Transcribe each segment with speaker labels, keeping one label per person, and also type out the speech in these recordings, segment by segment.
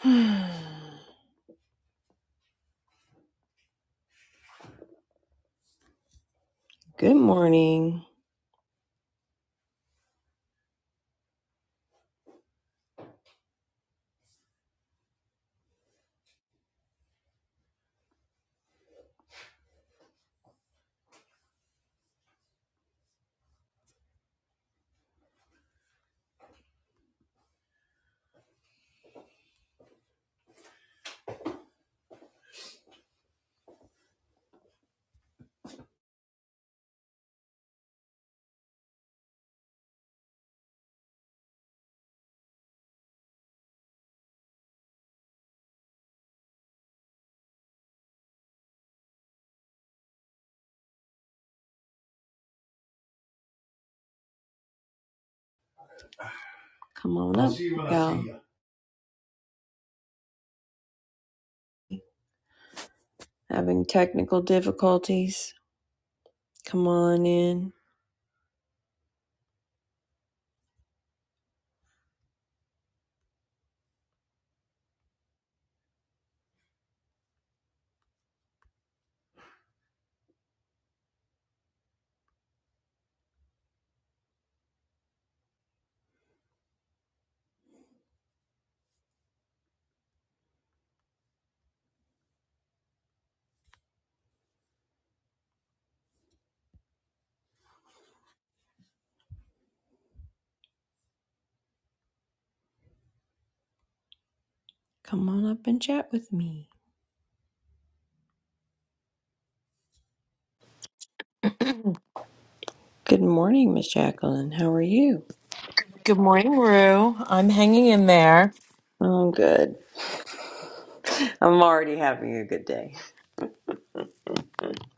Speaker 1: Good morning. Come on up, see you all Having technical difficulties. Come on in. Come on up and chat with me. Good morning, Miss Jacqueline. How are you?
Speaker 2: Good morning, Rue. I'm hanging in there.
Speaker 1: I'm good. I'm already having a good day.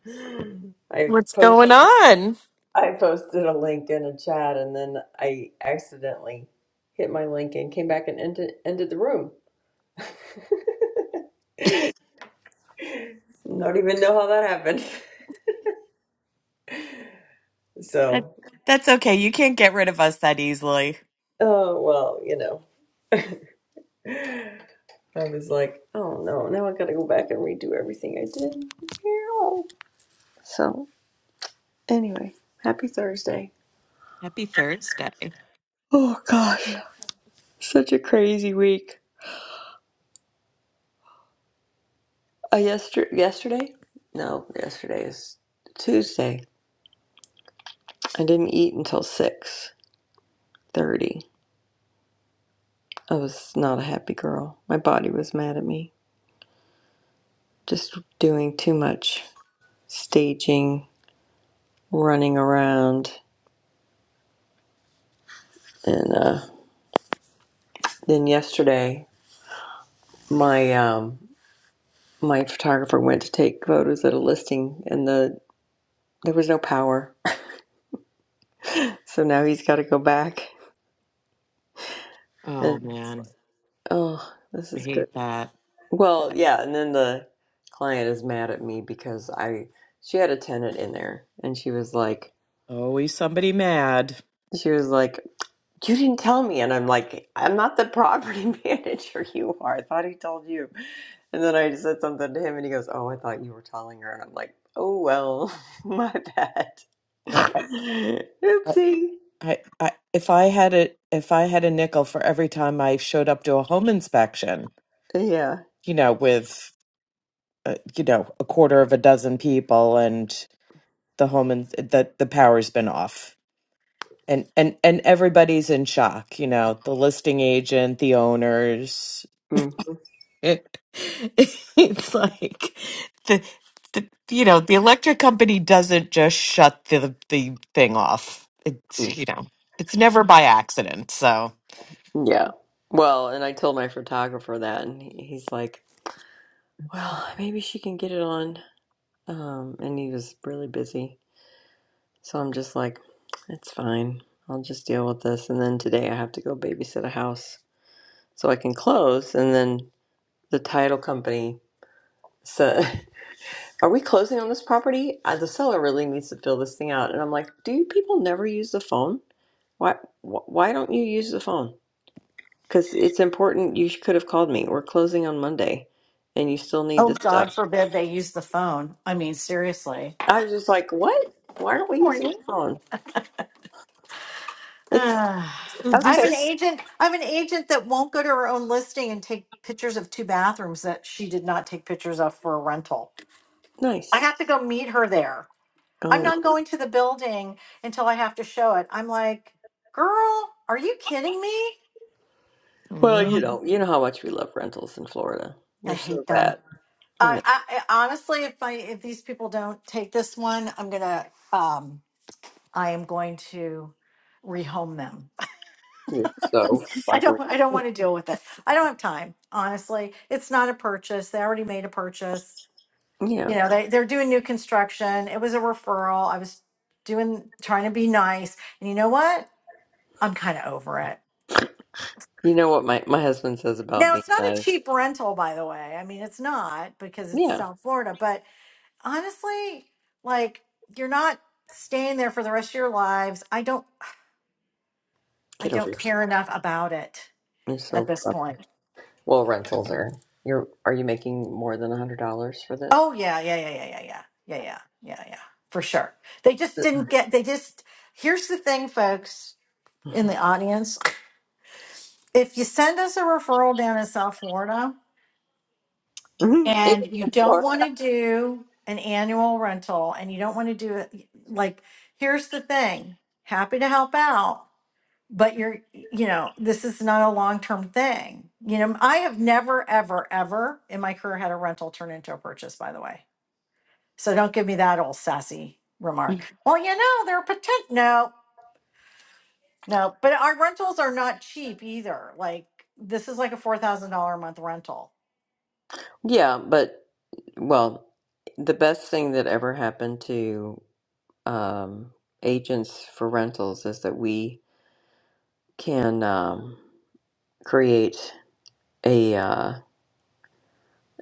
Speaker 1: I
Speaker 2: What's going
Speaker 1: post
Speaker 2: on?
Speaker 1: I posted a link in a chat and then I accidentally hit my link and came back and ended, ended the room. Don't even know how that happened.
Speaker 2: That
Speaker 1: So,
Speaker 2: that's okay. You can't get rid of us that easily.
Speaker 1: oh well, you know. I was like, oh no, now I gotta go back and redo everything I did. Yeah. So, anyway, happy Thursday.
Speaker 2: Happy Thursday.
Speaker 1: Oh gosh, such a crazy week. Uh, yester- yesterday? No, yesterday is Tuesday. I didn't eat until 6.30. I was not a happy girl. My body was mad at me. Just doing too much staging, running around. And uh, then yesterday, my um, my photographer went to take photos at a listing and the there was no power so now he's got to go back
Speaker 2: Oh
Speaker 1: and
Speaker 2: man,
Speaker 1: oh this
Speaker 2: I
Speaker 1: is good
Speaker 2: hate that.
Speaker 1: well yeah and then the client is mad at me because i she had a tenant in there and she was like
Speaker 2: Always somebody mad.
Speaker 1: she was like you didn't tell me and i'm like i'm not the property manager you are i thought he told you and then i said something to him and he goes oh i thought you were telling her and i'm like oh well my bad
Speaker 2: I, I,
Speaker 1: oopsie
Speaker 2: I, I- if I had a if I had a nickel for every time I showed up to a home inspection,
Speaker 1: Yeah.
Speaker 2: you know, with uh, you know a quarter of a dozen people, and the home and that the the power's been off. and and and everybody's in shock you know the listing agent the owners
Speaker 1: mm
Speaker 2: it, it's like the, the you know the electric company doesn't just shut the the thing off it's
Speaker 1: mm.
Speaker 2: you know it's never by accident so
Speaker 1: Yeah. Well, and I told my photographer that, and he- he's like, "Well, maybe she can get it on." Um, and he was really busy, so I'm just like, "It's fine. I'll just deal with this." And then today I have to go babysit a house, so I can close. And then the title company said, "Are we closing on this property? Uh, the seller really needs to fill this thing out." And I'm like, "Do you people never use the phone? Why? Wh- why don't you use the phone?" Because it's important. You could have called me. We're closing on Monday, and you still need
Speaker 3: Oh,
Speaker 1: this
Speaker 3: God
Speaker 1: stuff.
Speaker 3: forbid they use the phone. I mean, seriously.
Speaker 1: I was just like, what? Why aren't
Speaker 3: Good
Speaker 1: we using
Speaker 3: morning.
Speaker 1: the phone? It's
Speaker 3: Ah,
Speaker 2: so
Speaker 3: I have
Speaker 2: this
Speaker 1: okay.
Speaker 3: an
Speaker 2: is
Speaker 3: agent. I have an agent that won't go to her own listing and take pictures of two bathrooms that she did not take pictures of for a rental. I
Speaker 1: Nice.
Speaker 3: have to go meet her there. I'm
Speaker 1: Oh,
Speaker 3: not going to the building until I have to show it. I'm like, girl, are you kidding me?
Speaker 1: well, you
Speaker 2: Mm.
Speaker 1: know, you know how much we love rentals in Florida.
Speaker 3: I
Speaker 1: They're so
Speaker 3: hate them.
Speaker 1: bad. I
Speaker 3: I,
Speaker 1: know.
Speaker 3: I, I honestly, if I if these people don't take this one, I'm gonna um I am going to rehome them
Speaker 1: You're so
Speaker 3: I
Speaker 1: funny.
Speaker 3: don't I don't want to deal with it. I don't have time, honestly. It's not a purchase. They already made a purchase.
Speaker 1: Yeah.
Speaker 3: You know, they they're doing new construction. It was a referral. I was doing trying to be nice. And you know what? I'm kind of over it.
Speaker 1: You know what my my husband says about
Speaker 3: Now,
Speaker 1: being
Speaker 3: it's not a
Speaker 1: nice.
Speaker 3: cheap rental by the way. I mean, it's not because it's
Speaker 1: Yeah.
Speaker 3: South Florida, but honestly, like you're not staying there for the rest of your lives. I don't I
Speaker 1: Get over
Speaker 3: don't
Speaker 1: yourself.
Speaker 3: care enough about it
Speaker 1: You're
Speaker 3: at
Speaker 1: so
Speaker 3: this
Speaker 1: funny.
Speaker 3: point.
Speaker 1: Well, rentals are. You're. Are you making more than a hundred dollars for this?
Speaker 3: Oh yeah, yeah, yeah, yeah, yeah, yeah, yeah, yeah, yeah, yeah, for sure. They just didn't get. They just. Here's the thing, folks in the audience. If you send us a referral down in South Florida
Speaker 1: Mhm.
Speaker 3: and you don't
Speaker 1: Anything
Speaker 3: want to do an annual rental and you don't want to do it, like, here's the thing. Happy to help out, but you're, you know, this is not a long term thing. You know, I have never, ever, ever in my career had a rental turn into a purchase. By the way So don't give me that old sassy remark. Well, you know, they're potent. No, no, but our rentals are not cheap either. Like this is like a four thousand dollar a month rental.
Speaker 1: Yeah, but well, the best thing that ever happened to um, agents for rentals is that we can um, create a uh,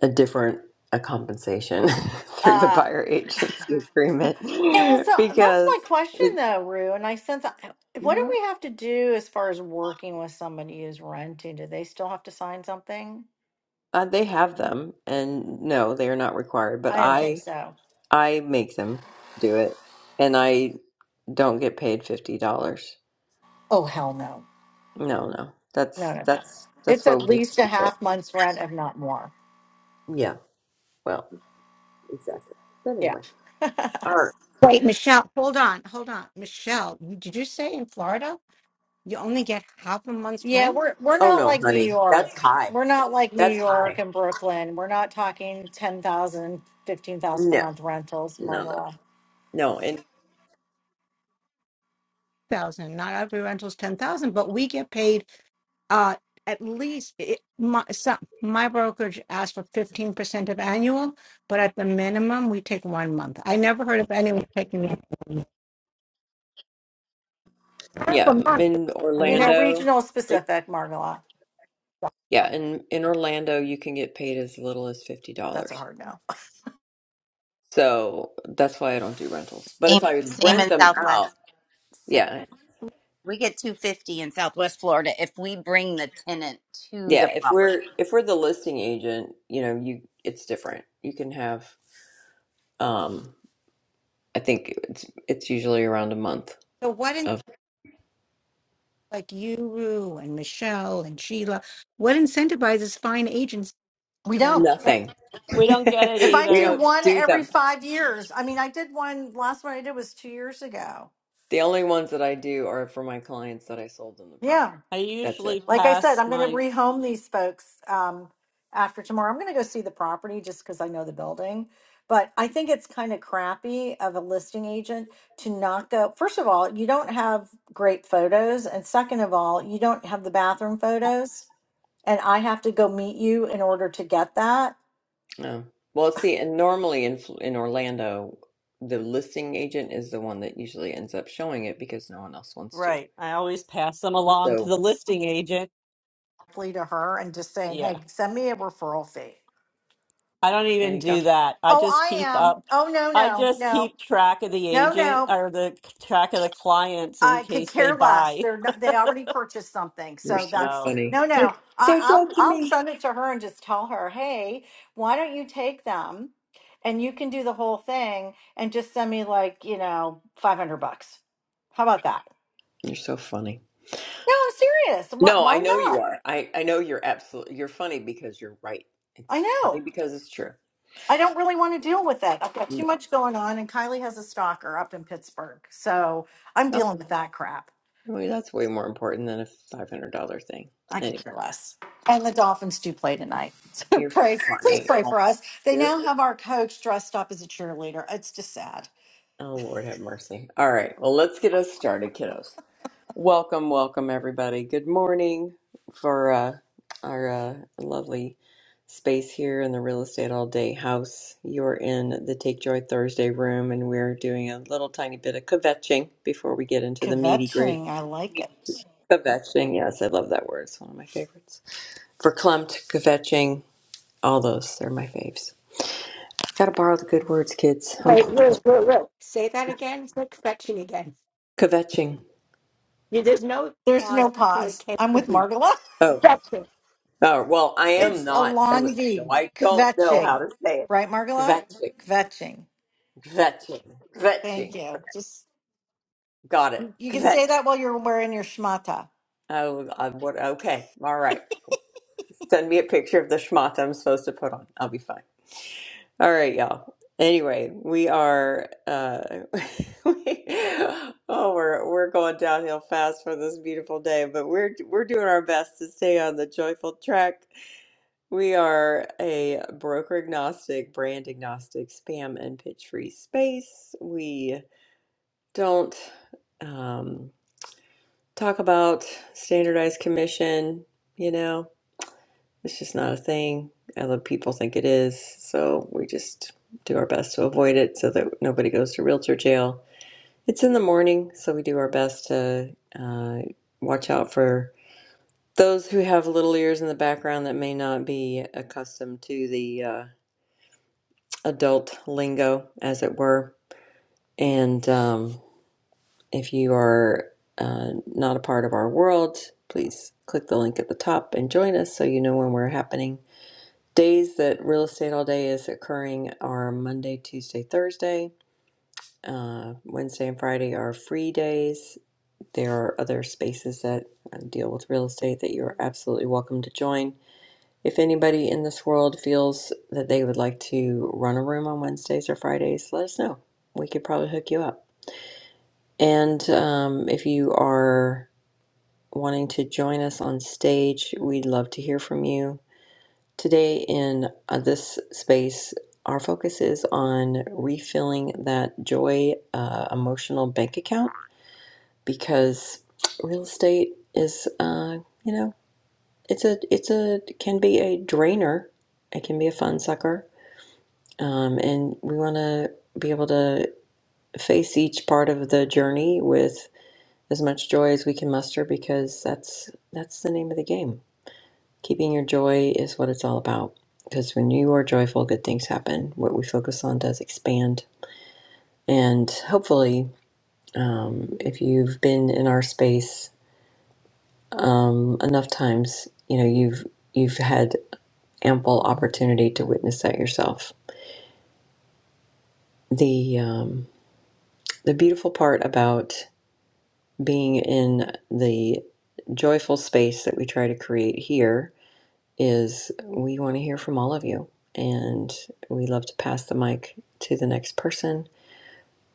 Speaker 1: a different a compensation through the
Speaker 3: Uh,
Speaker 1: buyer agency agreement
Speaker 3: yeah. Well, so that's
Speaker 1: because
Speaker 3: my question
Speaker 1: it's
Speaker 3: though, Rue. And I sense uh, what do
Speaker 1: yeah.
Speaker 3: we have to do as far as working with somebody who's renting? Do they still have to sign something?
Speaker 1: uh, they have them and no, they are not required, but
Speaker 3: I didn't think
Speaker 1: I
Speaker 3: so.
Speaker 1: I make them do it and I don't get paid $50.
Speaker 3: Oh hell no,
Speaker 1: No, no.
Speaker 3: no,
Speaker 1: That's
Speaker 3: no, no.
Speaker 1: that's that's
Speaker 3: It's
Speaker 1: what
Speaker 3: at
Speaker 1: we used to
Speaker 3: least a
Speaker 1: be. But
Speaker 3: half month's rent, if not more.
Speaker 1: yeah, well, exactly. But
Speaker 3: Yeah.
Speaker 1: anyway, all right.
Speaker 4: Wait, Michelle, hold on, hold on. Michelle, you- did you say in Florida you only get half a month's
Speaker 3: Yeah,
Speaker 4: rent?
Speaker 3: we're we're
Speaker 1: Oh
Speaker 3: not
Speaker 1: no,
Speaker 3: like New
Speaker 1: honey, that's
Speaker 3: York.
Speaker 1: high.
Speaker 3: We're not like New
Speaker 1: That's
Speaker 3: York
Speaker 1: high.
Speaker 3: and Brooklyn. We're not talking 10,000, 15,000 a
Speaker 1: No,
Speaker 3: month rentals,
Speaker 1: no, no,
Speaker 3: Margola.
Speaker 1: no. And
Speaker 4: Thousand. Not every rental's ten thousand, but we get paid uh at least it, my some, my brokerage asked for fifteen percent of annual, but at the minimum we take one month. I never heard of anyone taking half
Speaker 1: yeah,
Speaker 4: a month.
Speaker 1: in
Speaker 3: You
Speaker 4: One
Speaker 3: know,
Speaker 4: month.
Speaker 1: Orlando,
Speaker 3: regional
Speaker 1: they,
Speaker 3: specific, Margola.
Speaker 1: yeah, in in Orlando, you can get paid as little as fifty
Speaker 3: That's a
Speaker 1: dollars.
Speaker 3: hard no.
Speaker 1: So that's why I don't do rentals. But if
Speaker 5: Same,
Speaker 1: I
Speaker 5: same
Speaker 1: rent
Speaker 5: in
Speaker 1: them out,
Speaker 5: Southwest. Same.
Speaker 1: yeah,
Speaker 5: We get 250 in Southwest Florida if we bring the tenant to the
Speaker 1: yeah. If we're
Speaker 5: property.
Speaker 1: if we're the listing agent, you know, you it's different. You can have um I think it's it's usually around a month
Speaker 4: So what in
Speaker 1: of
Speaker 4: like you and Michelle and Sheila, what incentivizes fine agents
Speaker 3: We
Speaker 4: to?
Speaker 3: don't.
Speaker 6: And
Speaker 1: nothing.
Speaker 6: we don't get it
Speaker 3: If I
Speaker 1: we
Speaker 3: do
Speaker 6: either.
Speaker 1: don't
Speaker 3: one
Speaker 1: do
Speaker 3: every
Speaker 1: them.
Speaker 3: five years, I mean, I did one last one I did was two years ago.
Speaker 1: The only ones that I do are for my clients that I sold them the property.
Speaker 3: Yeah.
Speaker 6: I
Speaker 1: That's it.
Speaker 6: usually
Speaker 3: like I said,
Speaker 6: pass
Speaker 3: I'm going to
Speaker 6: my,
Speaker 3: rehome these folks um, after tomorrow. I'm going to go see the property just because I know the building. But I think it's kind of crappy of a listing agent to not go. First of all, you don't have great photos. And second of all, you don't have the bathroom photos. And I have to go meet you in order to get that.
Speaker 1: No. Well, see, and normally in Fl- in Orlando, the listing agent is the one that usually ends up showing it because no one else wants to.
Speaker 6: right. I always pass them along to
Speaker 1: So
Speaker 6: the listing agent.
Speaker 3: Flee to her and just saying,
Speaker 6: Yeah.
Speaker 3: hey, send me a referral fee.
Speaker 6: I don't
Speaker 1: there
Speaker 6: even
Speaker 1: you go.
Speaker 6: do that. I
Speaker 3: Oh,
Speaker 6: just
Speaker 3: I
Speaker 6: keep up.
Speaker 3: am. Oh, no,
Speaker 6: I
Speaker 3: no,
Speaker 6: just
Speaker 3: no,
Speaker 6: keep track of the
Speaker 3: no,
Speaker 6: agent
Speaker 3: no.
Speaker 6: or the track of the clients in
Speaker 3: I could
Speaker 6: case they
Speaker 3: care less.
Speaker 6: buy.
Speaker 3: They're not, they already purchased something,
Speaker 1: You're
Speaker 3: so
Speaker 1: so
Speaker 3: that's
Speaker 6: Oh.
Speaker 1: funny.
Speaker 3: no,
Speaker 1: They're
Speaker 3: no. I,
Speaker 1: they're
Speaker 3: I'll
Speaker 1: judging
Speaker 3: I'll
Speaker 1: me.
Speaker 3: send it to her and just tell her, hey, why don't you take them, and you can do the whole thing, and just send me like you know five hundred bucks. How about that?
Speaker 1: You're so funny.
Speaker 3: No, I'm serious. Why,
Speaker 1: No, I
Speaker 3: why
Speaker 1: know you
Speaker 3: not?
Speaker 1: are. I I know you're absolutely. You're funny because you're right. It's
Speaker 3: I
Speaker 1: funny
Speaker 3: know.
Speaker 1: because it's true.
Speaker 3: I don't really want to deal with it. I've got too
Speaker 1: No.
Speaker 3: much going on, and Kylie has a stalker up in Pittsburgh, so I'm dealing with that crap.
Speaker 1: Well, that's way more important than a five hundred dollar thing.
Speaker 3: I could
Speaker 1: Anyway,
Speaker 3: care less. And the Dolphins do play tonight. So
Speaker 1: you're
Speaker 3: pray, please
Speaker 1: funny.
Speaker 3: pray
Speaker 1: Oh
Speaker 3: for us. They now have our coach dressed up as a cheerleader. It's just sad.
Speaker 1: Oh, Lord have mercy. All right. Well, let's get us started, kiddos. Welcome, welcome everybody. Good morning for uh, our uh, lovely space here in the real estate all day house. You're in the Take Joy Thursday room, and we're doing a little tiny bit of kvetching before we get into the meaty great
Speaker 3: Kvetching. I like it.
Speaker 1: kvetching. Yes, I love that word. It's one of my favorites. For clumped kvetching All those, they're my faves. Gotta borrow the good words, kids. I'm
Speaker 4: Wait,
Speaker 1: Polish.
Speaker 4: Ruth, Ruth, Ruth. Say that again. It's like fetching again.
Speaker 1: Kvetching.
Speaker 4: You, there's no
Speaker 3: There's
Speaker 4: pause
Speaker 3: no
Speaker 4: between the
Speaker 3: pause.
Speaker 4: K
Speaker 3: I'm
Speaker 4: and
Speaker 3: with
Speaker 4: the B.
Speaker 3: Margola.
Speaker 1: Oh,
Speaker 4: Fetching.
Speaker 1: oh, well, I am
Speaker 3: It's a
Speaker 1: not
Speaker 3: long
Speaker 1: Jewish, so
Speaker 3: V.
Speaker 1: I don't know how
Speaker 3: Kvetching.
Speaker 1: to say it.
Speaker 3: Right, Margola?
Speaker 1: Kvetching,
Speaker 3: Kvetching.
Speaker 1: kvetching,
Speaker 3: Thank
Speaker 1: kvetching.
Speaker 3: you. Just
Speaker 1: Got it.
Speaker 3: you can
Speaker 1: Kvetch.
Speaker 3: say that while you're wearing your schmata.
Speaker 1: Oh, I, what? Okay, all right. Send me a picture of the schmata I'm supposed to put on. I'll be fine. All right, y'all. Anyway, we are uh we, oh we're we're going downhill fast for this beautiful day, but we're we're doing our best to stay on the joyful track. We are a broker agnostic, brand agnostic, spam and pitch free space. We don't um talk about standardized commission, you know. It's just not a thing. Other people think it is. So we just do our best to avoid it so that nobody goes to realtor jail. It's in the morning, so we do our best to uh, watch out for those who have little ears in the background that may not be accustomed to the uh, adult lingo, as it were. And um, if you are uh, not a part of our world, please click the link at the top and join us so you know when we're happening Days that real estate all day is occurring are Monday, Tuesday, Thursday. Uh, Wednesday and Friday are free days. There are other spaces that uh, deal with real estate that you're absolutely welcome to join. If anybody in this world feels that they would like to run a room on Wednesdays or Fridays, let us know. We could probably hook you up. And um, if you are wanting to join us on stage, we'd love to hear from you Today, in uh, this space, our focus is on refilling that joy uh, emotional bank account because real estate is, uh, you know, it's a, it's a, can be a drainer. It can be a fun sucker. Um, and we want to be able to face each part of the journey with as much joy as we can muster because that's, that's the name of the game Keeping your joy is what it's all about. Because when you are joyful, good things happen. What we focus on does expand. And hopefully, um, if you've been in our space um, enough times, you know you've you've had ample opportunity to witness that yourself. The um, the beautiful part about being in the joyful space that we try to create here is we want to hear from all of you. And we love to pass the mic to the next person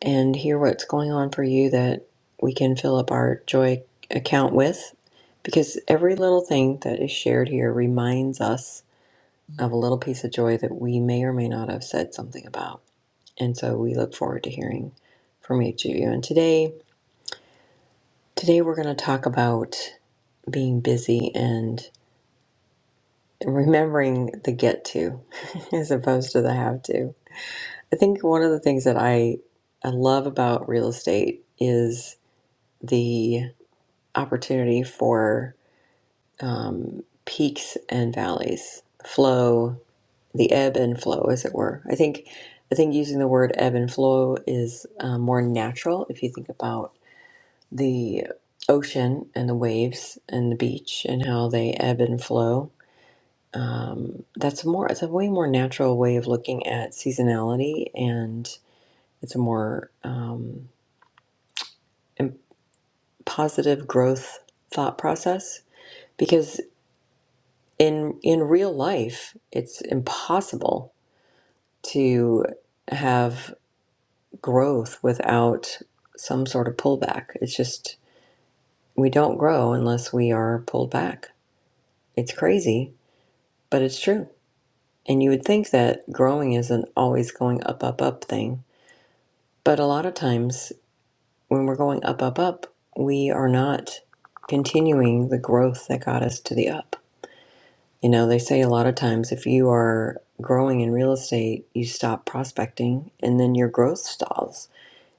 Speaker 1: and hear what's going on for you that we can fill up our joy account with. Because every little thing that is shared here reminds us of a little piece of joy that we may or may not have said something about. And so we look forward to hearing from each of you. And today, today we're going to talk about being busy and remembering the get to as opposed to the have to I think one of the things that I I love about real estate is the opportunity for um, peaks and valleys, flow, the ebb and flow, as it were. I think I think using the word ebb and flow is uh, more natural if you think about the ocean and the waves and the beach and how they ebb and flow. Um, that's more. It's a way more natural way of looking at seasonality and it's a more um, and positive growth thought process because in in real life it's impossible to have growth without some sort of pullback it's just we don't grow unless we are pulled back it's crazy but it's true and you would think that growing isn't always going up up up thing but a lot of times when we're going up up up we are not continuing the growth that got us to the up You know, they say a lot of times if you are growing in real estate, you stop prospecting and then your growth stalls.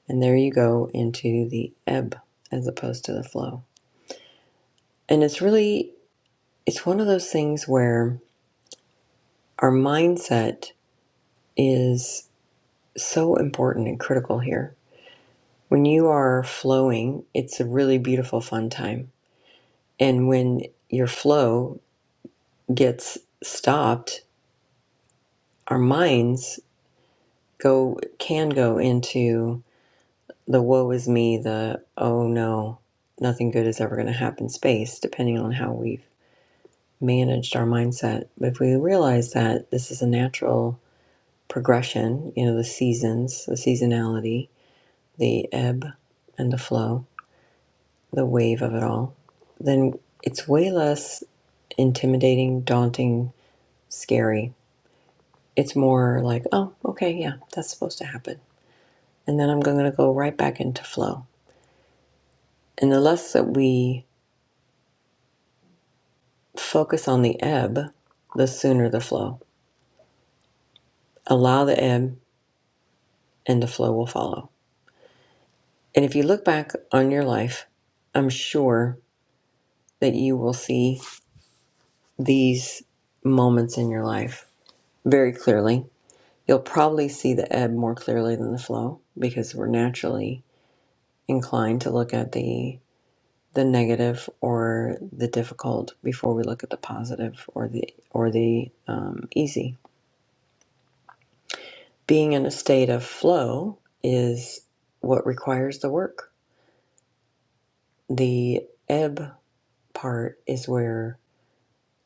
Speaker 1: And there you go into the ebb as opposed to the flow. And it's really, it's one of those things where our mindset is so important and critical here. When you are flowing, it's a really beautiful, fun time. And when your flow gets stopped, our minds go can go into the woe is me, the oh no, nothing good is ever going to happen space, depending on how we've managed our mindset. But if we realize that this is a natural progression, you know, the seasons, the seasonality, the ebb and the flow, the wave of it all, then it's way less intimidating, daunting, scary. It's more like, oh, okay, yeah, that's supposed to happen. And then I'm going to go right back into flow. And the less that we Focus on the ebb, the sooner the flow. Allow the ebb, and the flow will follow. And if you look back on your life, I'm sure that you will see these moments in your life very clearly. You'll probably see the ebb more clearly than the flow because we're naturally inclined to look at the the negative or the difficult before we look at the positive or the or the um, easy being in a state of flow is what requires the work. The ebb part is where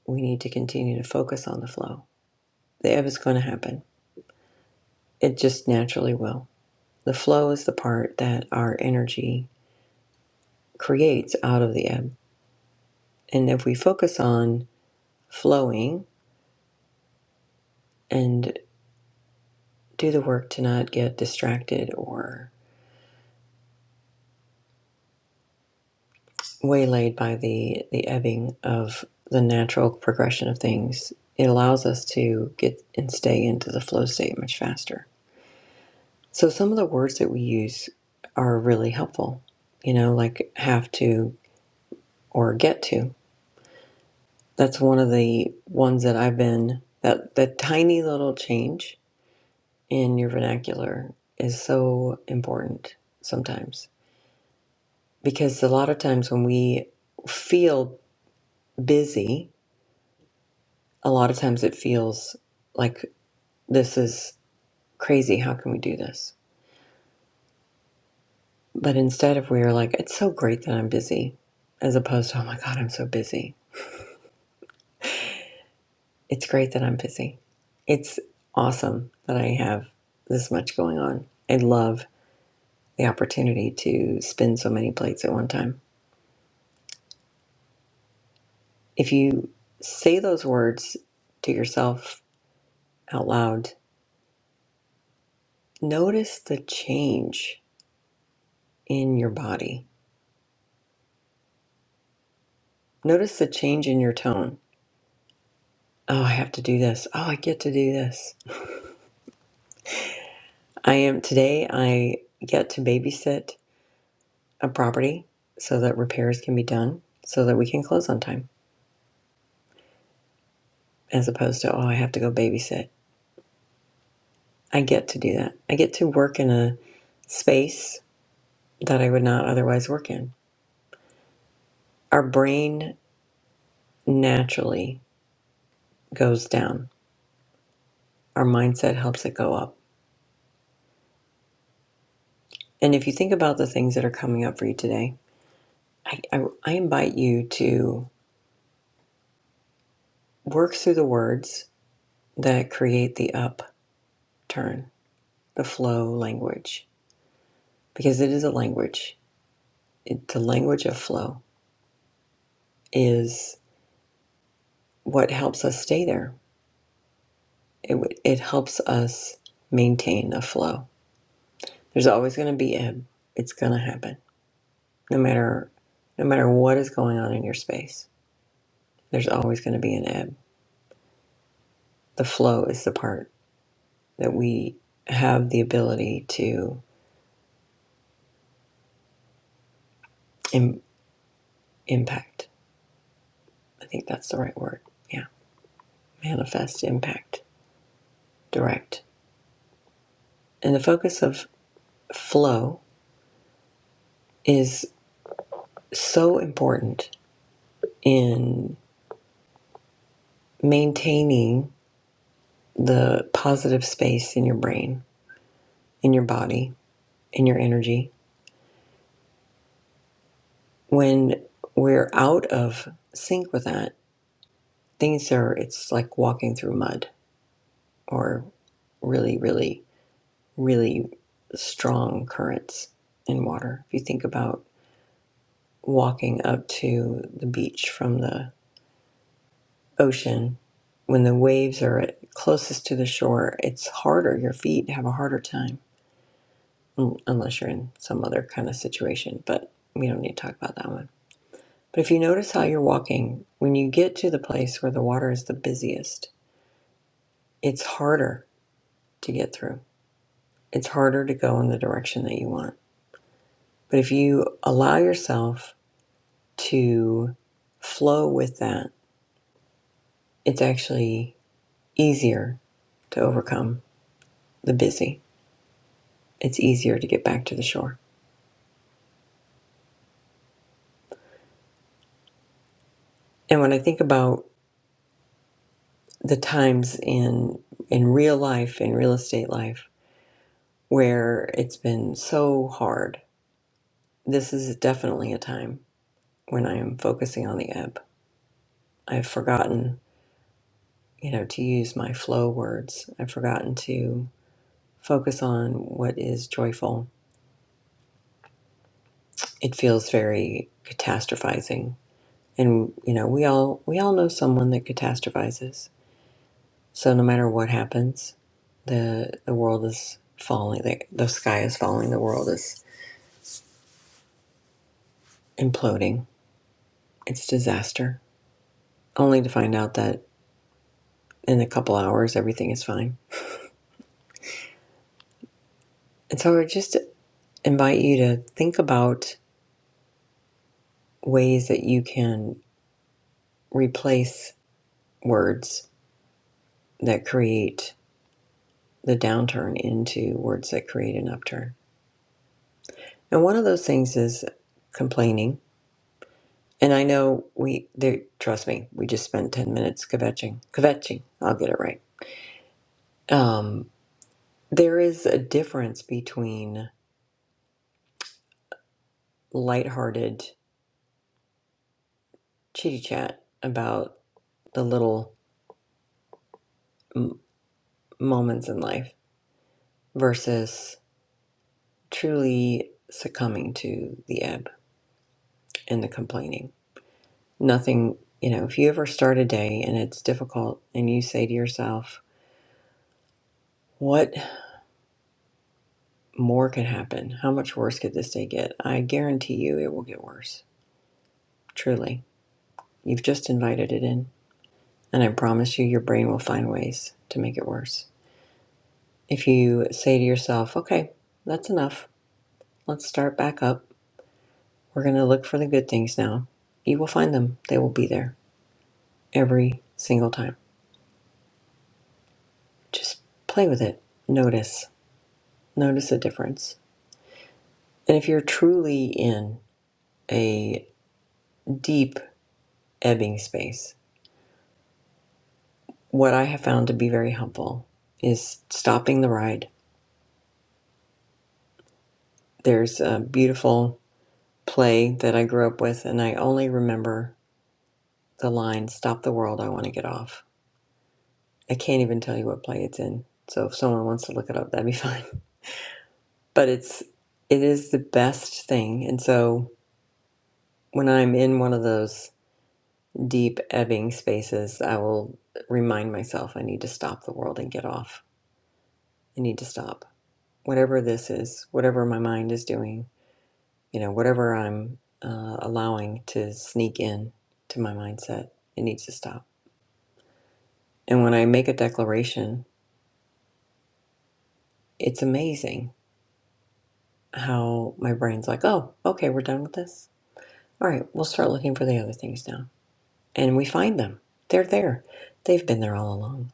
Speaker 1: we need to continue to focus on the flow. The ebb is going to happen, it just naturally will. The flow is the part that our energy creates out of the ebb. And if we focus on flowing and do the work to not get distracted or. waylaid by the the ebbing of the natural progression of things it allows us to get and stay into the flow state much faster so some of the words that we use are really helpful you know like have to or get to that's one of the ones that i've been that that tiny little change in your vernacular is so important sometimes because a lot of times when we feel busy a lot of times it feels like this is crazy. How can we do this? But instead, if we are like, it's so great that I'm busy, as opposed to, oh my God, I'm so busy. It's great that I'm busy. It's awesome that I have this much going on. I love the opportunity to spin so many plates at one time. If you say those words to yourself out loud, notice the change in your body, notice the change in your tone Oh, I have to do this. Oh, I get to do this. I am today, I get to babysit a property so that repairs can be done so that we can close on time as opposed to, oh, I have to go babysit. I get to do that. I get to work in a space that I would not otherwise work in. Our brain naturally goes down, our mindset helps it go up. And if you think about the things that are coming up for you today, I, I, I invite you to work through the words that create the up turn the flow language because it is a language it, the language of flow is what helps us stay there it, it helps us maintain a flow there's always going to be ebb it's going to happen no matter no matter what is going on in your space there's always going to be an ebb the flow is the part that we have the ability to Im- impact i think that's the right word yeah manifest impact direct and the focus of flow is so important in maintaining the positive space in your brain, in your body, in your energy. When we're out of sync with that, things are, it's like walking through mud or really, really, really strong currents in water. If you think about walking up to the beach from the ocean, when the waves are at- closest to the shore, it's harder. Your feet have a harder time, un- unless you're in some other kind of situation. But we don't need to talk about that one. But if you notice how you're walking, when you get to the place where the water is the busiest, it's harder to get through. It's harder to go in the direction that you want. But if you allow yourself to flow with that, it's actually easier to overcome the busy. It's easier to get back to the shore. And when I think about the times in in real life, in real estate life, where it's been so hard, this is definitely a time when I am focusing on the ebb. I've forgotten, you know, to use my flow words. I've forgotten to focus on what is joyful. It feels very catastrophizing. And you know, we all we all know someone that catastrophizes So no matter what happens, the the world is falling. The, the sky is falling. The world is imploding. It's disaster. Only to find out that in a couple hours everything is fine. And so I just invite you to think about ways that you can replace words that create the downturn into words that create an upturn. And one of those things is complaining And I know we there. Trust me, we just spent ten minutes kvetching, kvetching. I'll get it right. Um, there is a difference between lighthearted chitty chat about the little m- moments in life versus truly succumbing to the ebb and the complaining. Nothing, you know. If you ever start a day and it's difficult, and you say to yourself, "What more could happen? How much worse could this day get?" I guarantee you, it will get worse Truly, you've just invited it in. And I promise you, your brain will find ways to make it worse. If you say to yourself, okay, that's enough, let's start back up, we're going to look for the good things now, you will find them. They will be there every single time. Just play with it. Notice, notice the difference. And if you're truly in a deep ebbing space, what I have found to be very helpful is stopping the ride. There's a beautiful play that I grew up with, and I only remember the line "Stop the world, I want to get off." I can't even tell you what play it's in, so if someone wants to look it up, that'd be fine. But it's it is the best thing, and so when I'm in one of those deep ebbing spaces, I will remind myself I need to stop the world and get off. I need to stop whatever this is, whatever my mind is doing, you know, whatever I'm uh, allowing to sneak in to my mindset. It needs to stop. And when I make a declaration, it's amazing how my brain's like, oh, okay, we're done with this. All right, we'll start looking for the other things now. And we find them. They're there. They've been there all along.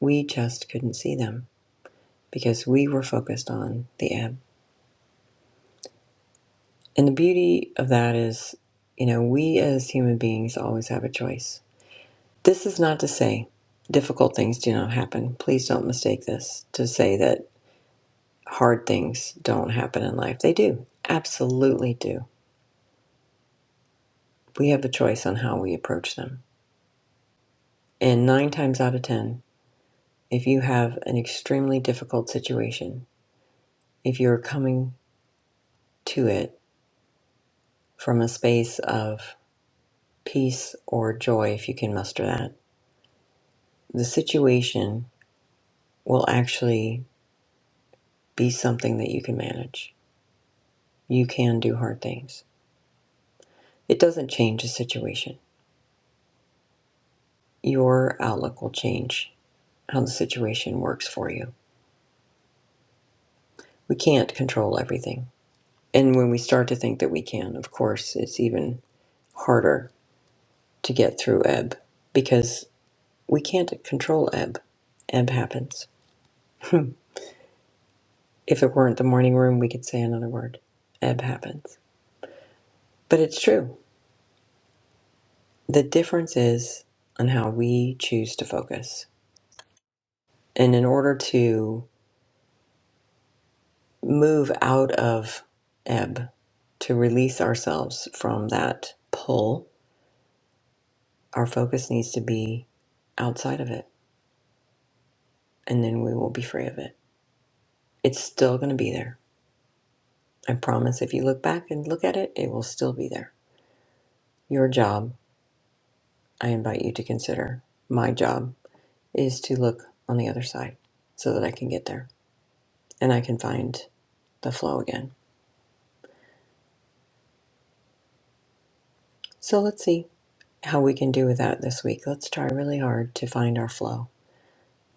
Speaker 1: We just couldn't see them because we were focused on the ebb. And the beauty of that is, you know, we as human beings always have a choice. This is not to say difficult things do not happen. Please don't mistake this to say that hard things don't happen in life. They do, absolutely do we have a choice on how we approach them. And nine times out of 10, if you have an extremely difficult situation, if you're coming to it from a space of peace or joy, if you can muster that, the situation will actually be something that you can manage. You can do hard things. It doesn't change the situation. Your outlook will change how the situation works for you. We can't control everything. And when we start to think that we can, of course, it's even harder to get through ebb because we can't control ebb. Ebb happens. if it weren't the morning room, we could say another word. Ebb happens. But it's true. The difference is on how we choose to focus. And in order to move out of ebb, to release ourselves from that pull, our focus needs to be outside of it. And then we will be free of it. It's still going to be there I promise if you look back and look at it, it will still be there. Your job, I invite you to consider, my job is to look on the other side so that I can get there and I can find the flow again. So let's see how we can do with that this week. Let's try really hard to find our flow,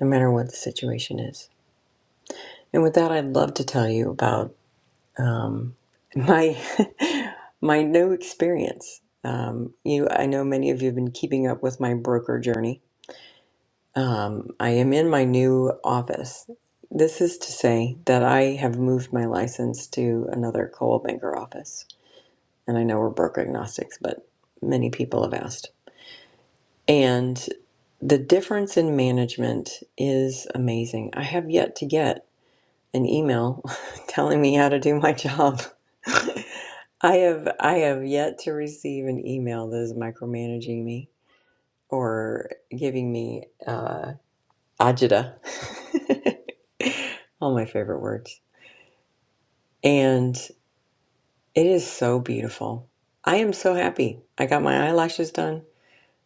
Speaker 1: no matter what the situation is. And with that, I'd love to tell you about um, my my new experience. Um, you, I know many of you have been keeping up with my broker journey Um, I am in my new office. This is to say that I have moved my license to another coal banker office. And I know we're broker agnostics, but many people have asked. And the difference in management is amazing. I have yet to get an email telling me how to do my job. I have I have yet to receive an email that is micromanaging me or giving me uh, Ajita. All my favorite words. And it is so beautiful. I am so happy. I got my eyelashes done,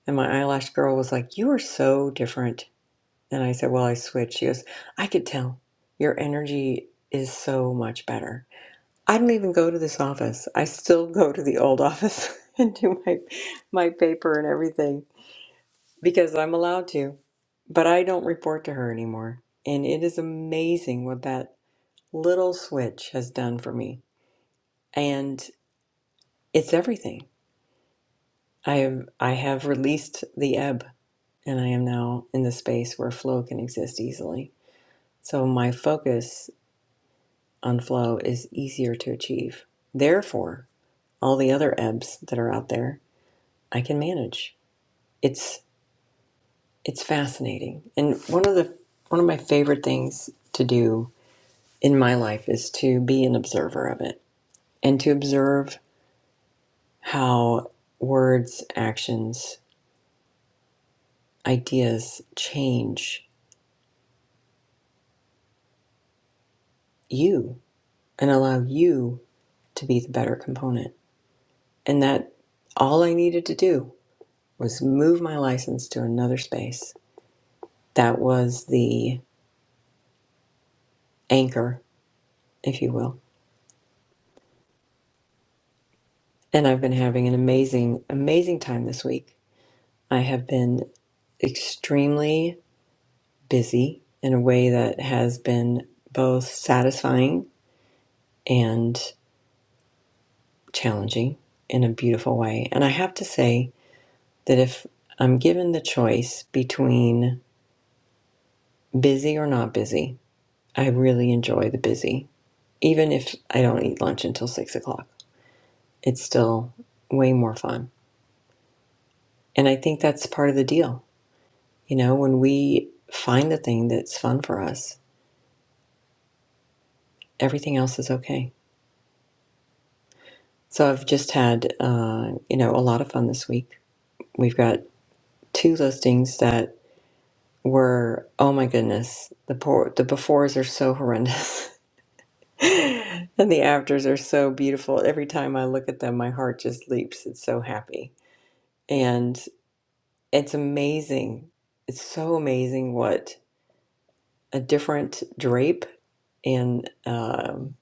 Speaker 1: and my eyelash girl was like, You are so different. And I said, Well, I switched. She goes, I could tell. Your energy is so much better. I don't even go to this office. I still go to the old office and do my, my paper and everything because I'm allowed to. But I don't report to her anymore. And it is amazing what that Little Switch has done for me, and it's everything. I have I have released the ebb, and I am now in the space where flow can exist easily. So my focus on flow is easier to achieve. Therefore, all the other ebbs that are out there, I can manage. It's it's fascinating, and one of the one of my favorite things to do in my life is to be an observer of it and to observe how words, actions, ideas change you and allow you to be the better component. And that all I needed to do was move my license to another space. That was the anchor, if you will. And I've been having an amazing, amazing time this week. I have been extremely busy in a way that has been both satisfying and challenging in a beautiful way. And I have to say, that if I'm given the choice between busy or not busy, I really enjoy the busy. Even if I don't eat lunch until six o'clock, it's still way more fun. And I think that's part of the deal. You know, when we find the thing that's fun for us, everything else is okay. So I've just had, uh, you know, a lot of fun this week. We've got two listings that were, oh my goodness, the poor, the befores are so horrendous. And the afters are so beautiful. Every time I look at them, my heart just leaps. It's so happy. And it's amazing. It's so amazing what a different drape and um,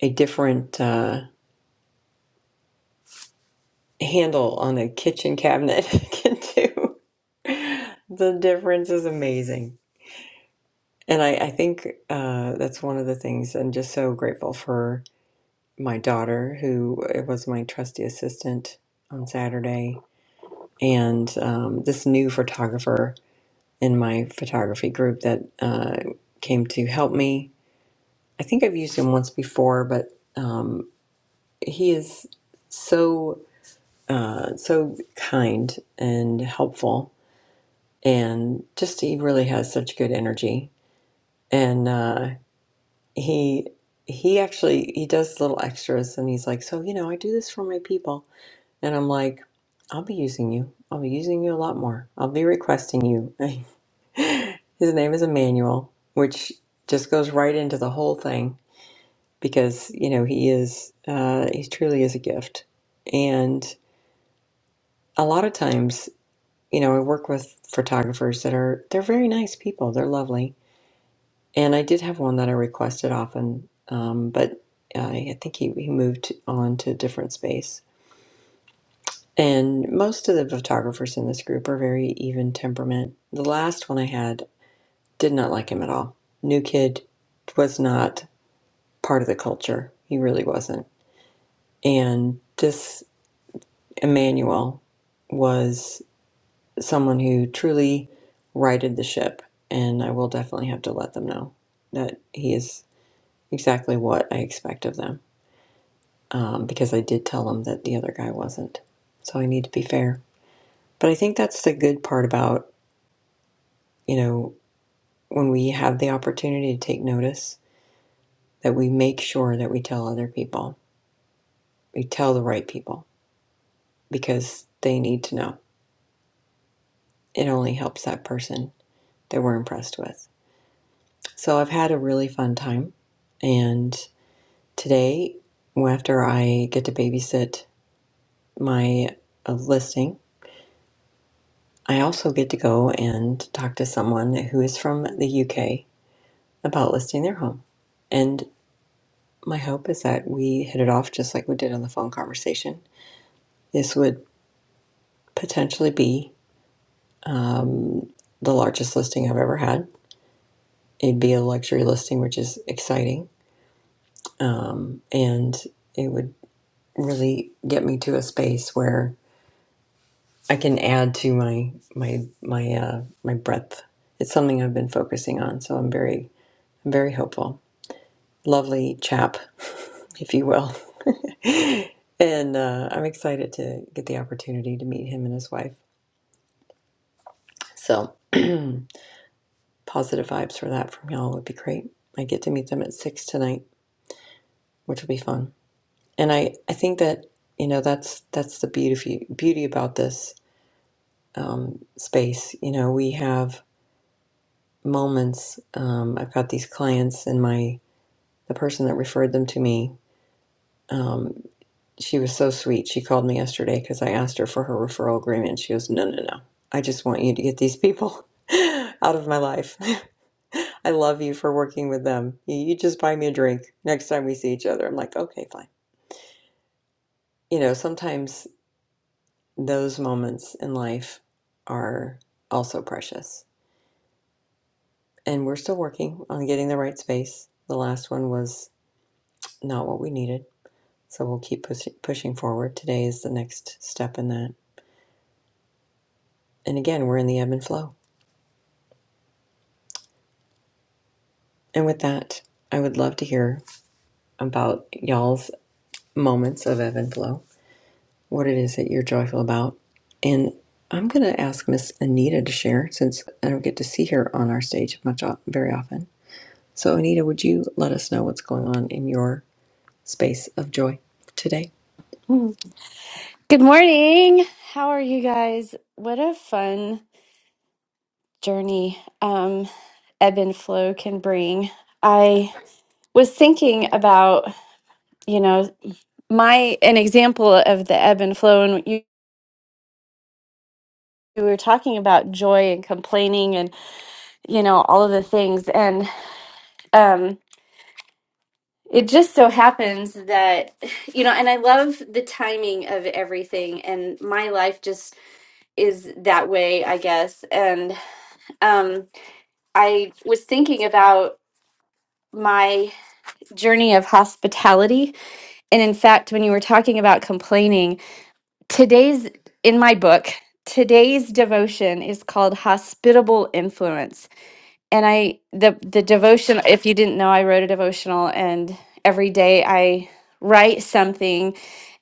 Speaker 1: a different uh, handle on a kitchen cabinet can do. The difference is amazing. And I, I think uh, that's one of the things I'm just so grateful for my daughter, who was my trusty assistant on Saturday and um, this new photographer in my photography group that uh, came to help me. I think I've used him once before, but um, he is so uh, so kind and helpful, and just he really has such good energy. And uh, he he actually he does little extras, and he's like, so you know, I do this for my people, and I'm like, I'll be using you. I'll be using you a lot more. I'll be requesting you. His name is Emmanuel, which just goes right into the whole thing because, you know, he is, uh, he truly is a gift. And a lot of times, you know, I work with photographers that are, they're very nice people. They're lovely. And I did have one that I requested often, um, but uh, I think he, he moved on to a different space. And most of the photographers in this group are very even temperament. The last one I had did not like him at all. New kid was not part of the culture. He really wasn't. And this Emmanuel was someone who truly righted the ship. And I will definitely have to let them know that he is exactly what I expect of them um, because I did tell them that the other guy wasn't. So I need to be fair. But I think that's the good part about, you know, when we have the opportunity to take notice, that we make sure that we tell other people, we tell the right people because they need to know it only helps that person that we're impressed with. So I've had a really fun time. And today, after I get to babysit my uh, listing, I also get to go and talk to someone who is from the UK about listing their home. And my hope is that we hit it off just like we did on the phone conversation. This would potentially be the largest listing I've ever had. It'd be a luxury listing, which is exciting. Um, and it would really get me to a space where I can add to my my my uh, my breadth. It's something I've been focusing on, so I'm very I'm very hopeful. Lovely chap, if you will, and uh, I'm excited to get the opportunity to meet him and his wife. So positive vibes for that from y'all would be great. I get to meet them at six tonight, which will be fun. And I I think that you know that's that's the beauty beauty about this um, space. You know, we have moments. Um, I've got these clients, and my the person that referred them to me, um, she was so sweet. She called me yesterday because I asked her for her referral agreement. She goes, "No, no, no. I just want you to get these people out of my life. I love you for working with them. You, you just buy me a drink next time we see each other." I'm like, "Okay, fine." You know, sometimes those moments in life are also precious and we're still working on getting the right space. The last one was not what we needed, so we'll keep push- pushing forward. Today is the next step in that. And again, we're in the ebb and flow. And with that, I would love to hear about y'all's moments of ebb and flow, what it is that you're joyful about. And I'm going to ask Miss Anita to share since I don't get to see her on our stage much very often. So, Anita, would you let us know what's going on in your space of joy today?
Speaker 7: Good morning. How are you guys? What a fun journey um, ebb and flow can bring. I was thinking about, you know, my an example of the ebb and flow, and you, you were talking about joy and complaining, and you know, all of the things, and um, it just so happens that you know, and I love the timing of everything, and my life just is that way, I guess, and um I was thinking about my journey of hospitality. And in fact, when you were talking about complaining, today's in my book, today's devotion is called Hospitable Influence. And I the the devotion, if you didn't know, I wrote a devotional and every day I write something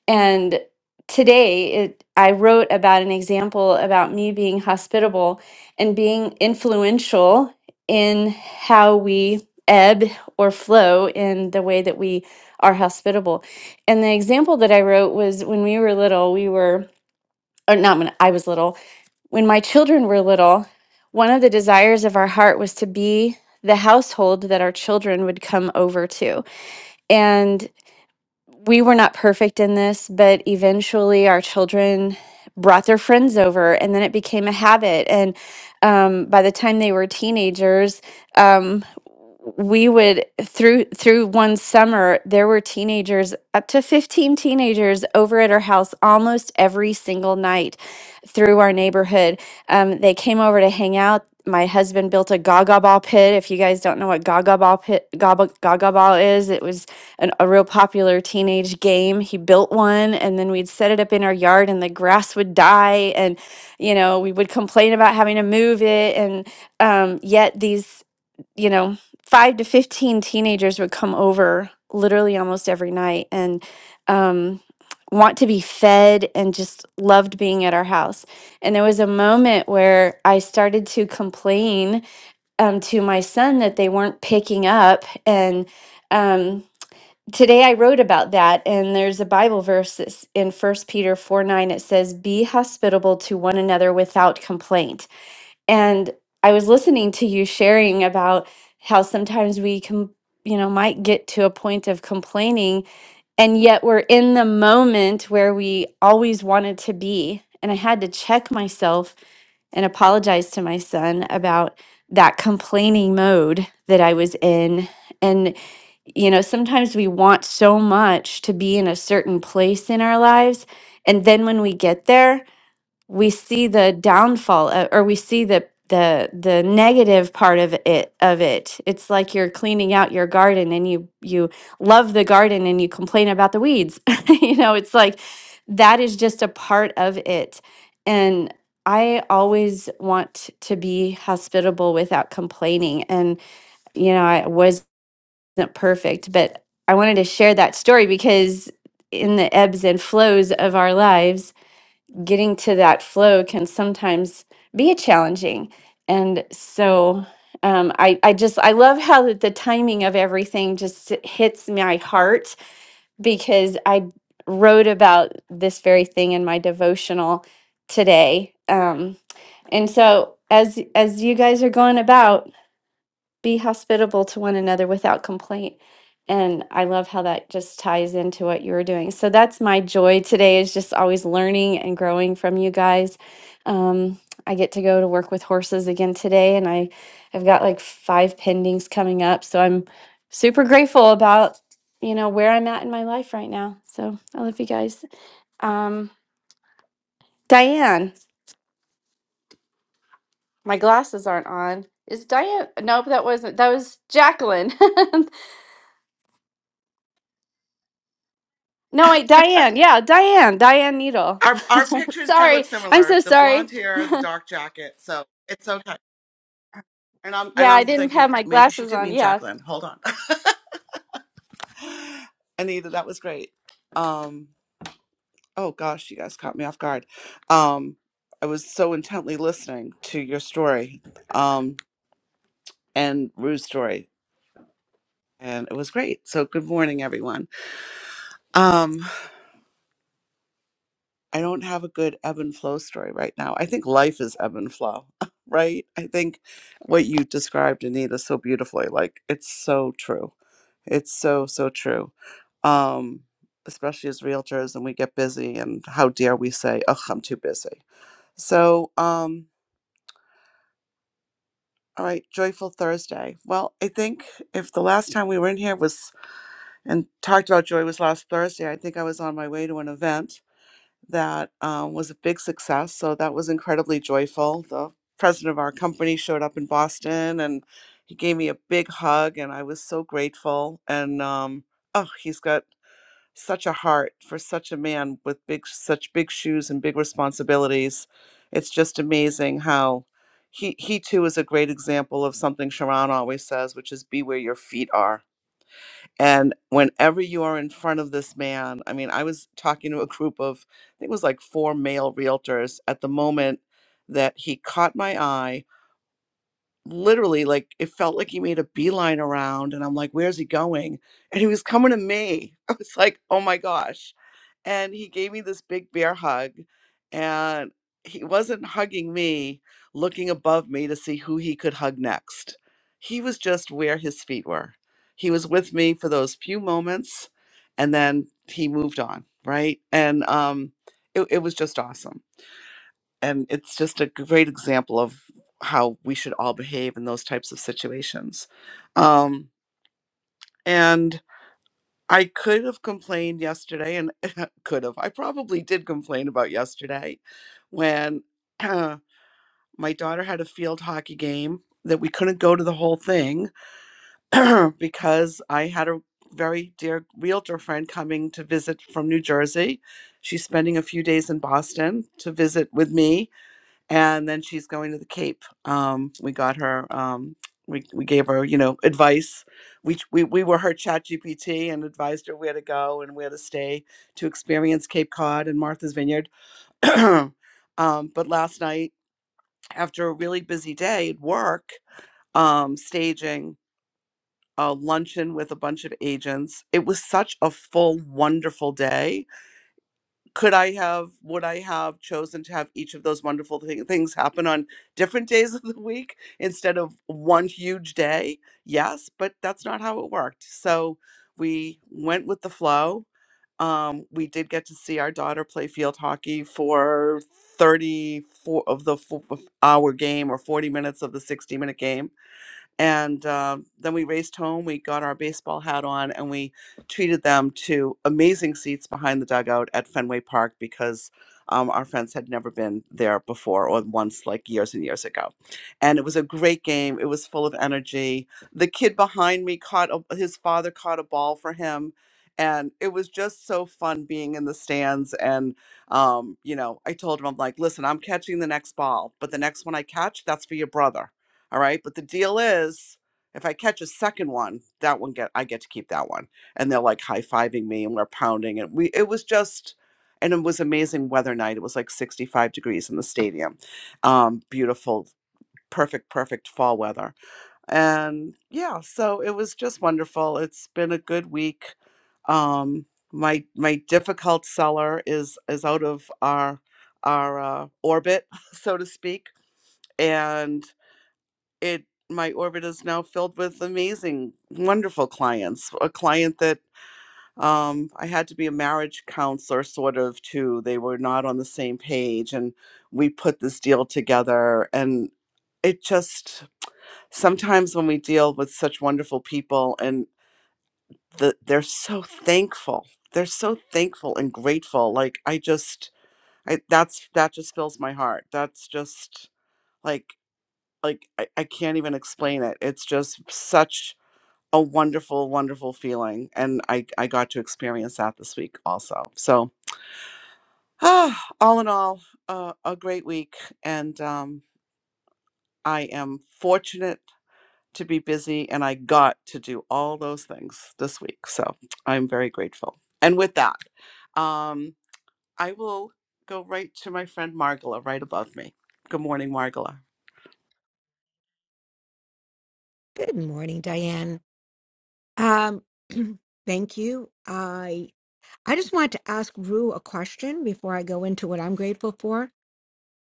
Speaker 7: and today it I wrote about an example about me being hospitable and being influential in how we ebb or flow in the way that we are hospitable. And the example that I wrote was when we were little, we were or not when I was little, when my children were little, one of the desires of our heart was to be the household that our children would come over to. and we were not perfect in this, but eventually our children brought their friends over, and then it became a habit. And um, by the time they were teenagers, um, we would through through one summer there were teenagers up to 15 teenagers over at our house almost every single night through our neighborhood um, they came over to hang out my husband built a gaga ball pit if you guys don't know what gaga ball pit gaga, gaga ball is it was an, a real popular teenage game. He built one, and then we'd set it up in our yard, and the grass would die, and you know we would complain about having to move it, and um, yet these you know five to fifteen teenagers would come over literally almost every night, and um, want to be fed and just loved being at our house. And there was a moment where I started to complain um, to my son that they weren't picking up, and. Um, today I wrote about that, and there's a Bible verse that's in First Peter 4 9. It says, Be hospitable to one another without complaint. And I was listening to you sharing about how sometimes we can, you know, might get to a point of complaining, and yet we're in the moment where we always wanted to be. And I had to check myself and apologized to my son about that complaining mode that I was in. And, you know, sometimes we want so much to be in a certain place in our lives. And then when we get there, we see the downfall uh, or we see the the the negative part of it of it it's like you're cleaning out your garden and you you love the garden and you complain about the weeds you know it's like that is just a part of it and i always want to be hospitable without complaining and you know i wasn't perfect but i wanted to share that story because in the ebbs and flows of our lives getting to that flow can sometimes be challenging. And so um, I, I just, I love how that the timing of everything just hits my heart because I wrote about this very thing in my devotional today. Um, and so as, as you guys are going about, be hospitable to one another without complaint. And I love how that just ties into what you were doing. So that's my joy today is just always learning and growing from you guys. Um, I get to go to work with horses again today, and I have got like five pendings coming up. So I'm super grateful about you know where I'm at in my life right now. So I love you guys. Um, Diane, my glasses aren't on. Is Diane? Nope, that wasn't. That was Jacqueline. No, wait, Diane. Yeah, Diane. Diane Needle.
Speaker 8: Our our pictures do look
Speaker 7: sorry. I'm
Speaker 8: similar.
Speaker 7: so
Speaker 8: The blonde
Speaker 7: sorry.
Speaker 8: hair, the dark jacket, so it's okay. And I'm and
Speaker 7: Yeah, I
Speaker 8: I'm
Speaker 7: didn't
Speaker 8: thinking
Speaker 7: have my
Speaker 8: maybe she
Speaker 7: glasses
Speaker 8: did
Speaker 7: on.
Speaker 8: mean
Speaker 7: Yeah.
Speaker 8: Jacqueline. Hold on. Anita, that was great. Um oh gosh, you guys caught me off guard. Um I was so intently listening to your story, um, and Rue's story, and it was great. So good morning, everyone. Um I don't have a good ebb and flow story right now. I think life is ebb and flow, right? I think what you described, Anita, so beautifully, like it's so true. It's so, so true. Um, especially as realtors and we get busy and how dare we say, oh, I'm too busy. So, um, all right, joyful Thursday. Well, I think if the last time we were in here was and talked about joy was last Thursday, I think I was on my way to an event that um, was a big success. So that was incredibly joyful. The president of our company showed up in Boston and he gave me a big hug, and I was so grateful. And um, oh, he's got such a heart for such a man with big, such big shoes and big responsibilities. It's just amazing how. He, he too is a great example of something Sharon always says, which is be where your feet are and whenever you are in front of this man, I mean, I was talking to a group of, I think it was like four male realtors at the moment that he caught my eye literally like it felt like he made a beeline around and I'm like, where's he going? And he was coming to me. I was like, oh my gosh. And he gave me this big bear hug and he wasn't hugging me, looking above me to see who he could hug next. He was just where his feet were. He was with me for those few moments and then he moved on, right? And um it, it was just awesome and it's just a great example of how we should all behave in those types of situations. Um, and I could have complained yesterday, and could have. I probably did complain about yesterday when my daughter had a field hockey game that we couldn't go to the whole thing because I had a very dear realtor friend coming to visit from New Jersey. She's spending a few days in Boston to visit with me and then she's going to the Cape. Um, we got her. Um, we we gave her, you know, advice. We ch- we we were her chat GPT and advised her where to go and where to stay to experience Cape Cod and Martha's Vineyard. um, but last night, after a really busy day at work, um, staging a luncheon with a bunch of agents, it was such a full, wonderful day could I have, would I have chosen to have each of those wonderful thi- things happen on different days of the week instead of one huge day? Yes, but that's not how it worked. So we went with the flow. Um, we did get to see our daughter play field hockey for 34 of the fo- of hour game or 40 minutes of the 60 minute game and uh, then we raced home. We got our baseball hat on, and we treated them to amazing seats behind the dugout at Fenway Park because um, our friends had never been there before or once, like years and years ago. And it was a great game. It was full of energy. The kid behind me caught a, his father caught a ball for him, and it was just so fun being in the stands. And um, you know, I told him, I'm like, listen, I'm catching the next ball, but the next one I catch, that's for your brother all right. But the deal is, if I catch a second one, that one get I get to keep that one. And they're like high fiving me and we're pounding. And we it was just and it was amazing weather night. It was like 65 degrees in the stadium. Um, beautiful, perfect, perfect fall weather. And yeah, so it was just wonderful. It's been a good week. Um, my my difficult seller is is out of our our uh, orbit, so to speak. And it my orbit is now filled with amazing wonderful clients a client that um, i had to be a marriage counselor sort of too they were not on the same page and we put this deal together and it just sometimes when we deal with such wonderful people and the, they're so thankful they're so thankful and grateful like i just I, that's that just fills my heart that's just like like I, I can't even explain it it's just such a wonderful, wonderful feeling. And I, I got to experience that this week also. So, ah, all in all, uh, a great week. And um, I am fortunate to be busy and I got to do all those things this week. So, I'm very grateful. And with that, um. I will go right to my friend Margola right above me. Good morning, Margola.
Speaker 4: Good morning, Diane. Um, thank you. I I just wanted to ask Rue a question before I go into what I'm grateful for.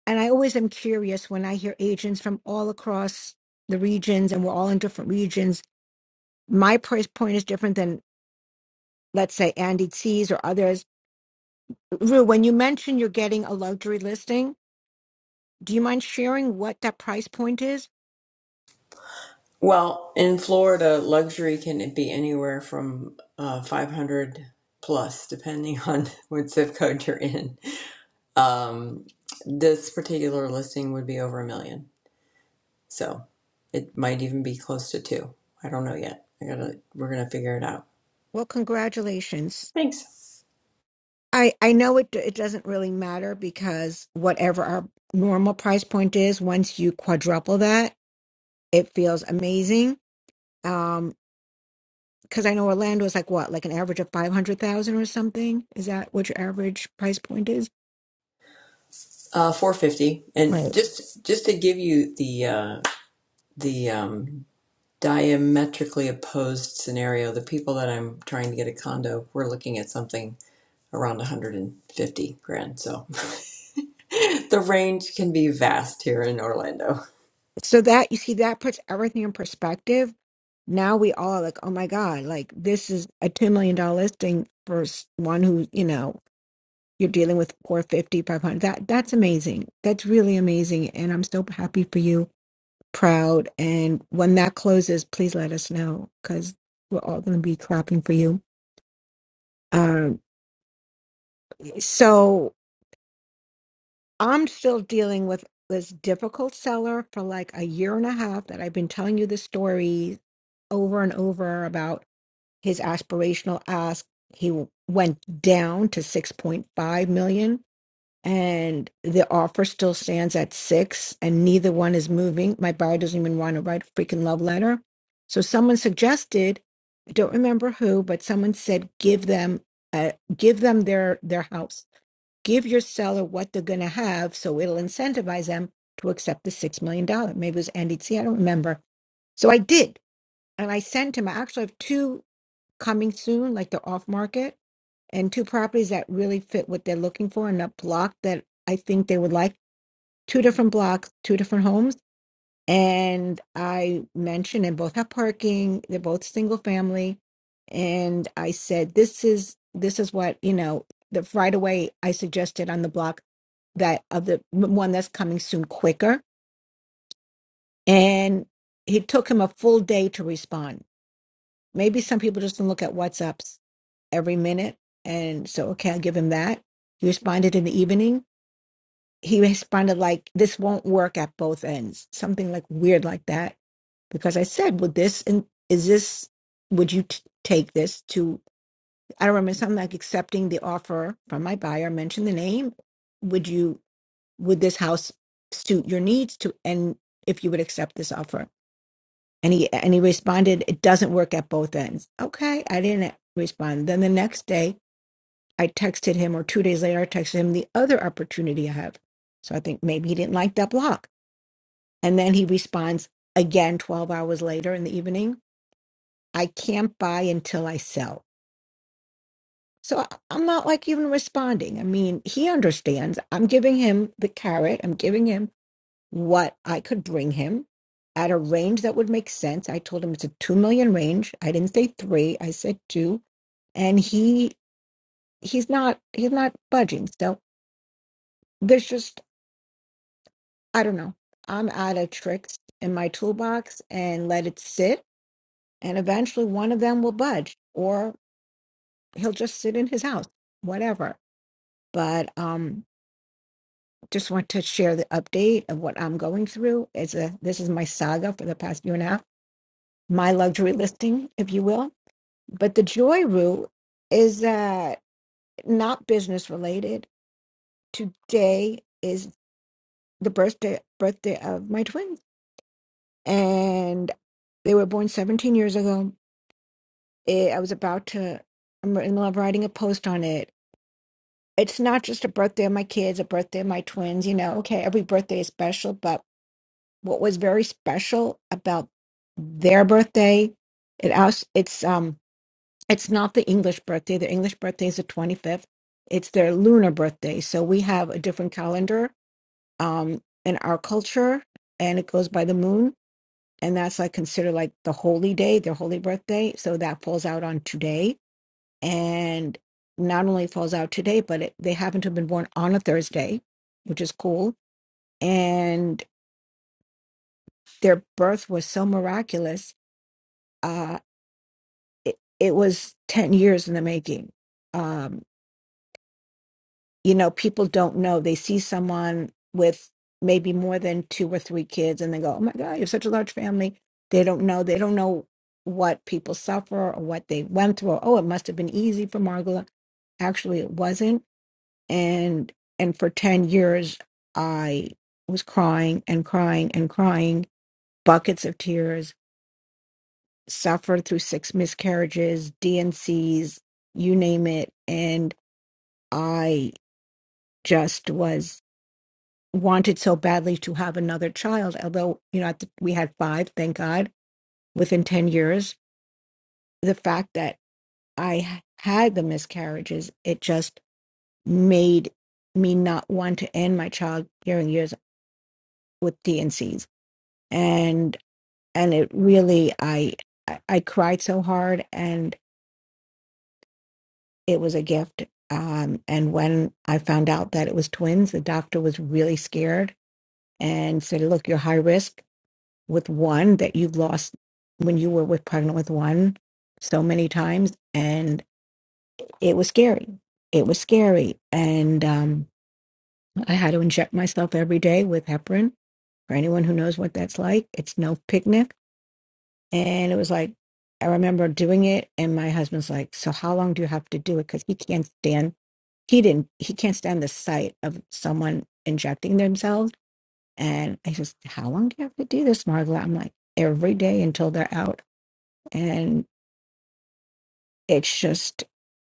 Speaker 4: And I always am curious when I hear agents from all across the regions, and we're all in different regions. My price point is different than, let's say, Andy T's or others. Rue, when you mention you're getting a luxury listing. Do you mind sharing what that price point is?
Speaker 1: Well, in Florida, luxury can be anywhere from uh, 500 plus, depending on what zip code you're in. Um, this particular listing would be over a million, so it might even be close to two. I don't know yet. I gotta, we're gonna figure it out.
Speaker 4: Well, congratulations.
Speaker 1: Thanks.
Speaker 4: I, I know it, it doesn't really matter because whatever our normal price point is, once you quadruple that, it feels amazing. Um, because I know Orlando is like what, like an average of 500,000 or something? Is that what your average price point is?
Speaker 1: Uh, 450, and
Speaker 4: Right.
Speaker 1: just just to give you the uh, the um, diametrically opposed scenario, the people that I'm trying to get a condo, we're looking at something around 150 grand. So the range can be vast here in Orlando.
Speaker 4: So that you see, that puts everything in perspective. Now we all are like, oh my God, like this is a $2 million dollar listing for s- one who, you know, you're dealing with four, fifty, five hundred. that that's amazing that's really amazing and i'm so happy for you proud and when that closes please let us know because we're all going to be clapping for you um so i'm still dealing with this difficult seller for like a year and a half that i've been telling you the story over and over about his aspirational ask he went down to 6.5 million and the offer still stands at six and neither one is moving my buyer doesn't even want to write a freaking love letter so someone suggested i don't remember who but someone said give them uh, give them their their house give your seller what they're going to have so it'll incentivize them to accept the six million dollar maybe it was andy t i don't remember so i did and i sent him i actually have two coming soon like they're off market and two properties that really fit what they're looking for in a block that I think they would like. Two different blocks, two different homes. And I mentioned, and both have parking. They're both single family. And I said, this is this is what you know. The right away I suggested on the block that of the one that's coming soon quicker. And it took him a full day to respond Maybe some people just don't look at WhatsApps every minute. And so, okay, I'll give him that. He responded in the evening. He responded like, this won't work at both ends, something like weird like that. Because I said, would this, and is this, would you t- take this to, I don't remember, something like accepting the offer from my buyer, mention the name. Would you, would this house suit your needs to, and if you would accept this offer? And he and he responded, "It doesn't work at both ends." Okay, I didn't respond. Then the next day, I texted him, or two days later, I texted him the other opportunity I have. So I think maybe he didn't like that block. And then he responds again 12 hours later in the evening. I can't buy until I sell. So I- I'm not like even responding. I mean, he understands. I'm giving him the carrot. I'm giving him what I could bring him at a range that would make sense. I told him it's a 2 million range. I didn't say 3, I said 2, and he he's not he's not budging. So there's just I don't know. I'm out of tricks in my toolbox and let it sit and eventually one of them will budge or he'll just sit in his house, whatever. But um just want to share the update of what I'm going through. It's a this is my saga for the past year and a half, my luxury listing, if you will But the joy root is uh, not business related. Today is the birthday birthday of my twins, and they were born 17 years ago. Eh, I was about to. I'm in love writing a post on it. It's not just a birthday of my kids, a birthday of my twins. You know, okay, every birthday is special, but what was very special about their birthday, it also it's um It's not the English birthday. Their English birthday is the 25th. It's their lunar birthday. So we have a different calendar um, in our culture, and it goes by the moon. And that's like considered like the holy day, their holy birthday. So that falls out on today. And not only falls out today, but it, they happen to have been born on a Thursday, which is cool. And their birth was so miraculous. Uh, it, it was 10 years in the making Um. you know, people don't know. They see someone with maybe more than two or three kids and they go, oh my God, you are such a large family. They don't know. They don't know what people suffer or what they went through. Or, oh, it must have been easy for Margola. Actually, it wasn't. And and for 10 years, I was crying and crying and crying, buckets of tears, suffered through six miscarriages, D N C's, you name it. And I just was wanted so badly to have another child, although, you know, at the, we had five, thank God, within 10 years. The fact that I had the miscarriages, it just made me not want to end my childbearing years with DNCs. And, Cs. and and it really, I, I I cried so hard and it was a gift. Um, and when I found out that it was twins, the doctor was really scared and said, look, you're high risk with one that you lost when you were with pregnant with one so many times and it was scary it was scary and um, i had to inject myself every day with heparin for anyone who knows what that's like it's no picnic and it was like i remember doing it and my husband's like so how long do you have to do it because he can't stand he didn't he can't stand the sight of someone injecting themselves and i just how long do you have to do this margaret i'm like every day until they're out and it's just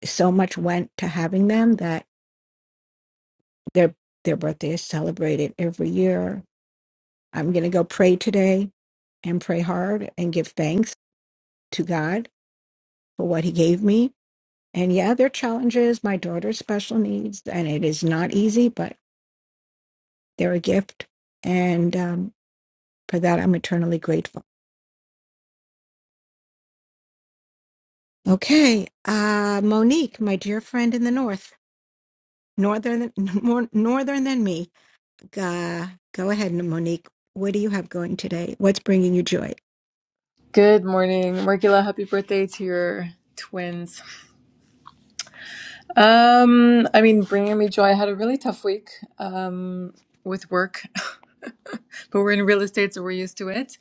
Speaker 4: so much went to having them that their their birthday is celebrated every year. I'm going to go pray today and pray hard and give thanks to God for what he gave me. And yeah, there are challenges. My daughter's special needs, and it is not easy, but they're a gift. And um, for that, I'm eternally grateful. Okay. Uh, Monique, my dear friend in the North, northern, more northern than me. Ga, go ahead, Monique. What do you have going today? What's bringing you joy?
Speaker 9: Good morning, Margula. Happy birthday to your twins. Um, I mean, bringing me joy. I had a really tough week um, with work, but we're in real estate, so we're used to it.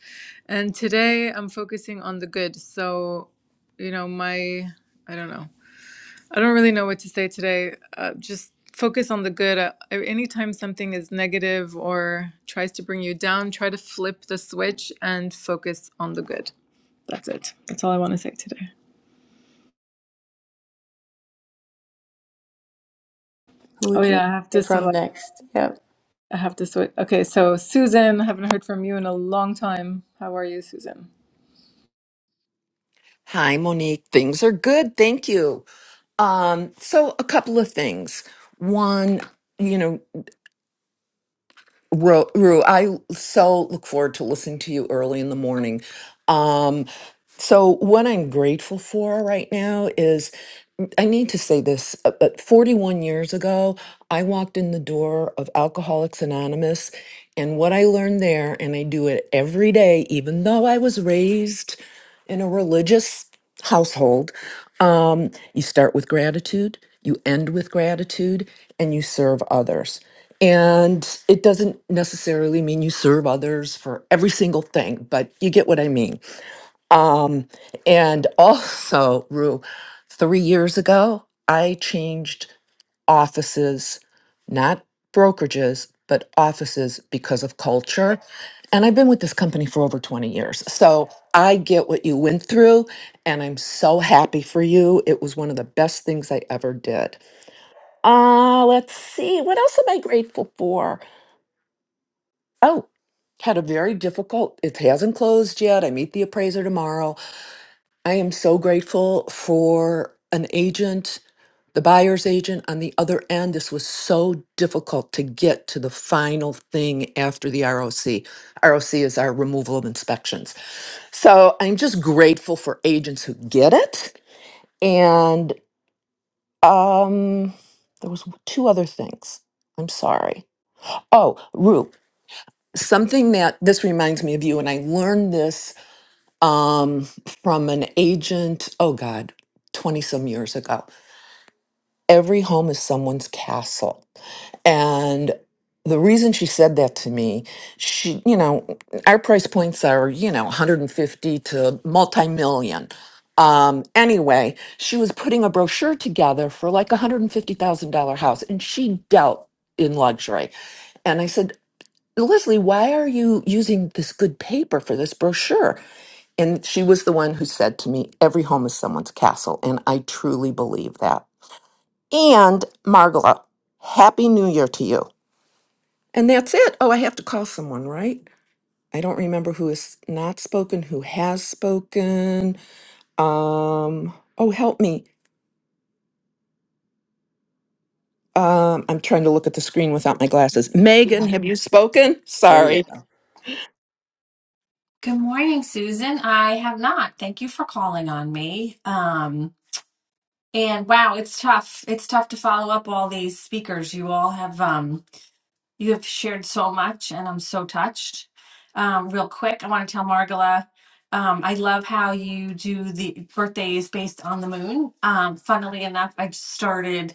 Speaker 9: And today, I'm focusing on the good. So, you know, my I don't know. I don't really know what to say today. Uh, just focus on the good. Uh, anytime something is negative or tries to bring you down, try to flip the switch and focus on the good. That's it. That's all I want to say today.
Speaker 1: Who
Speaker 9: Oh
Speaker 1: would you
Speaker 9: yeah, I have
Speaker 1: hear
Speaker 9: to
Speaker 1: from
Speaker 9: select.
Speaker 1: next? Yep,
Speaker 9: I have to switch. Okay, so Susan, haven't heard from you in a long time. How are you, Susan?
Speaker 10: Hi, Monique. Things are good. Thank you. Um, so a couple of things. One, you know, Ru, Ru, I so look forward to listening to you early in the morning. Um, so what I'm grateful for right now is I need to say this, uh, but 41 years ago, I walked in the door of Alcoholics Anonymous, and what I learned there, and I do it every day, even though I was raised in a religious household. Um, you start with gratitude, you end with gratitude, and you serve others. And it doesn't necessarily mean you serve others for every single thing, but you get what I mean. Um, and also, Rue, three years ago, I changed offices, not brokerages, but offices because of culture. And I've been with this company for over 20 years. So I get what you went through, and I'm so happy for you. It was one of the best things I ever did. Uh, let's see. What else am I grateful for? Oh, had a very difficult, it hasn't closed yet. I meet the appraiser tomorrow. I am so grateful for an agent the buyer's agent on the other end. This was so difficult to get to the final thing after the ROC. ROC is our removal of inspections. So I'm just grateful for agents who get it. And um, there was two other things. I'm sorry. Oh, Rue, something that this reminds me of you, and I learned this um, from an agent. Oh God, 20 some years ago. Every home is someone's castle. And the reason she said that to me, she, you know, our price points are, you know, 150 to multi-million. Um, anyway, she was putting a brochure together for like a $150,000 house and she dealt in luxury. And I said, Leslie, why are you using this good paper for this brochure? And she was the one who said to me, every home is someone's castle. And I truly believe that. And Margola, happy new year to you. And that's it. Oh, I have to call someone, right? I don't remember who has not spoken, who has spoken. Um, oh, help me. Um, I'm trying to look at the screen without my glasses. Megan, have you spoken?
Speaker 1: there you
Speaker 10: Sorry.
Speaker 1: go.
Speaker 11: Good morning, Susan. I have not. Thank you for calling on me. Um, and wow, it's tough. It's tough to follow up all these speakers. You all have um, you have shared so much, and I'm so touched. Um, real quick, I want to tell Margala, um, I love how you do the birthdays based on the moon. Um, funnily enough, I just started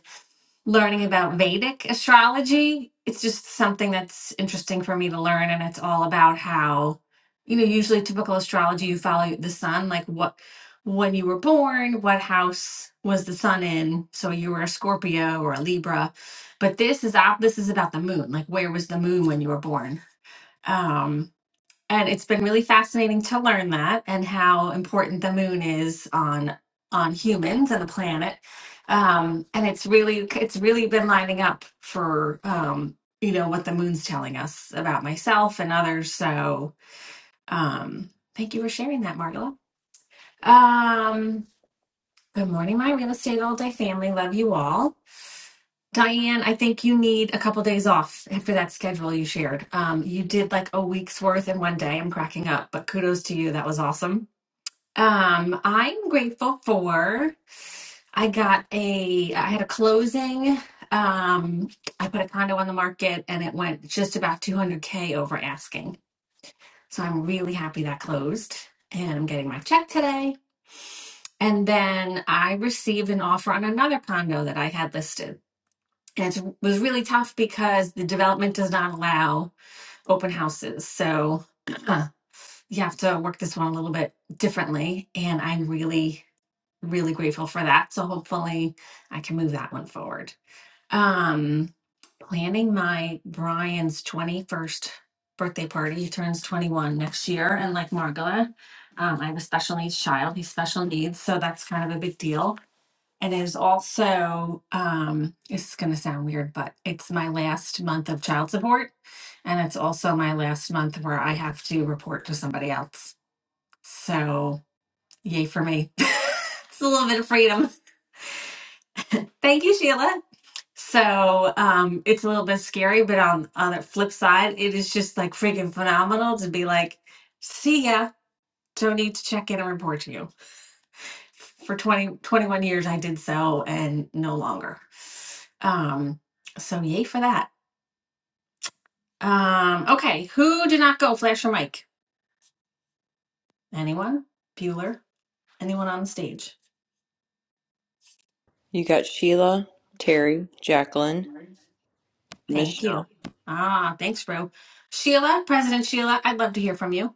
Speaker 11: learning about Vedic astrology. It's just something that's interesting for me to learn, and it's all about how, you know, usually typical astrology, you follow the sun, like what when you were born, what house was the sun in? So you were a Scorpio or a Libra, but this is out. This is about the moon, like where was the moon when you were born? Um, and it's been really fascinating to learn that and how important the moon is on on humans and the planet um and it's really it's really been lining up for um you know what the moon's telling us about myself and others so um thank you for sharing that margola um good morning my real estate all day family love you all Diane, I think you need a couple days off after that schedule you shared. Um, you did like a week's worth in one day. I'm cracking up, but kudos to you. That was awesome. Um, I'm grateful for I got a I had a closing. Um, I put a condo on the market and it went just about 200k over asking. So I'm really happy that closed and I'm getting my check today. And then I received an offer on another condo that I had listed. And it was really tough because the development does not allow open houses. So uh, you have to work this one a little bit differently. And I'm really, really grateful for that. So hopefully I can move that one forward. Um, planning my Brian's 21st birthday party. He turns 21 next year. And like Margola, um, I have a special needs child. He's special needs. So that's kind of a big deal and is also um it's going to sound weird but it's my last month of child support and it's also my last month where i have to report to somebody else so yay for me it's a little bit of freedom thank you sheila so um it's a little bit scary but on on the flip side it is just like freaking phenomenal to be like see ya don't need to check in and report to you for 20 21 years i did so and no longer Um, so yay for that. Um, okay, who did not go? Flash your mic. Anyone? Bueller? Anyone on the stage?
Speaker 1: You got Sheila, Terry, Jacqueline,
Speaker 11: Thank you.
Speaker 1: Michelle.
Speaker 11: Ah, thanks, bro. Sheila, President Sheila, I'd love to hear from you.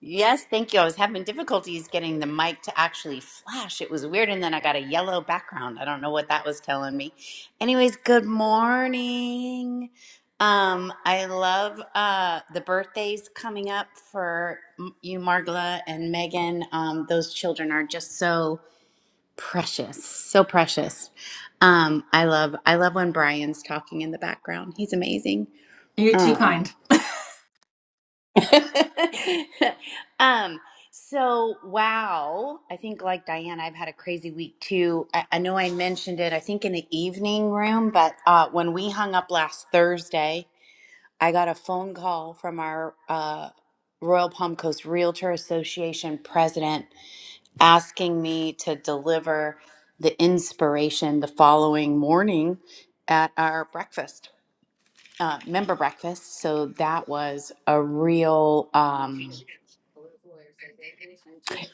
Speaker 5: Yes, thank you. I was having difficulties getting the mic to actually flash. It was weird, and then I got a yellow background. I don't know what that was telling me. Anyways, good morning. Um, I love uh, the birthdays coming up for m- you, Margla and Megan. Um, those children are just so Precious, so precious. Um, I love I love when Brian's talking in the background. He's amazing.
Speaker 11: You're too
Speaker 5: Um,
Speaker 11: kind.
Speaker 5: um, so wow, I think like Diane, I've had a crazy week too. I, I know I mentioned it, I think in the evening room, but uh, when we hung up last Thursday, I got a phone call from our uh, Royal Palm Coast Realtor Association president asking me to deliver the inspiration the following morning at our breakfast, uh, member breakfast. So that was a real um,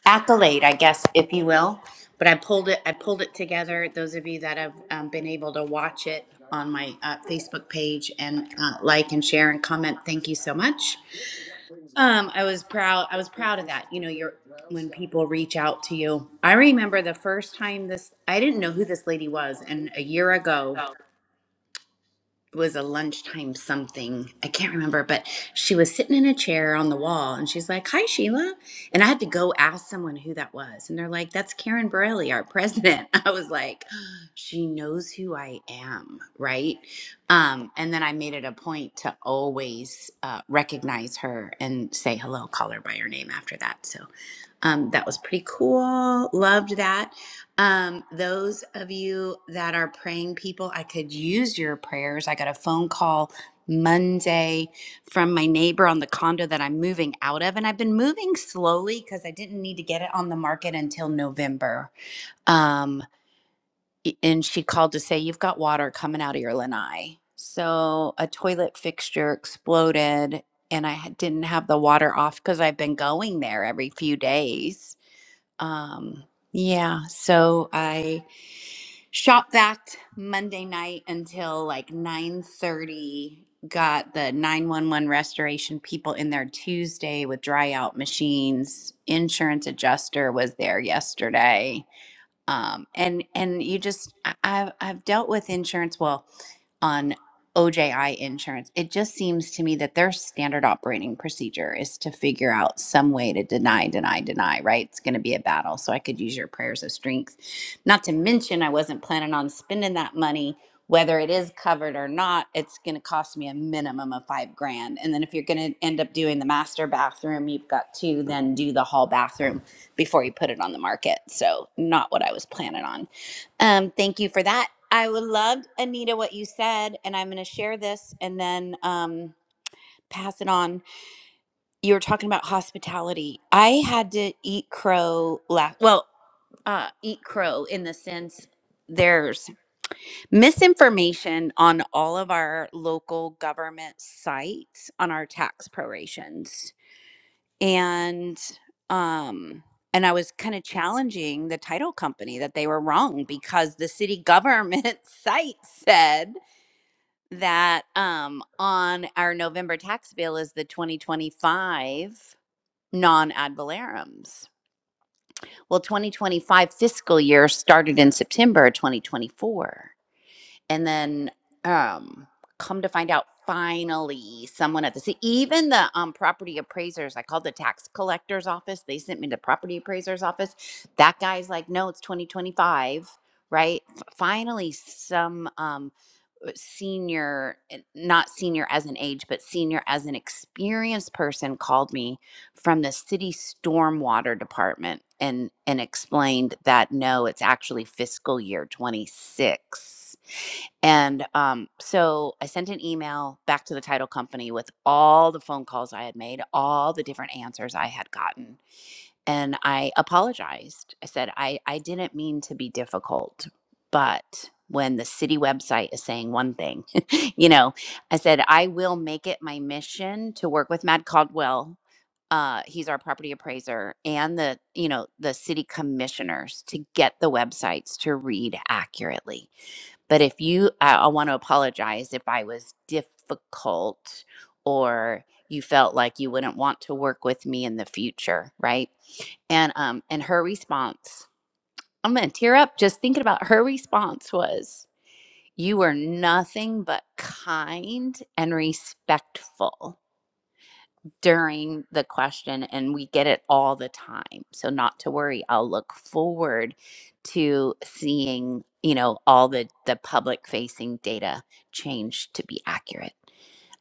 Speaker 5: accolade, I guess, if you will. But I pulled it. I pulled it together. Those of you that have um, been able to watch it on my uh, Facebook page and uh, like and share and comment, thank you so much. Um, I was proud. I was proud of that. You know, you're when people reach out to you. I remember the first time this. I didn't know who this lady was, and a year ago, was a lunchtime something. I can't remember, but she was sitting in a chair on the wall and she's like, Hi, Sheila. And I had to go ask someone who that was. And they're like, That's Karen Borelli, our president. I was like, She knows who I am, right? Um, and then I made it a point to always uh, recognize her and say hello, call her by her name after that. So um, that was pretty cool. Loved that. Um, those of you that are praying people, I could use your prayers. I got a phone call Monday from my neighbor on the condo that I'm moving out of, and I've been moving slowly because I didn't need to get it on the market until November. Um, i- and she called to say, You've got water coming out of your lanai. So a toilet fixture exploded, and I ha- didn't have the water off because I've been going there every few days. Um, yeah, so I shop vac Monday night until like 9:30. Got the 911 restoration people in there Tuesday with dry out machines. Insurance adjuster was there yesterday um, and and you just I- I've I've dealt with insurance well on OJI insurance. It just seems to me that their standard operating procedure is to figure out some way to deny, deny, deny. Right? It's going to be a battle, so I could use your prayers of strength. Not to mention, I wasn't planning on spending that money. Whether it is covered or not, it's going to cost me a minimum of five grand. And then if you're going to end up doing the master bathroom, you've got to then do the hall bathroom before you put it on the market. So, not what I was planning on. Um, thank you for that. I would love, Anita, what you said, and I'm going to share this and then um, pass it on. You were talking about hospitality. I had to eat crow last, well, uh, eat crow in the sense there's misinformation on all of our local government sites on our tax prorations and um and i was kind of challenging the title company that they were wrong because the city government site said that um on our november tax bill is the 2025 non-ad valerums well 2025 fiscal year started in september 2024 and then um come to find out finally someone at the city even the um property appraisers i called the tax collector's office they sent me to property appraiser's office that guy's like no it's 2025 right F- finally some um uh, senior n- not senior as an age but senior as an experienced person called me from the city stormwater department and and explained that no it's actually fiscal year 26 and um, so I sent an email back to the title company with all the phone calls I had made, all the different answers I had gotten. And I apologized. I said, I, I didn't mean to be difficult, but when the city website is saying one thing, you know, I said, I will make it my mission to work with Matt Caldwell. Uh, he's our property appraiser and the, you know, the city commissioners to get the websites to read accurately but if you, I, I want to apologize if I was difficult or you felt like you wouldn't want to work with me in the future, right? And um, and her response, I'm gonna tear up just thinking about her response was, "You were nothing but kind and respectful." during the question and we get it all the time so not to worry i'll look forward to seeing you know all the the public facing data change to be accurate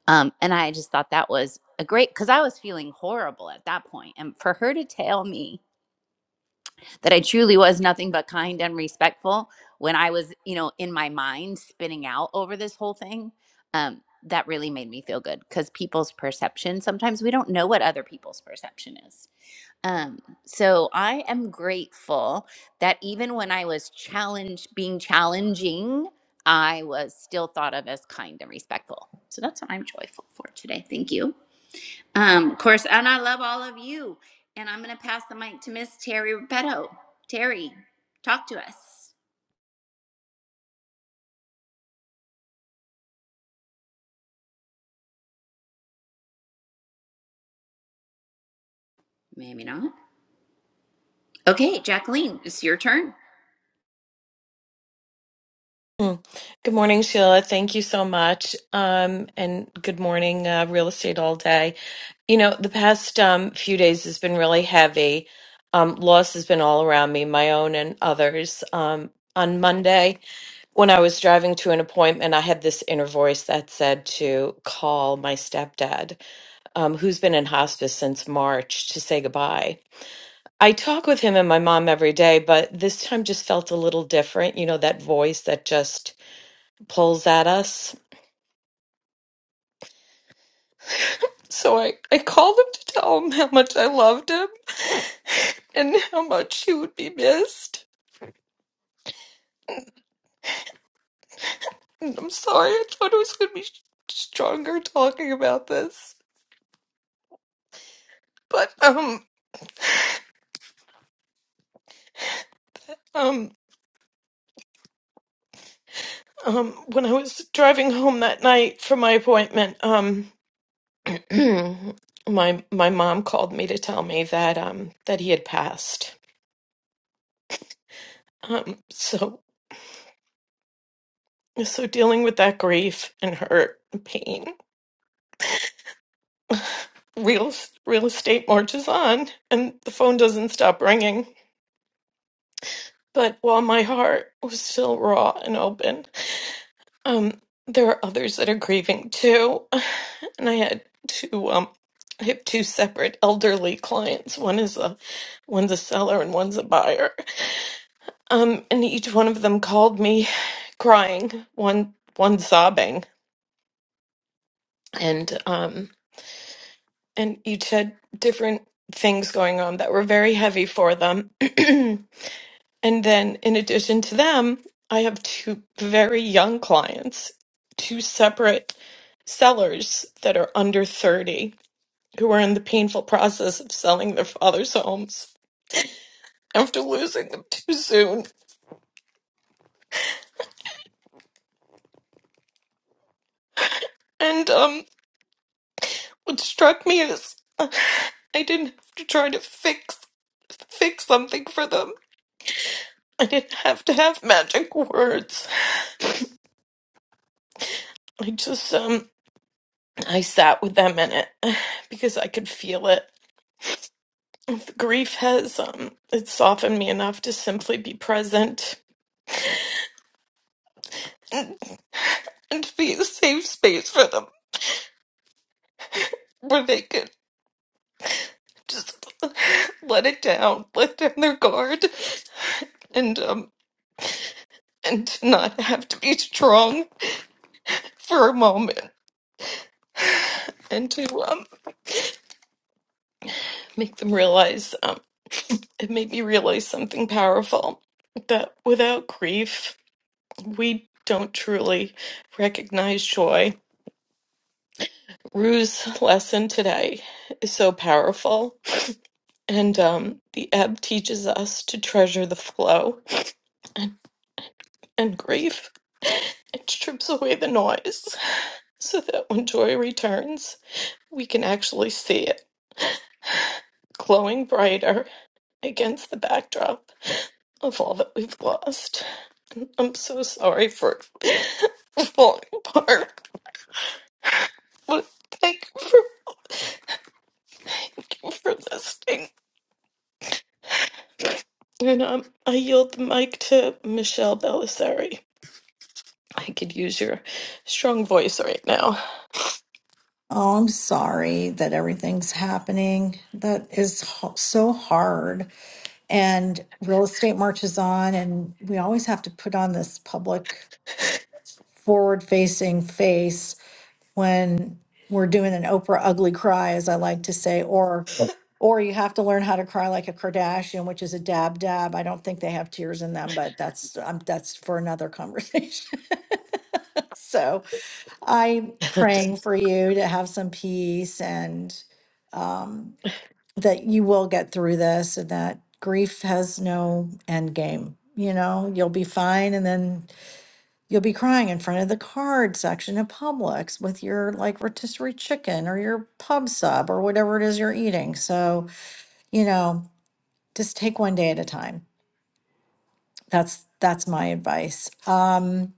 Speaker 5: um and i just thought that was a great because i was feeling horrible at that point and for her to tell me that I truly was nothing but kind and respectful when I was, you know, in my mind spinning out over this whole thing. Um, that really made me feel good because people's perception sometimes we don't know what other people's perception is. Um, so I am grateful that even when I was challenged, being challenging, I was still thought of as kind and respectful. So that's what I'm joyful for today. Thank you. Um, of course, and I love all of you. And I'm going to pass the mic to Miss Terry Repetto. Terry, talk to us. Maybe not. Okay, Jacqueline, it's your turn.
Speaker 2: good morning and Hi. You know, the past um, few days has been really heavy. Um, loss has been all around me, my own and others. Um, on Monday, when I was driving to an appointment, I had this inner voice that said to call my stepdad, um, who's been in hospice since March, to say goodbye. I talk with him and my mom every day, but this time just felt a little different. You know, that voice that just pulls at us. So I, I called him to tell him how much I loved him and how much he would be missed. And I'm sorry, I thought I was going to be s- stronger talking about this. But, um, um, um, when I was driving home that night from my appointment, um, my, my mom called me to tell me that, um, that he had passed. Um, so, so dealing with that grief and hurt and pain real real estate marches on and the phone doesn't stop ringing but while my heart was still raw and open um there are others that are grieving too and i had two um i have two separate elderly clients one is a one's a seller and one's a buyer um and each one of them called me crying one one sobbing and um and each had different things going on that were very heavy for them And then, in addition to them, I have two very young clients, two separate sellers that are under 30 who are in the painful process of selling their father's homes after losing them too soon. And um, what struck me is uh, I didn't have to try to fix fix something for them. I didn't have to have magic words. I just um I sat with them in it because I could feel it Grief has um, it's softened me enough to simply be present and, and to be a safe space for them where they could just let it down, let down their guard, and um and to not have to be strong for a moment and to um make them realize um it made me realize something powerful that without grief we don't truly recognize joy. Rue's lesson today is so powerful And um, the ebb teaches us to treasure the flow and grief. It strips away the noise so that when joy returns, we can actually see it glowing brighter against the backdrop of all that we've lost. I'm so sorry for falling apart, but thank you for, thank you for listening. And um, I yield the mic to Michelle Belisari. I could use your strong voice right now.
Speaker 3: Oh, I'm sorry that everything's happening. That is ho- so hard. And real estate marches on, and we always have to put on this public forward facing face when we're doing an Oprah ugly cry, as I like to say, or or you have to learn how to cry like a Kardashian, which is a dab dab. I don't think they have tears in them, but that's um, that's for another conversation. so I'm praying for you to have some peace and um, that you will get through this and that grief has no end game. You know, you'll be fine and then you'll be crying in front of the card section at Publix with your like rotisserie chicken or your pub sub or whatever it is you're eating. So, you know, just take one day at a time. That's that's my advice. Um,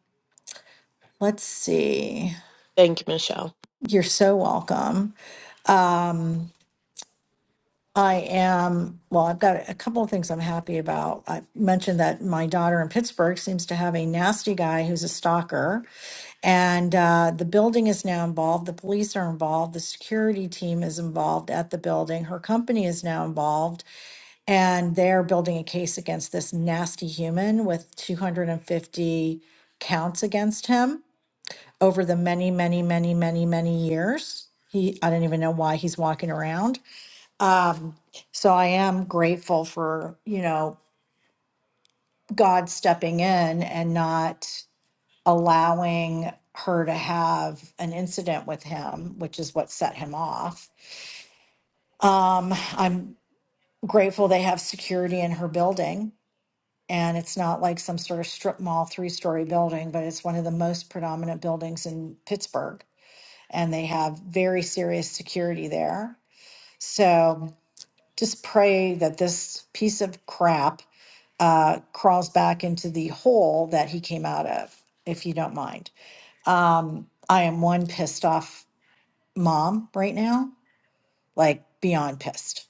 Speaker 3: let's see.
Speaker 2: Thank you, Michelle.
Speaker 3: You're so welcome. Um, I am, well, I've got a couple of things I'm happy about. I mentioned that my daughter in Pittsburgh seems to have a nasty guy who's a stalker, and uh, the building is now involved. The police are involved. The security team is involved at the building. Her company is now involved, and they're building a case against this nasty human with 250 counts against him over the many, many, many, many, many years. He, I don't even know why he's walking around. Um, so I am grateful for, you know, God stepping in and not allowing her to have an incident with him, which is what set him off. Um, I'm grateful they have security in her building. And it's not like some sort of strip mall three story building, but it's one of the most predominant buildings in Pittsburgh. And they have very serious security there. So just pray that this piece of crap uh, crawls back into the hole that he came out of, if you don't mind. Um, I am one pissed off mom right now, like beyond pissed.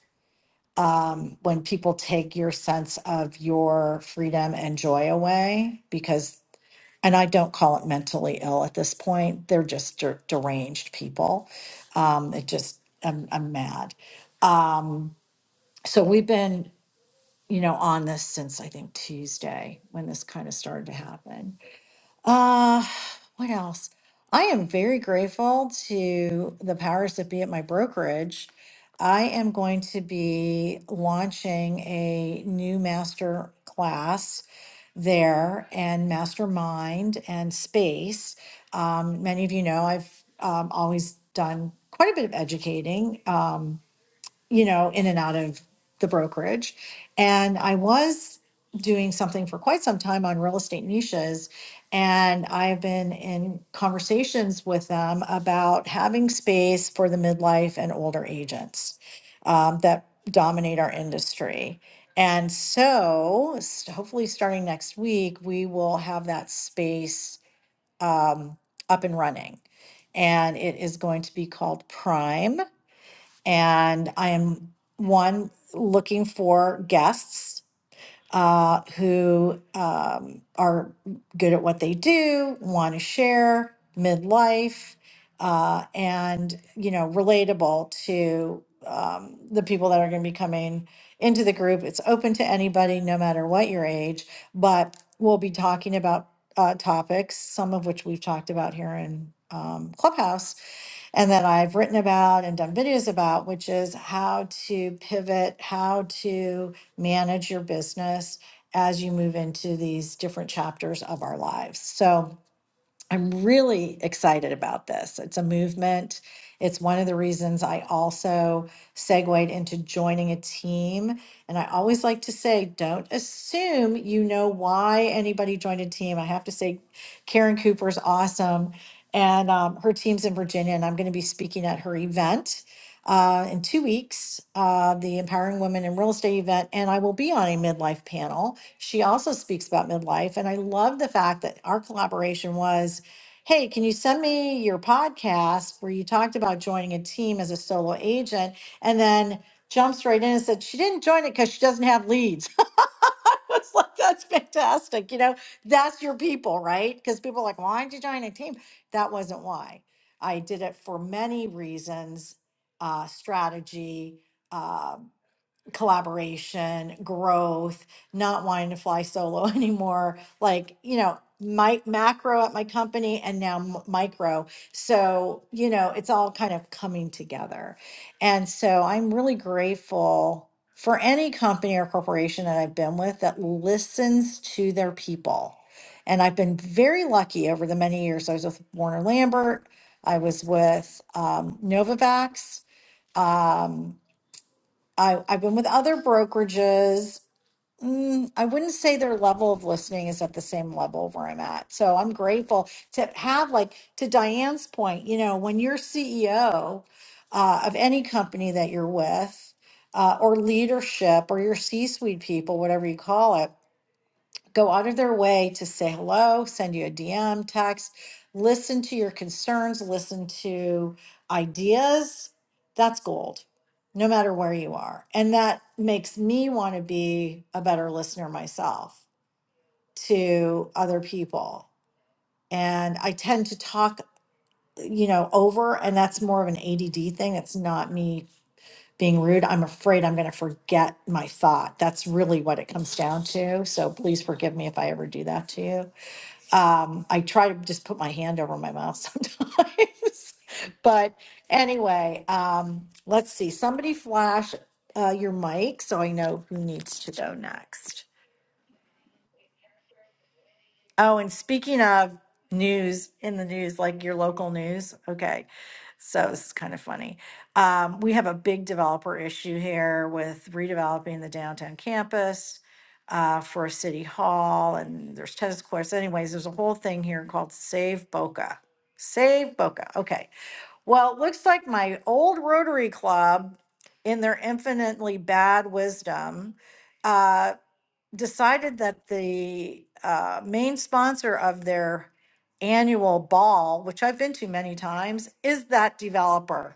Speaker 3: Um, when people take your sense of your freedom and joy away, because, and I don't call it mentally ill at this point, they're just der- deranged people. Um, it just, I'm, I'm mad. Um, so we've been you know, on this since I think Tuesday when this kind of started to happen. Uh, what else? I am very grateful to the powers that be at my brokerage. I am going to be launching a new master class there and mastermind and space. Um, many of you know I've um, always done quite a bit of educating. Um, you know, in and out of the brokerage. And I was doing something for quite some time on real estate niches. And I've been in conversations with them about having space for the midlife and older agents um, that dominate our industry. And so, s- hopefully, starting next week, we will have that space um, up and running. And it is going to be called Prime and I am, one, looking for guests uh, who um, are good at what they do, want to share midlife, uh, and you know, relatable to um, the people that are going to be coming into the group. It's open to anybody, no matter what your age. But we'll be talking about uh, topics, some of which we've talked about here in um, Clubhouse. And that I've written about and done videos about, which is how to pivot, how to manage your business as you move into these different chapters of our lives. So, I'm really excited about this. It's a movement. It's one of the reasons I also segued into joining a team. And I always like to say, don't assume you know why anybody joined a team. I have to say, Karen Cooper's awesome. And um, her team's in Virginia, and I'm going to be speaking at her event uh, in two weeks, uh, the Empowering Women in Real Estate event. And I will be on a midlife panel. She also speaks about midlife. And I love the fact that our collaboration was hey, can you send me your podcast where you talked about joining a team as a solo agent? And then jumps right in and said, she didn't join it because she doesn't have leads. I was like, that's fantastic. You know, that's your people, right? Because people are like, why did you join a team? That wasn't why. I did it for many reasons uh, strategy. uh, collaboration, growth, not wanting to fly solo anymore, like, you know, my macro at my company and now m- micro. So, you know, it's all kind of coming together. And so I'm really grateful for any company or corporation that I've been with that listens to their people. And I've been very lucky over the many years. I was with Warner Lambert. I was with um, Novavax. Um, I, I've been with other brokerages. Mm, I wouldn't say their level of listening is at the same level where I'm at. So I'm grateful to have, like, to Diane's point, you know, when you're CEO uh, of any company that you're with, uh, or leadership, or your C suite people, whatever you call it go out of their way to say hello, send you a DM, text, listen to your concerns, listen to ideas. That's gold, no matter where you are. And that makes me want to be a better listener myself to other people. And I tend to talk, you know, over, and that's more of an ADD thing. It's not me being rude. I'm afraid I'm going to forget my thought. That's really what it comes down to. So please forgive me if I ever do that to you um, I try to just put my hand over my mouth sometimes. but anyway, um, let's see. Somebody flash uh, your mic so I know who needs to go next. Oh, and speaking of news in the news, like your local news, okay. So this is kind of funny. Um, we have a big developer issue here with redeveloping the downtown campus uh, for city hall, and there's tennis courts. Anyways, there's a whole thing here called Save Boca. Save Boca. Okay. Well, it looks like my old Rotary Club, in their infinitely bad wisdom. uh, decided that the uh, main sponsor of their annual ball, which I've been to many times, is that developer.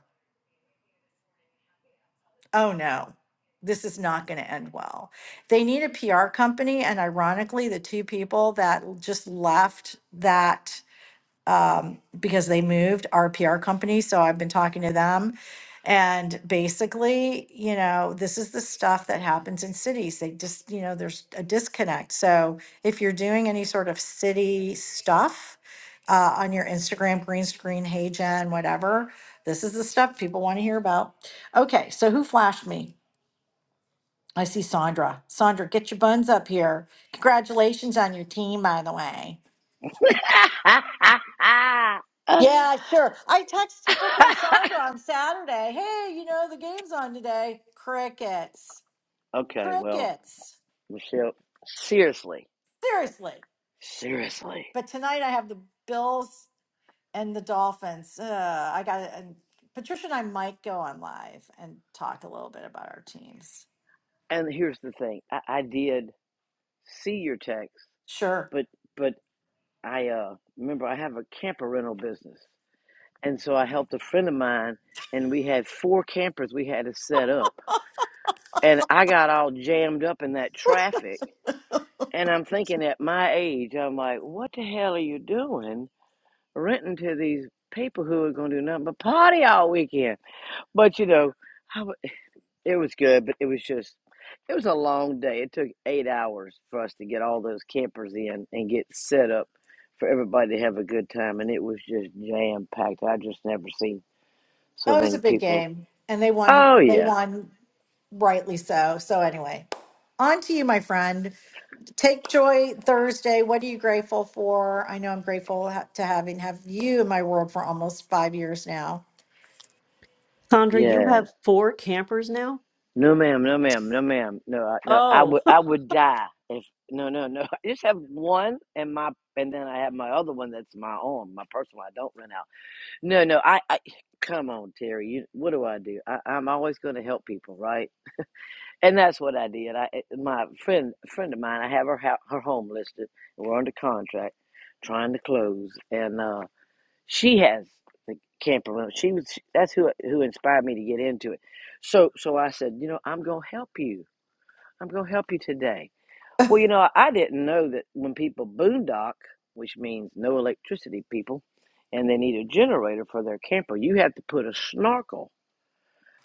Speaker 3: Oh no, this is not going to end well. They need a PR company. And ironically, the two people that just left that um, because they moved our PR company. So I've been talking to them. And basically, you know, this is the stuff that happens in cities. They just, you know, there's a disconnect. So if you're doing any sort of city stuff uh, on your Instagram, green screen, hey Jen, whatever, this is the stuff people want to hear about. Okay, so who flashed me? I see Sandra. Sandra, get your buns up here. Congratulations on your team, by the way. Yeah, sure. I text frickin' Sandra on Saturday. Hey, you know, the game's on today. Crickets.
Speaker 12: okay, well,
Speaker 3: Crickets.
Speaker 12: Michelle, seriously,
Speaker 3: Seriously.
Speaker 12: seriously.
Speaker 3: But tonight I have the Bills and the Dolphins. Uh, I got it. And Patricia and I might go on live and talk a little bit about our teams.
Speaker 12: And here's the thing: I, I did see your text,
Speaker 3: Sure.
Speaker 12: but but I uh, remember I have a camper rental business, and so I helped a friend of mine, and we had four campers we had to set up, and I got all jammed up in that traffic. And I'm thinking at my age, I'm like, what the hell are you doing? renting to these people who are gonna do nothing but party all weekend. But you know, I it was good, but it was just it was a long day. It took eight hours for us to get all those campers in and get set up for everybody to have a good time, and it was just jam packed. I just never seen so
Speaker 3: That was a
Speaker 12: many
Speaker 3: big
Speaker 12: people.
Speaker 3: game. And they won.
Speaker 12: Oh
Speaker 3: They
Speaker 12: yeah,
Speaker 3: won rightly so. So, anyway, on to you, my friend. Take Joy Thursday. What are you grateful for? I know I'm grateful ha- to having have you in my world for almost five years now.
Speaker 6: Sandra, you
Speaker 12: yeah.
Speaker 6: have four campers now?
Speaker 12: No ma'am, no ma'am, no ma'am, no, I, no. I
Speaker 6: Oh.
Speaker 12: would, I would die if no, no, no. I just have one, and my, and then I have my other one that's my own, my personal. I don't rent out No, no, I, I come on, Terry. You, what do I do? I, I'm always going to help people, right? And that's what I did. I, eh, my friend, friend of mine, I have her hou- her home listed. We're under contract, trying to close, and uh, she has the camper rental. She was that's who who inspired me to get into it. So, so I said, you know, I'm going to help you. I'm going to help you today well, you know, I didn't know that when people boondock, which means no electricity, people, and they need a generator for their camper, you have to put a snorkel.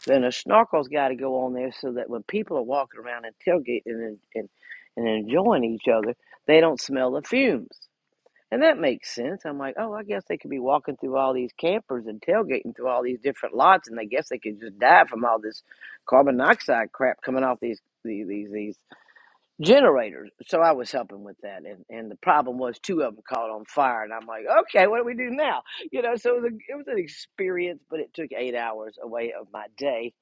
Speaker 12: Then a snorkel's got to go on there so that when people are walking around and tailgating and, and, and enjoying each other, they don't smell the fumes. And that makes sense. I'm like, oh, I guess they could be walking through all these campers and tailgating through all these different lots, and I guess they could just die from all this carbon dioxide crap coming off these these these, these generators. So I was helping with that, and, and the problem was two of them caught on fire, and I'm like, okay, what do we do now? You know, so it was, a, it was an experience, but it took eight hours away of my day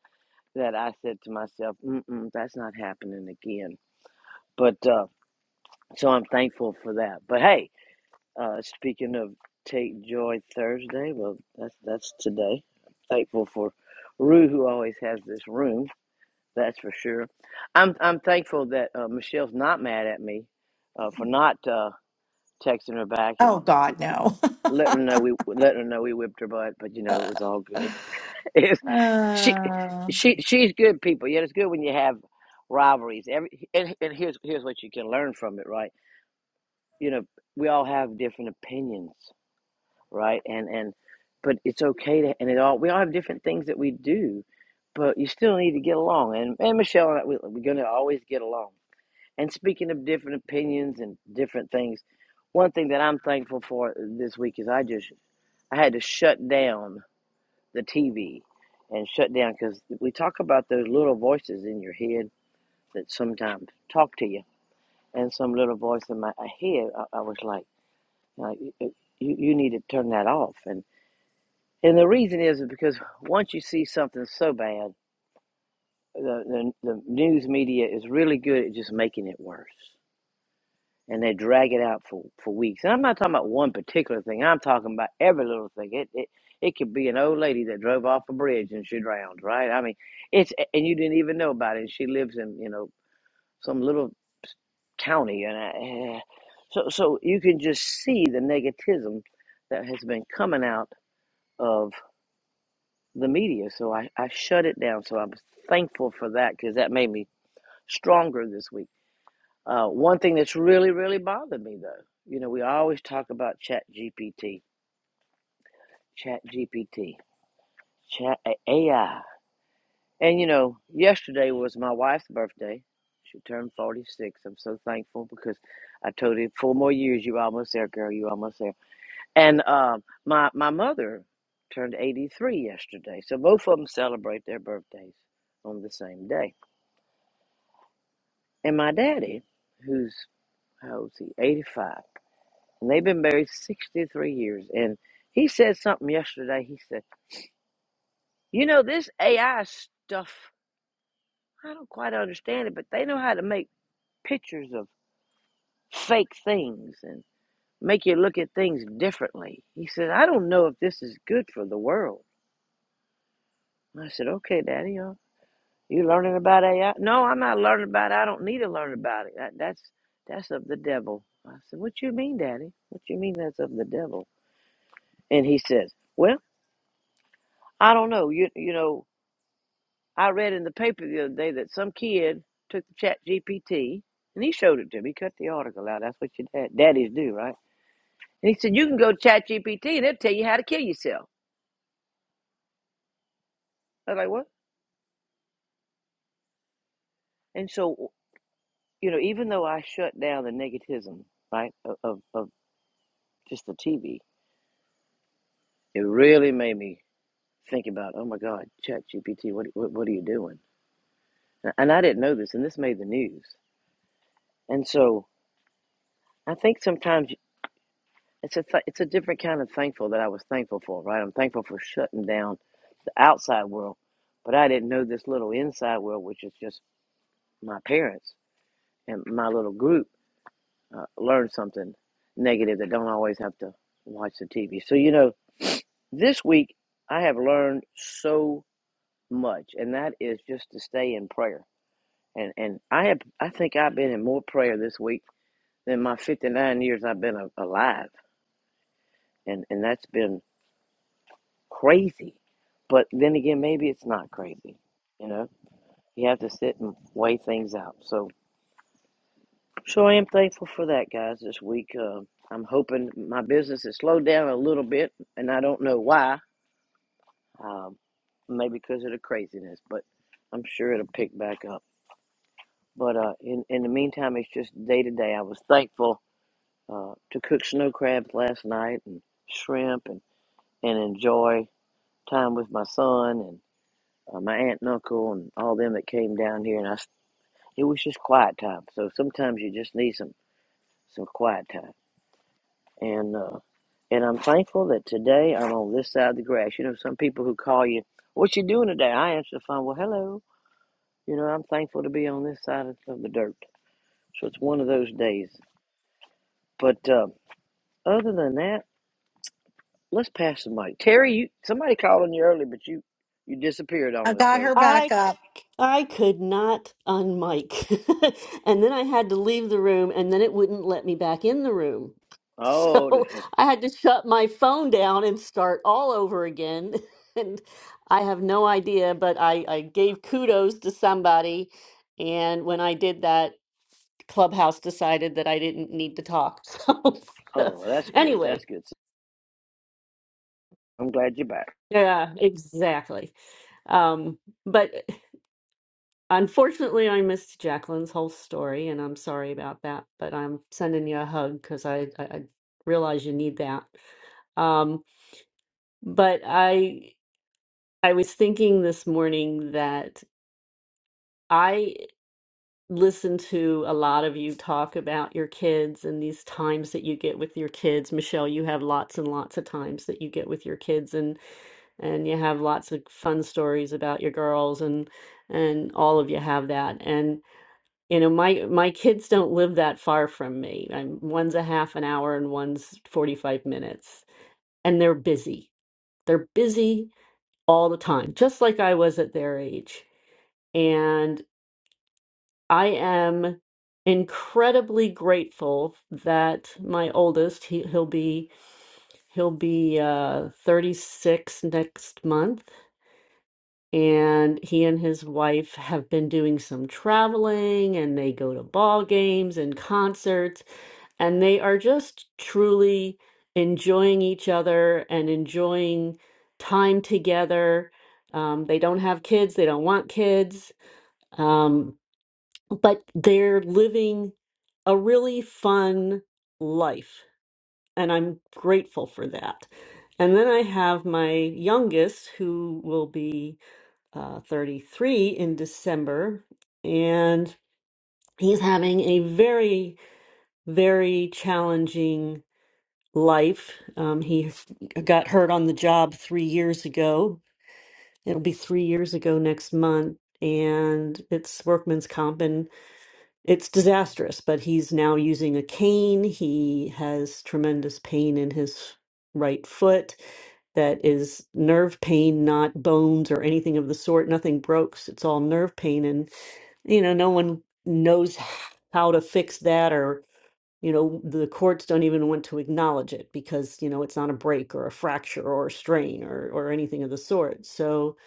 Speaker 12: that I said to myself, Mm-mm, that's not happening again. But uh, so I'm thankful for that. But hey, uh, speaking of Take Joy Thursday, well, that's that's today. I'm thankful for Rue, who always has this room. That's for sure. I'm I'm thankful that uh, Michelle's not mad at me uh, for not uh, texting her back
Speaker 3: Oh
Speaker 12: and
Speaker 3: God, no.
Speaker 12: letting her know we letting her know we whipped her butt. But you know it was all good. It's, she
Speaker 3: Uh,
Speaker 12: she she's good people. Yeah, it's good when you have rivalries. Every and, and here's here's what you can learn from it, right? You know we all have different opinions, right? And and but it's okay to and it all we all have different things that we do, but you still need to get along. And and Michelle and I, we, we're going to always get along And speaking of different opinions and different things, one thing that I'm thankful for this week is I just I had to shut down the TV and shut down because we talk about those little voices in your head that sometimes talk to you. And some little voice in my head, I, I was like, like you, you need to turn that off. And and the reason is because once you see something so bad, the, the, the news media is really good at just making it worse and they drag it out for, for weeks. And I'm not talking about one particular thing. I'm talking about every little thing. It it it could be an old lady that drove off a bridge and she drowned, right? I mean, it's and you didn't even know about it. And she lives in you know some little county, and I, eh. so so you can just see the negativism that has been coming out of the media. So I I shut it down. So I'm thankful for that because that made me stronger this week Uh, one thing that's really, really bothered me though, you know, we always talk about Chat GPT, Chat GPT, Chat AI. And you know, yesterday was my wife's birthday. She turned 46. I'm so thankful because I told her four more years, you're almost there, girl, you're almost there. And um, my, my mother turned 83 yesterday. So both of them celebrate their birthdays on the same day. And my daddy, who's, how old is he? 85 And they've been married 63 years. And he said something yesterday. He said, You know, this AI stuff, I don't quite understand it, but they know how to make pictures of fake things and make you look at things differently. He said, I don't know if this is good for the world. And I said, Okay, Daddy, uh, you learning about AI? No, I'm not learning about it. I don't need to learn about it. That, that's that's of the devil. I said, What you mean, Daddy? What you mean that's of the devil? And he says, Well, I don't know. You you know, I read in the paper the other day that some kid took the chat GPT and he showed it to me, He cut the article out. That's what your dad, daddies do, right? And he said, You can go to chat GPT and it'll tell you how to kill yourself. I was like, What? And so, you know, even though I shut down the negativism, right, of, of, of just the TV, it really made me think about, Oh my God, chat GPT, what, what, what are you doing? And I didn't know this, and this made the news. And so, I think sometimes It's a th- it's a different kind of thankful that I was thankful for, right? I'm thankful for shutting down the outside world, but I didn't know this little inside world, which is just my parents and my little group. Uh, learn something negative that don't always have to watch the TV. So you know, this week I have learned so much, and that is just to stay in prayer. And and I have I think I've been in more prayer this week than my 59 years I've been a- alive, and and that's been crazy. But then again, maybe it's not crazy. You know, you have to sit and weigh things out. So, sure, I am thankful for that, guys. This week, uh, I'm hoping my business has slowed down a little bit, and I don't know why. Um, maybe because of the craziness, but I'm sure it'll pick back up. But uh, in in the meantime, it's just day to day. I was thankful uh, to cook snow crabs last night and shrimp, and and enjoy time with my son uh, my aunt and uncle and all them that came down here, and i it was just quiet time. So sometimes you just need some some quiet time, and uh, and I'm thankful that today I'm on this side of the grass. You know, some people who call you, "What you doing today?" I answer the phone, "Well, hello." You know, I'm thankful to be on this side of of the dirt. So it's one of those days. But uh, other than that, let's pass the mic. Terry, you somebody called on you early, but you you disappeared
Speaker 3: I
Speaker 12: on us.
Speaker 3: got
Speaker 12: So
Speaker 3: her back
Speaker 6: I I
Speaker 3: up.
Speaker 6: could not unmic. And then I had to leave the room and then it wouldn't let me back in the room.
Speaker 12: oh,
Speaker 6: So I had to shut my phone down and start all over again. And I have no idea, but I, I gave kudos to somebody. And when I did that, Clubhouse decided that I didn't need to talk. So
Speaker 12: oh, that's good. That's
Speaker 6: anyway,
Speaker 12: good. I'm glad you're back.
Speaker 6: yeah, exactly. Um, but Unfortunately, I missed Jacqueline's whole story, and I'm sorry about that, but I'm sending you a hug because I, I, I realize you need that. Um, but I I was thinking this morning that I listen to a lot of you talk about your kids and these times that you get with your kids. Michelle, you have lots and lots of times that you get with your kids and and you have lots of fun stories about your girls and and all of you have that. you know my my kids don't live that far from me i'm one's a half an hour and one's 45 minutes and they're busy they're busy all the time just like i was at their age and i am incredibly grateful that my oldest he, he'll be he'll be uh 36 next month and he and his wife have been doing some traveling and they go to ball games and concerts and they are just truly enjoying each other and enjoying time together um, they don't have kids they don't want kids um, but they're living a really fun life and i'm grateful for that and then i have my youngest who will be uh, 33 in December, and he's having a very, very challenging life. Um, he got hurt on the job three years ago. It'll be three years ago next month, and it's workman's comp, and it's disastrous. But he's now using a cane. He has tremendous pain in his right foot that is nerve pain, not bones or anything of the sort. Nothing broke. It's all nerve pain, and you know, no one knows how to fix that or, you know, the courts don't even want to acknowledge it because, you know, it's not a break or a fracture or a strain or or anything of the sort. So,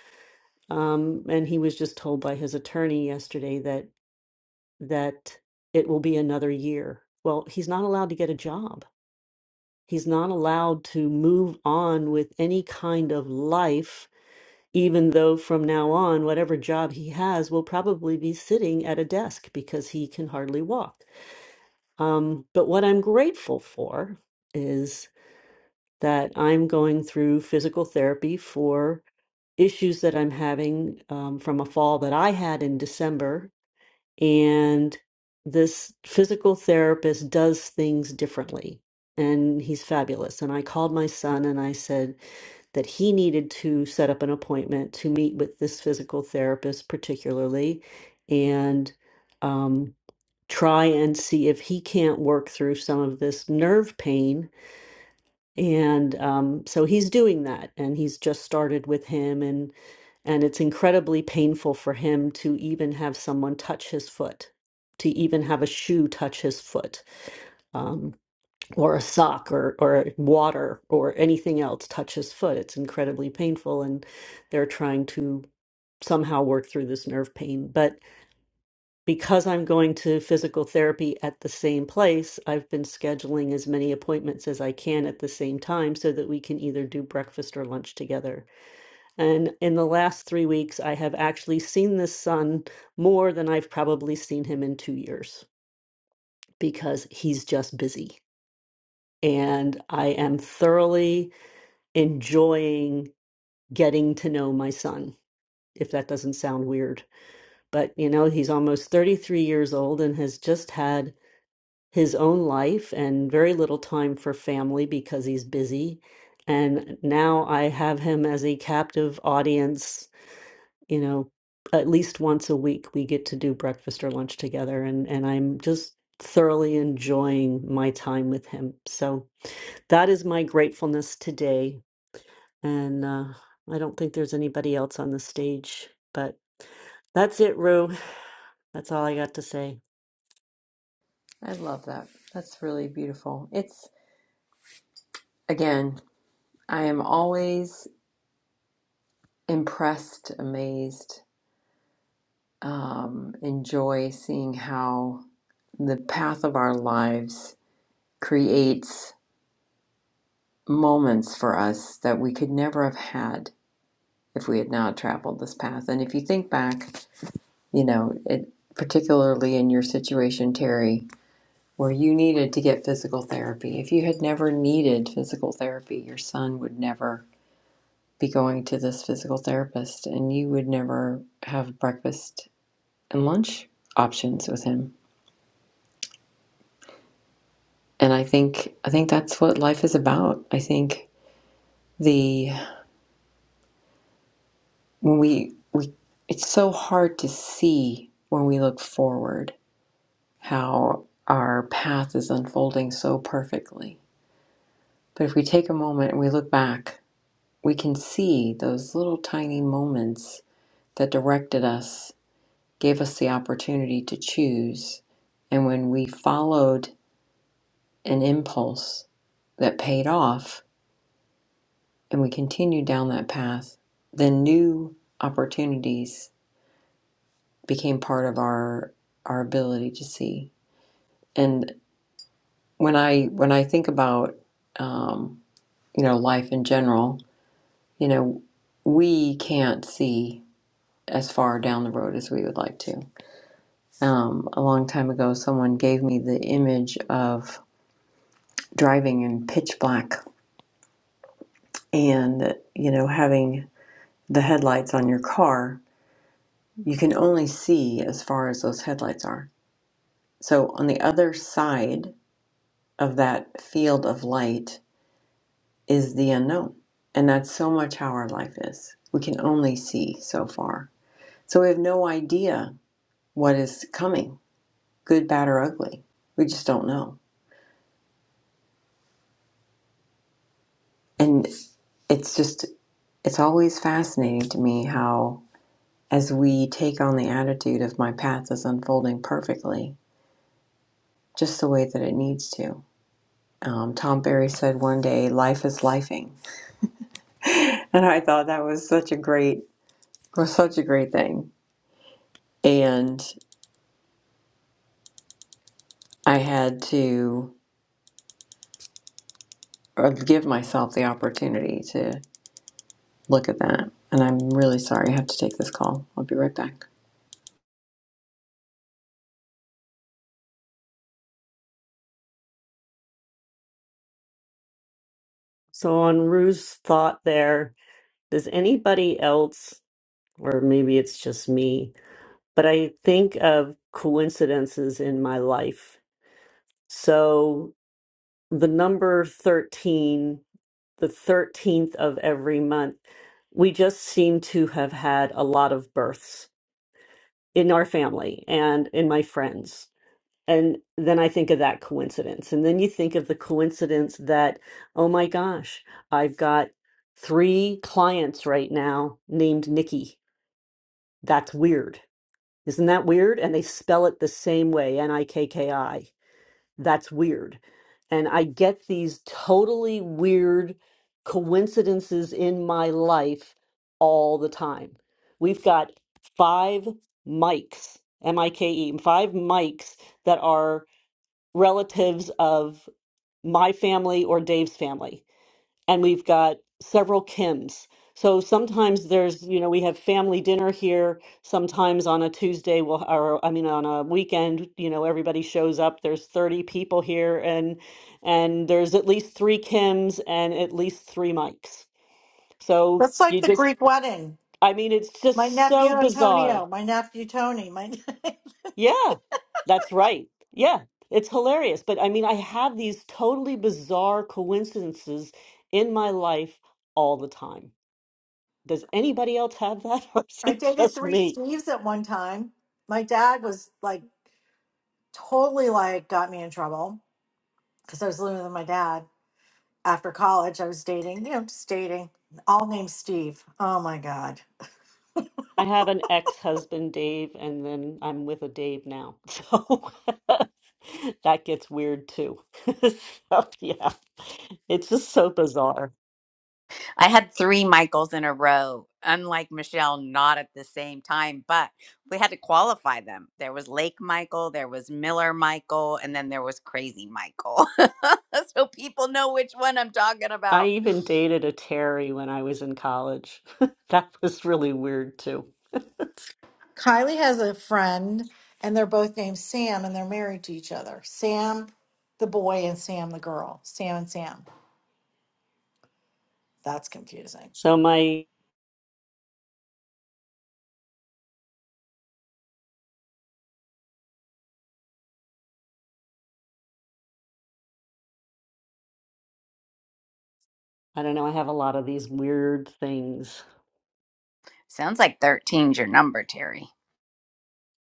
Speaker 6: um, and he was just told by his attorney yesterday that that it will be another year. Well, he's not allowed to get a job. He's not allowed to move on with any kind of life, even though from now on, whatever job he has will probably be sitting at a desk because he can hardly walk. Um, but what I'm grateful for is that I'm going through physical therapy for issues that I'm having um, from a fall that I had in December. And this physical therapist does things differently. And he's fabulous. And I called my son and I said that he needed to set up an appointment to meet with this physical therapist, particularly. And um, try and see if he can't work through some of this nerve pain and um, so he's doing that and he's just started with him and and it's incredibly painful for him to even have someone touch his foot to even have a shoe touch his foot um, or a sock or or water or anything else touch his foot it's incredibly painful and they're trying to somehow work through this nerve pain but because I'm going to physical therapy at the same place, I've been scheduling as many appointments as I can at the same time so that we can either do breakfast or lunch together. And in the last three weeks, I have actually seen this son more than I've probably seen him in two years because he's just busy. And I am thoroughly enjoying getting to know my son, if that doesn't sound weird. But, you know, he's almost 33 years old and has just had his own life and very little time for family because he's busy. And now I have him as a captive audience, you know, at least once a week we get to do breakfast or lunch together and and I'm just thoroughly enjoying my time with him. So that is my gratefulness today and uh I don't think there's anybody else on the stage, but that's it, Rue. That's all I got to say.
Speaker 1: I love that. That's really beautiful. It's again, I am always impressed, amazed, um, enjoy seeing how the path of our lives creates moments for us that we could never have had if we had not traveled this path. And if you think back, you know, it particularly in your situation, Terry, where you needed to get physical therapy. If you had never needed physical therapy, your son would never be going to this physical therapist and you would never have breakfast and lunch options with him. And I think I think that's what life is about. I think the when we we it's so hard to see when we look forward how our path is unfolding so perfectly. But if we take a moment and we look back, we can see those little tiny moments that directed us, gave us the opportunity to choose. And when we followed an impulse that paid off and we continued down that path, then new opportunities became part of our our ability to see. And when I when I think about um, you know life in general, you know, we can't see as far down the road as we would like to. Um, a long time ago, someone gave me the image of driving in pitch black and, you know, having the headlights on your car. You can only see as far as those headlights are. So, on the other side of that field of light is the unknown. And that's so much how our life is. We can only see so far. So, we have no idea what is coming good, bad, or ugly. We just don't know. And it's just, it's always fascinating to me how, as we take on the attitude of my path is unfolding perfectly, just the way that it needs to. Um, Tom Berry said one day, "Life is lifing," and I thought that was such a great, was such a great thing. And I had to uh, give myself the opportunity to look at that. And I'm really sorry I have to take this call. I'll be right back.
Speaker 6: So on Rue's thought there, Does anybody else, or maybe it's just me, but I think of coincidences in my life. So the number 13, the 13th of every month, we just seem to have had a lot of births in our family and in my friends. And then I think of that coincidence. And then you think of the coincidence that, oh my gosh, I've got three clients right now named Nikki. That's weird Isn't that weird? And they spell it the same way, N I K K I. That's weird. And I get these totally weird coincidences in my life all the time. We've got five mics, M I K E, five mics that are relatives of my family or Dave's family and we've got several Kims. So sometimes there's, you know, we have family dinner here. Sometimes on a Tuesday, we'll, or I mean, on a weekend, you know, everybody shows up. There's 30 people here, and and there's at least three Kims and at least three Mikes. So
Speaker 3: That's like
Speaker 6: you
Speaker 3: the
Speaker 6: just,
Speaker 3: Greek wedding.
Speaker 6: I mean, it's
Speaker 3: My
Speaker 6: just
Speaker 3: nephew
Speaker 6: so bizarre.
Speaker 3: Antonio, my nephew Tony, my
Speaker 6: Yeah, that's right. Yeah, it's hilarious. But I mean, I have these totally bizarre coincidences in my life all the time. Does anybody else have that, or is
Speaker 3: I
Speaker 6: it
Speaker 3: dated
Speaker 6: just
Speaker 3: three
Speaker 6: me?
Speaker 3: Steves at one time. My dad was like totally like got me in trouble because I was living with my dad after college. I was dating, you know, just dating. All named Steve. Oh my God.
Speaker 6: I have an ex-husband, Dave, and then I'm with a Dave now. So that gets weird too. So, yeah, it's just so bizarre.
Speaker 5: I had three Michaels in a row, unlike Michelle, not at the same time, but we had to qualify them. There was Lake Michael, there was Miller Michael, and then there was Crazy Michael. so people know which one I'm talking
Speaker 6: I
Speaker 5: about.
Speaker 6: even dated a Terry when I was in college. That was really weird too.
Speaker 3: Kylie has a friend, and they're both named Sam, and they're married to each other. Sam, the boy, and Sam, the girl. Sam and Sam. That's confusing.
Speaker 6: So my, I don't know, I have a lot of these weird things.
Speaker 5: Sounds like 13's your number, Terry.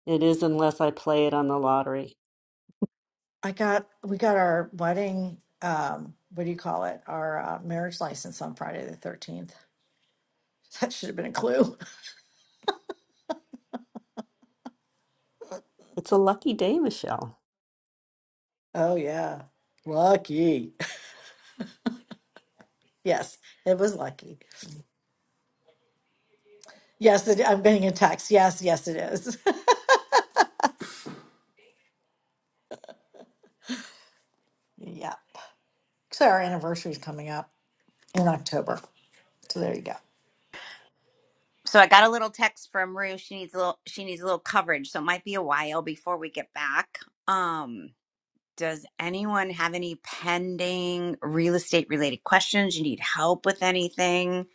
Speaker 6: It is unless I play it on the lottery.
Speaker 3: I got we got our wedding. Um, what do you call it? Our uh, marriage license on Friday the thirteenth. That should have been a clue.
Speaker 6: It's a lucky day, Michelle.
Speaker 3: Oh yeah, lucky. Yes, it was lucky. Yes, it, I'm getting a text. Yes, yes, it is. yeah. So our anniversary is coming up in October. So there you go.
Speaker 5: So I got a little text from Rue. She needs a little she needs a little coverage, so it might be a while before we get back. Um, does anyone have any pending real estate related questions? You need help with anything?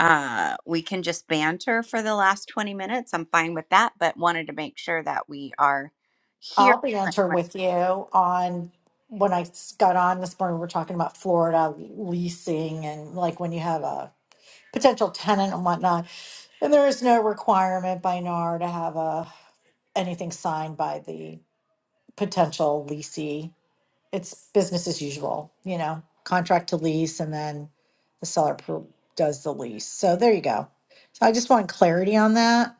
Speaker 5: Uh, we can just banter for the last 20 minutes. I'm fine with that, but wanted to make sure that we are
Speaker 3: I'll
Speaker 5: here.
Speaker 3: banter with you on when I s- got on this morning. We we're talking about Florida leasing and like when you have a potential tenant and whatnot. And there is no requirement by NAR to have a anything signed by the potential leasee. It's business as usual, you know, contract to lease, and then the seller pro- does the lease. So there you go. So I just want clarity on that.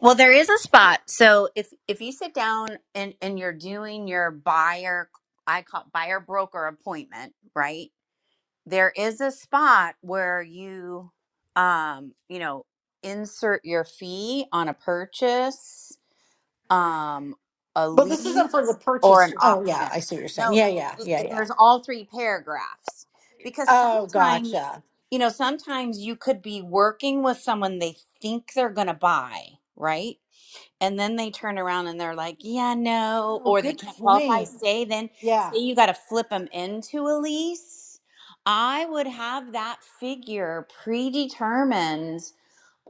Speaker 5: Well, there is a spot. So if if you sit down and and you're doing your buyer I call it buyer broker appointment, right? there is a spot where you um you know insert your fee on a purchase um a
Speaker 3: Well, this isn't for the
Speaker 5: lease or an
Speaker 3: purchase. Oh yeah,
Speaker 5: option
Speaker 3: I see what you're saying.
Speaker 5: no
Speaker 3: Yeah, yeah,
Speaker 5: it,
Speaker 3: yeah,
Speaker 5: it-
Speaker 3: yeah.
Speaker 5: there's all three paragraphs because
Speaker 3: Oh,
Speaker 5: sometimes
Speaker 3: gotcha.
Speaker 5: you know sometimes you could be working with someone they think they're going to buy right and then they turn around and they're like, yeah, no,
Speaker 3: Oh,
Speaker 5: or they
Speaker 3: good
Speaker 5: can't qualify.
Speaker 3: point.
Speaker 5: Say then, say
Speaker 3: Yeah.
Speaker 5: you got to flip them into a lease. I would have that figure predetermined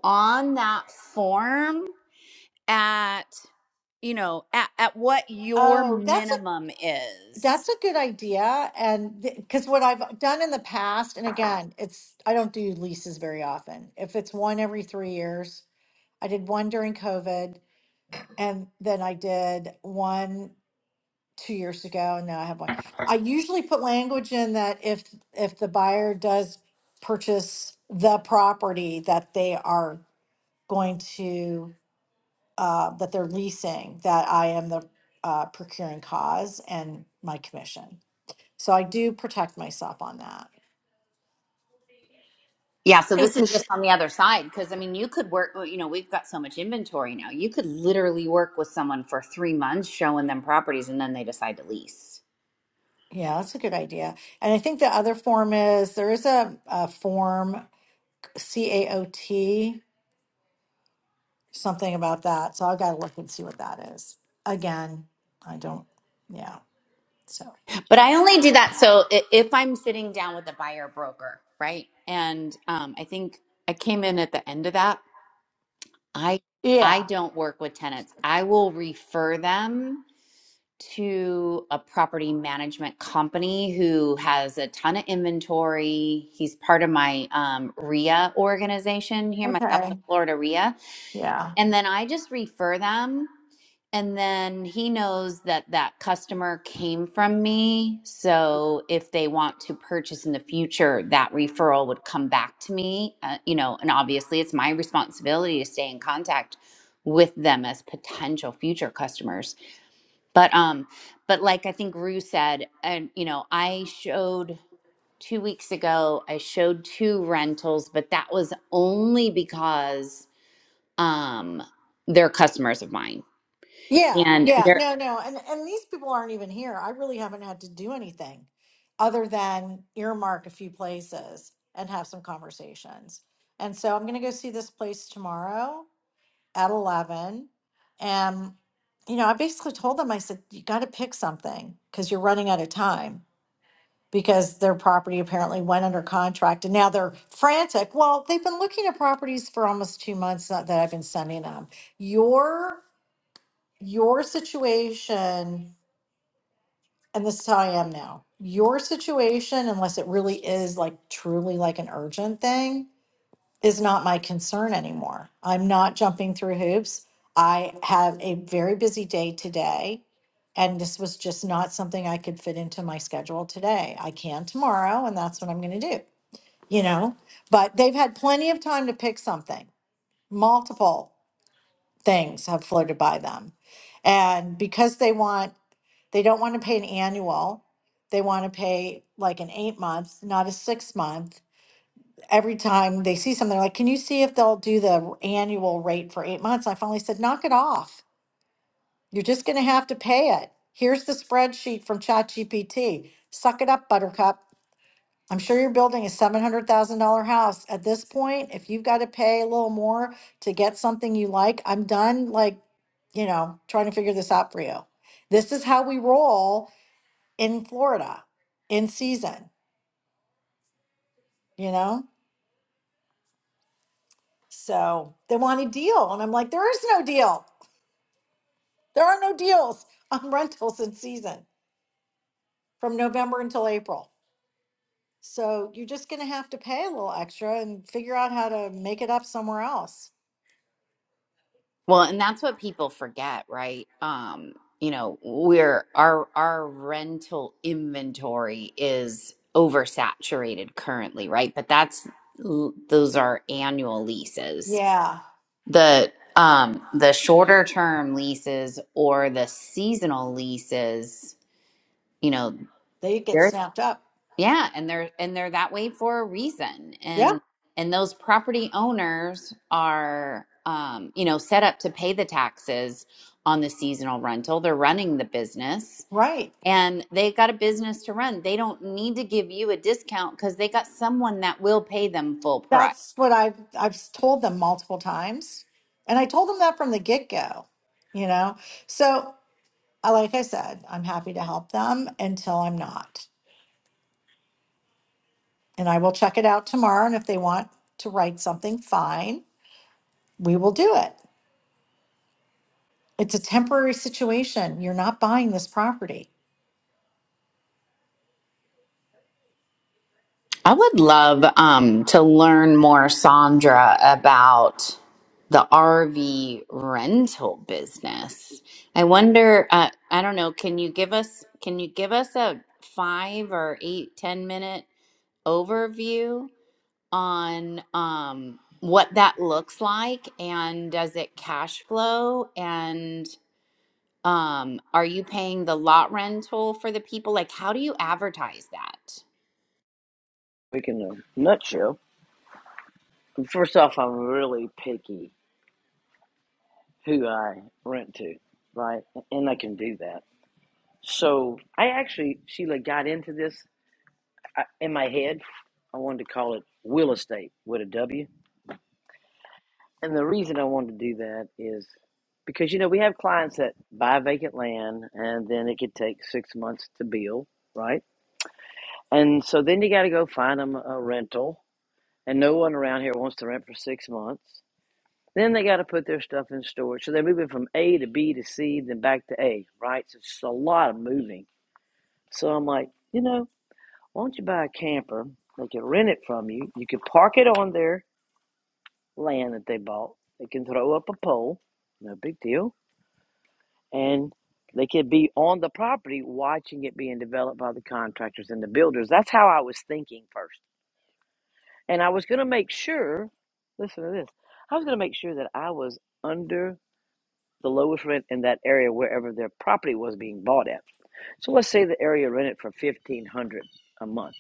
Speaker 5: on that form at, you know, at, at what your
Speaker 3: Oh, that's a
Speaker 5: minimum is.
Speaker 3: that's a good idea. And because what I've done in the past, and again, it's I don't do leases very often. If it's one every three years, I did one during COVID, and then I did one two years ago, and now I have one. I usually put language in that if if the buyer does purchase the property, that they are going to. uh, that they're leasing, that I am the uh, procuring cause and my commission. So I do protect myself on that.
Speaker 5: Yeah, so this is
Speaker 10: Hey,
Speaker 5: just on the other side because I mean, you could work, well, you know, we've got so much inventory now. You could literally work with someone for three months showing them properties and then they decide to lease.
Speaker 3: Yeah, that's a good idea. And I think the other form is there is a, a form CAOT, something about that. So I've got to look and see what that is. Again, I don't, yeah. So,
Speaker 5: But I only do that so i- if I'm sitting down with a buyer broker, right? And um, I think I came in at the end of that. I I
Speaker 3: yeah.
Speaker 5: don't work with tenants. I will refer them to a property management company who has a ton of inventory. He's part of my um, RIA organization here, my
Speaker 3: Okay.
Speaker 5: Southwest Florida RIA,
Speaker 3: Yeah.
Speaker 5: and then I just refer them. And then he knows that that customer came from me. So if they want to purchase in the future, that referral would come back to me. Uh, you know, and obviously it's my responsibility to stay in contact with them as potential future customers. But um but like I think Rue said and you know, I showed 2 weeks ago I showed two rentals, but that was only because um they're customers of mine
Speaker 3: Yeah,
Speaker 5: and
Speaker 3: yeah,
Speaker 5: they're
Speaker 3: no, no, and and these people aren't even here. I really haven't had to do anything other than earmark a few places and have some conversations. And so I'm going to go see this place tomorrow at 11. And you know, I basically told them I said you got to pick something cuz you're running out of time because their property apparently went under contract and now they're frantic. Well, they've been looking at properties for almost 2 months that that I've been sending them. Your your situation, and this is how I am now, your situation, unless it really is like truly like an urgent thing, is not my concern anymore. I'm not jumping through hoops. I have a very busy day today, and this was just not something I could fit into my schedule today. I can tomorrow, and that's what I'm going to do, you know? But they've had plenty of time to pick something. Multiple things have floated by them. And because they want They don't want to pay an annual. They want to pay like an eight month, not a six month. Every time they see something, they're like, can you see if they'll do the annual rate for eight months? I finally said, knock it off. You're just going to have to pay it. Here's the spreadsheet from ChatGPT. Suck it up, Buttercup. I'm sure you're building a $700,000 house. At this point, if you've got to pay a little more to get something you like, I'm done, like, you know, trying to figure this out for you. This is how we roll in Florida in season, you know? So they want a deal. And I'm like, there is no deal. There are no deals on rentals in season from November until April. So you're just going to have to pay a little extra and figure out how to make it up somewhere else.
Speaker 5: Well, and that's what people forget, right? Um, you know, we're our our rental inventory is oversaturated currently, right? But that's those are annual leases.
Speaker 3: Yeah,
Speaker 5: The um the shorter term leases or the seasonal leases, you know,
Speaker 3: they get
Speaker 5: they're
Speaker 3: snapped up.
Speaker 5: yeah, and they're and they're that way for a reason.
Speaker 3: Yeah,
Speaker 5: And and those property owners are um, you know, set up to pay the taxes on the seasonal rental. They're running the business
Speaker 3: right.
Speaker 5: and they have got a business to run. They don't need to give you a discount cuz they got someone that will pay them full price.
Speaker 3: That's what I've I've told them multiple times. And I told them that from the get-go, you know. So, I- like I said, I'm happy to help them until I'm not. and I will check it out tomorrow. And if they want to write something, fine, we will do it. It's a temporary situation. You're not buying this property.
Speaker 5: I would love um, to learn more, Sandra, about the RV rental business. I wonder. Uh, I don't know. Can you give us? Can you give us a five or eight, ten minute overview on um, what that looks like, and does it cash flow? And um, are you paying the lot rental for the people? Like, how do you advertise that?
Speaker 12: quick in a nutshell. First off, I'm really picky who I rent to, right? And I can do that. So I actually, Sheila, got into this I, in my head. I wanted to call it Will Estate with a W. And the reason I wanted to do that is because, you know, we have clients that buy vacant land and then it could take six months to build, right? And so then you got to go find them a rental. And no one around here wants to rent for six months. Then they got to put their stuff in storage. So they're moving from A to B to C, then back to A, right? So it's a lot of moving. So I'm like, you know, why don't you buy a camper? They can rent it from you. You can park it on their land that they bought. They can throw up a pole, no big deal. And they could be on the property watching it being developed by the contractors and the builders. That's how I was thinking first. And I was going to make sure, listen to this, I was going to make sure that I was under. the lowest rent in that area wherever their property was being bought at. So let's say the area rented for fifteen hundred dollars a month.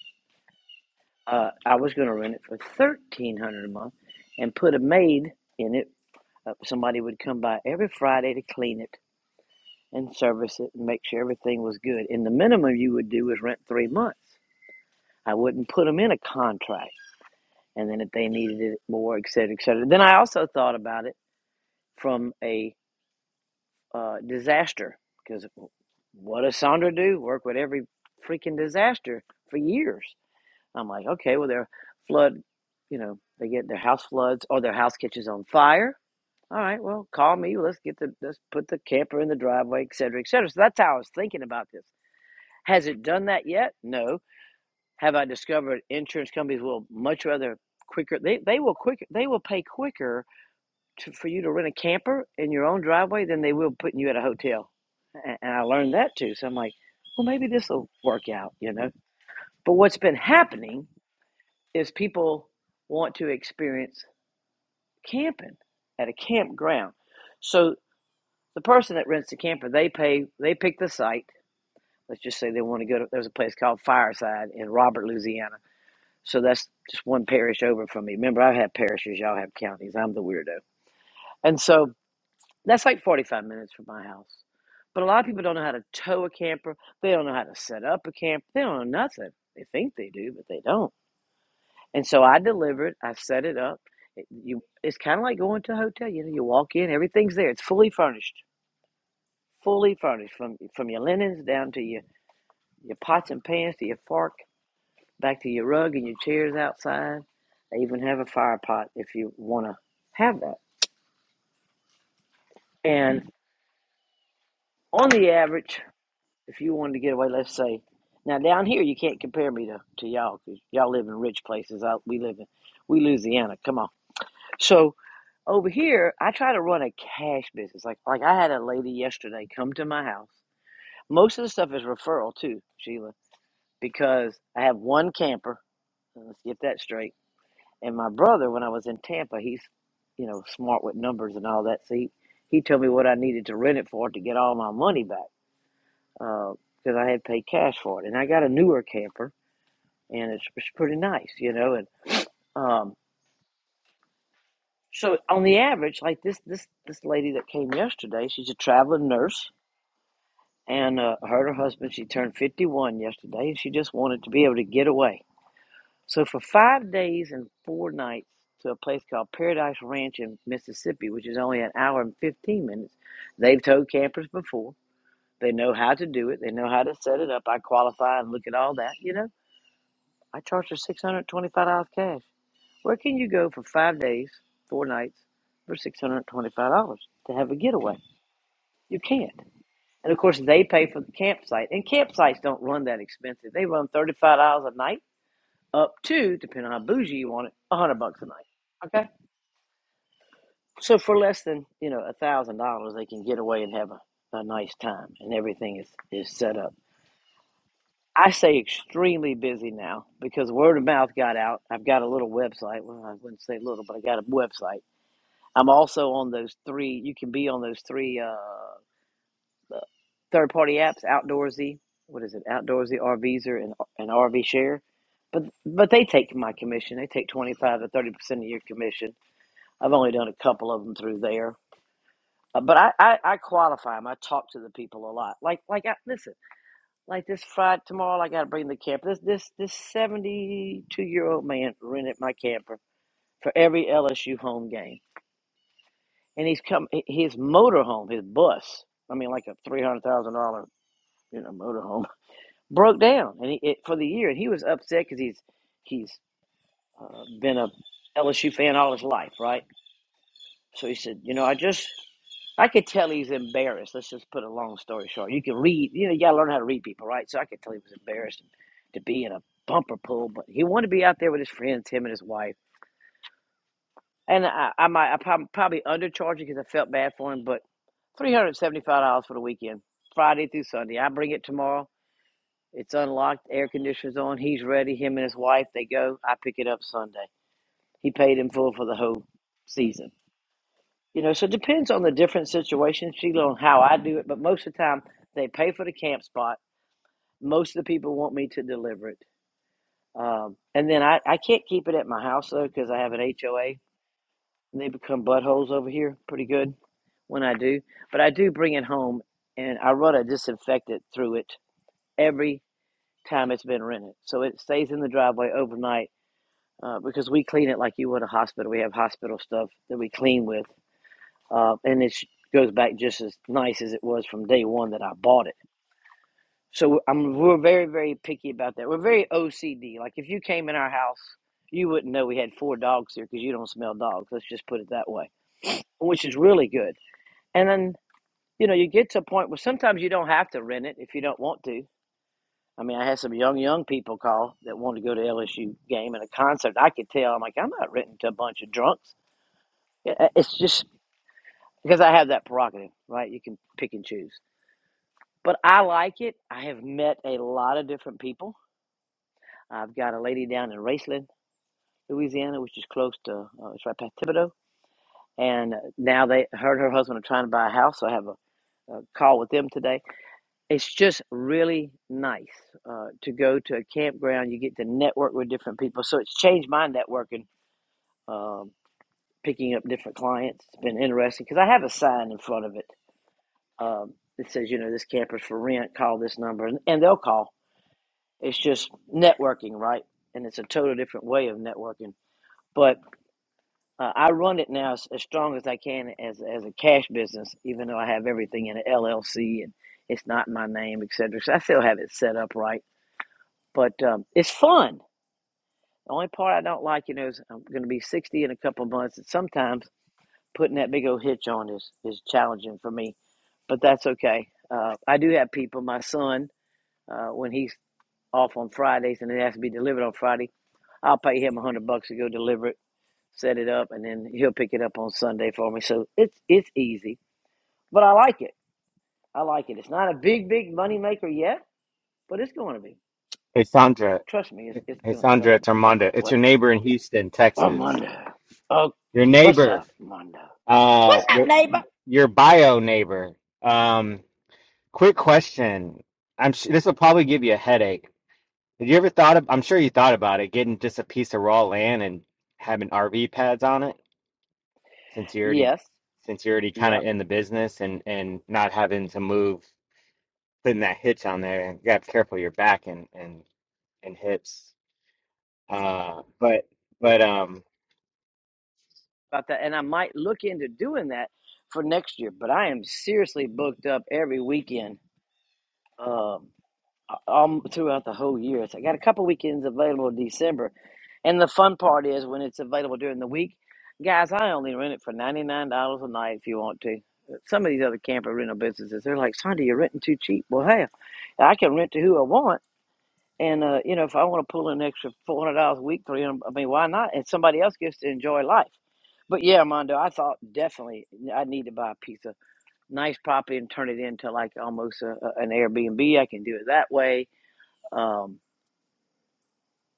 Speaker 12: Uh, I was going to rent it for thirteen hundred dollars a month, and put a maid in it. Uh, somebody would come by every Friday to clean it and service it and make sure everything was good. And the minimum you would do is rent three months. I wouldn't put them in a contract. And then if they needed it more, et cetera, et cetera. Then I also thought about it from a uh, disaster. Because what does Sandra do? Work with every freaking disaster for years. I'm like, okay, well, their flood, you know, they get their house floods or their house catches on fire. All right, well, call me. Let's get the let's put the camper in the driveway, et cetera, et cetera. So that's how I was thinking about this. Has it done that yet? No. Have I discovered insurance companies will much rather quicker? They they will quicker. They will pay quicker to, for you to rent a camper in your own driveway than they will putting you at a hotel. And, and I learned that too. So I'm like, well, maybe this will work out, you know. But what's been happening is people want to experience camping at a campground. So the person that rents the camper, they pay, they pick the site. Let's just say they want to go to, there's a place called Fireside in Robert, Louisiana. So that's just one parish over from me. Remember, I have parishes, y'all have counties. I'm the weirdo. And so That's like 45 minutes from my house. But a lot of people don't know how to tow a camper. They don't know how to set up a camp. They don't know nothing. They think they do, but they don't. And so I delivered. I set it up. It, you, it's kind of like going to a hotel. You know, you walk in, everything's there. It's fully furnished, fully furnished from from your linens down to your your pots and pans to your fork, back to your rug and your chairs outside. They even have a fire pot if you want to have that. And on the average, If you wanted to get away, let's say, now down here you can't compare me to to y'all because y'all live in rich places. I, we live in we Louisiana. Come on. So over here, I try to run a cash business. Like like I had a lady yesterday come to my house. Most of the stuff is referral too, Sheila, because I have one camper. Let's get that straight. And my brother, when I was in Tampa, he's you know smart with numbers and all that. So he, he told me what I needed to rent it for to get all my money back uh, because I had paid cash for it, and I got a newer camper, and it's, it's pretty nice, you know. And um, so on the average, like this this this lady that came yesterday, she's a traveling nurse, and uh, her and her husband, she turned fifty one yesterday, and she just wanted to be able to get away. So for five days and four nights to a place called Paradise Ranch in Mississippi, which is only an hour and fifteen minutes, they've towed campers before. They know how to do it. They know how to set it up. I qualify and look at all that, you know I charged her six hundred twenty-five dollars cash. Where can you go for five days, four nights, for six hundred twenty-five dollars to have a getaway? You can't. And of course, they pay for the campsite, and campsites don't run that expensive. They run thirty-five dollars a night, up to depending on how bougie you want it, a hundred bucks a night. Okay, so for less than you know a thousand dollars, they can get away and have a, a nice time, and everything is is set up. I say extremely busy now because word of mouth got out. I've got a little website. Well, I wouldn't say little, but I got a website. I'm also on those three. You can be on those three uh, third party apps: Outdoorsy, what is it? Outdoorsy, RVzer, and and RV Share. But but they take my commission. They take twenty five to thirty percent of your commission. I've only done a couple of them through there. Uh, but I, I, I qualify them. I talk to the people a lot. Like like I, listen. Like this Friday tomorrow, I gotta bring the camper. This this this seventy two year old man rented my camper for every LSU home game, and he's come his motorhome, his bus. I mean, like a three hundred thousand dollar you know motorhome broke down, and he, it, for the year, and he was upset because he's he's uh, been a LSU fan all his life, right? So he said, you know, I just I could tell he's embarrassed. Let's just put a long story short. You can read, you know, you gotta learn how to read people, right? So I could tell he was embarrassed to be in a bumper pool, but he wanted to be out there with his friends, him and his wife. And I, I might, I prob- probably undercharged because I felt bad for him, but three hundred seventy-five dollars for the weekend, Friday through Sunday. I bring it tomorrow. It's unlocked, air conditioner's on. He's ready. Him and his wife, they go. I pick it up Sunday. He paid in full for the whole season. You know, so it depends on the different situations, Sheila, on how I do it. But most of the time, they pay for the camp spot. Most of the people want me to deliver it. Um, and then I, I can't keep it at my house, though, because I have an HOA. And they become buttholes over here pretty good when I do. But I do bring it home, and I run a disinfectant through it every time it's been rented. So it stays in the driveway overnight uh, because we clean it like you would a hospital. We have hospital stuff that we clean with. uh, and it goes back just as nice as it was from day one that I bought it. So I'm we're very very picky about that. We're very OCD. Like if you came in our house, you wouldn't know we had four dogs here because you don't smell dogs. Let's just put it that way, which is really good. And then you know you get to a point where sometimes you don't have to rent it if you don't want to. I mean, I had some young young people call that wanted to go to LSU game and a concert. I could tell. I'm like, I'm not renting to a bunch of drunks. Yeah, It's just because I have that prerogative, right? You can pick and choose. but I like it. I have met a lot of different people. I've got a lady down in Raceland, Louisiana, which is close to, uh, it's right past Thibodaux. And uh, now they, her and her husband are trying to buy a house. So I have a, a call with them today. It's just really nice uh, to go to a campground. You get to network with different people. So it's changed my networking, um, picking up different clients. It's been interesting because I have a sign in front of it um, that says, you know, this camper's for rent. Call this number, and, and they'll call It's just networking, right? And it's a total different way of networking. But uh, I run it now as, as strong as I can as as a cash business, even though I have everything in an LLC and it's not in my name, et cetera. So I still have it set up right, but um, it's fun. The only part I don't like, you know, is I'm going to be 60 in a couple of months, and sometimes putting that big old hitch on is is challenging for me. But that's okay. Uh, I do have people. My son, uh, when he's off on Fridays and it has to be delivered on Friday. I'll pay him a hundred bucks to go deliver it, set it up, and then he'll pick it up on Sunday for me. So it's it's easy, but I like it. I like it. It's not a big big money maker yet, but it's going to be.
Speaker 13: Hey Sandra,
Speaker 12: Trust me, it's it's
Speaker 13: hey
Speaker 12: going, going
Speaker 13: Sandra,
Speaker 12: to.
Speaker 13: it's
Speaker 12: Uh oh,
Speaker 13: Armando. It's
Speaker 12: what?
Speaker 13: your neighbor in Houston, Texas.
Speaker 12: Armando. Oh,
Speaker 13: Your
Speaker 12: what's
Speaker 13: neighbor,
Speaker 12: up, Armando?
Speaker 13: uh,
Speaker 12: What's up,
Speaker 13: your
Speaker 12: neighbor?
Speaker 13: your bio neighbor. Um, quick question. I'm sure this will probably give you a headache. Have you ever thought of, I'm sure you thought about it, getting just a piece of raw land and having RV pads on it, since you already,
Speaker 12: Yes.
Speaker 13: since you're already kind of
Speaker 12: Yep.
Speaker 13: in the business and and not having to move, putting that hitch on there. And You gotta be careful of your back and and and hips. Uh, but but um.
Speaker 12: About that, and I might look into doing that for next year. But I am seriously booked up every weekend. Um. um throughout the whole year. So I got a couple weekends available in December. And the fun part is when it's available during the week, guys, I only rent it for ninety nine dollars a night if you want to. Some of these other camper rental businesses, they're like, Sunday, you're renting too cheap. Well hey, I can rent to who I want. And uh, you know, if I want to pull in an extra four hundred dollars a week, three hundred dollars, I mean, why not? And somebody else gets to enjoy life. But yeah, Mondo, I thought definitely I need to buy a piece of nice property and turn it into like almost a, a- an Airbnb. I can do it that way. Um,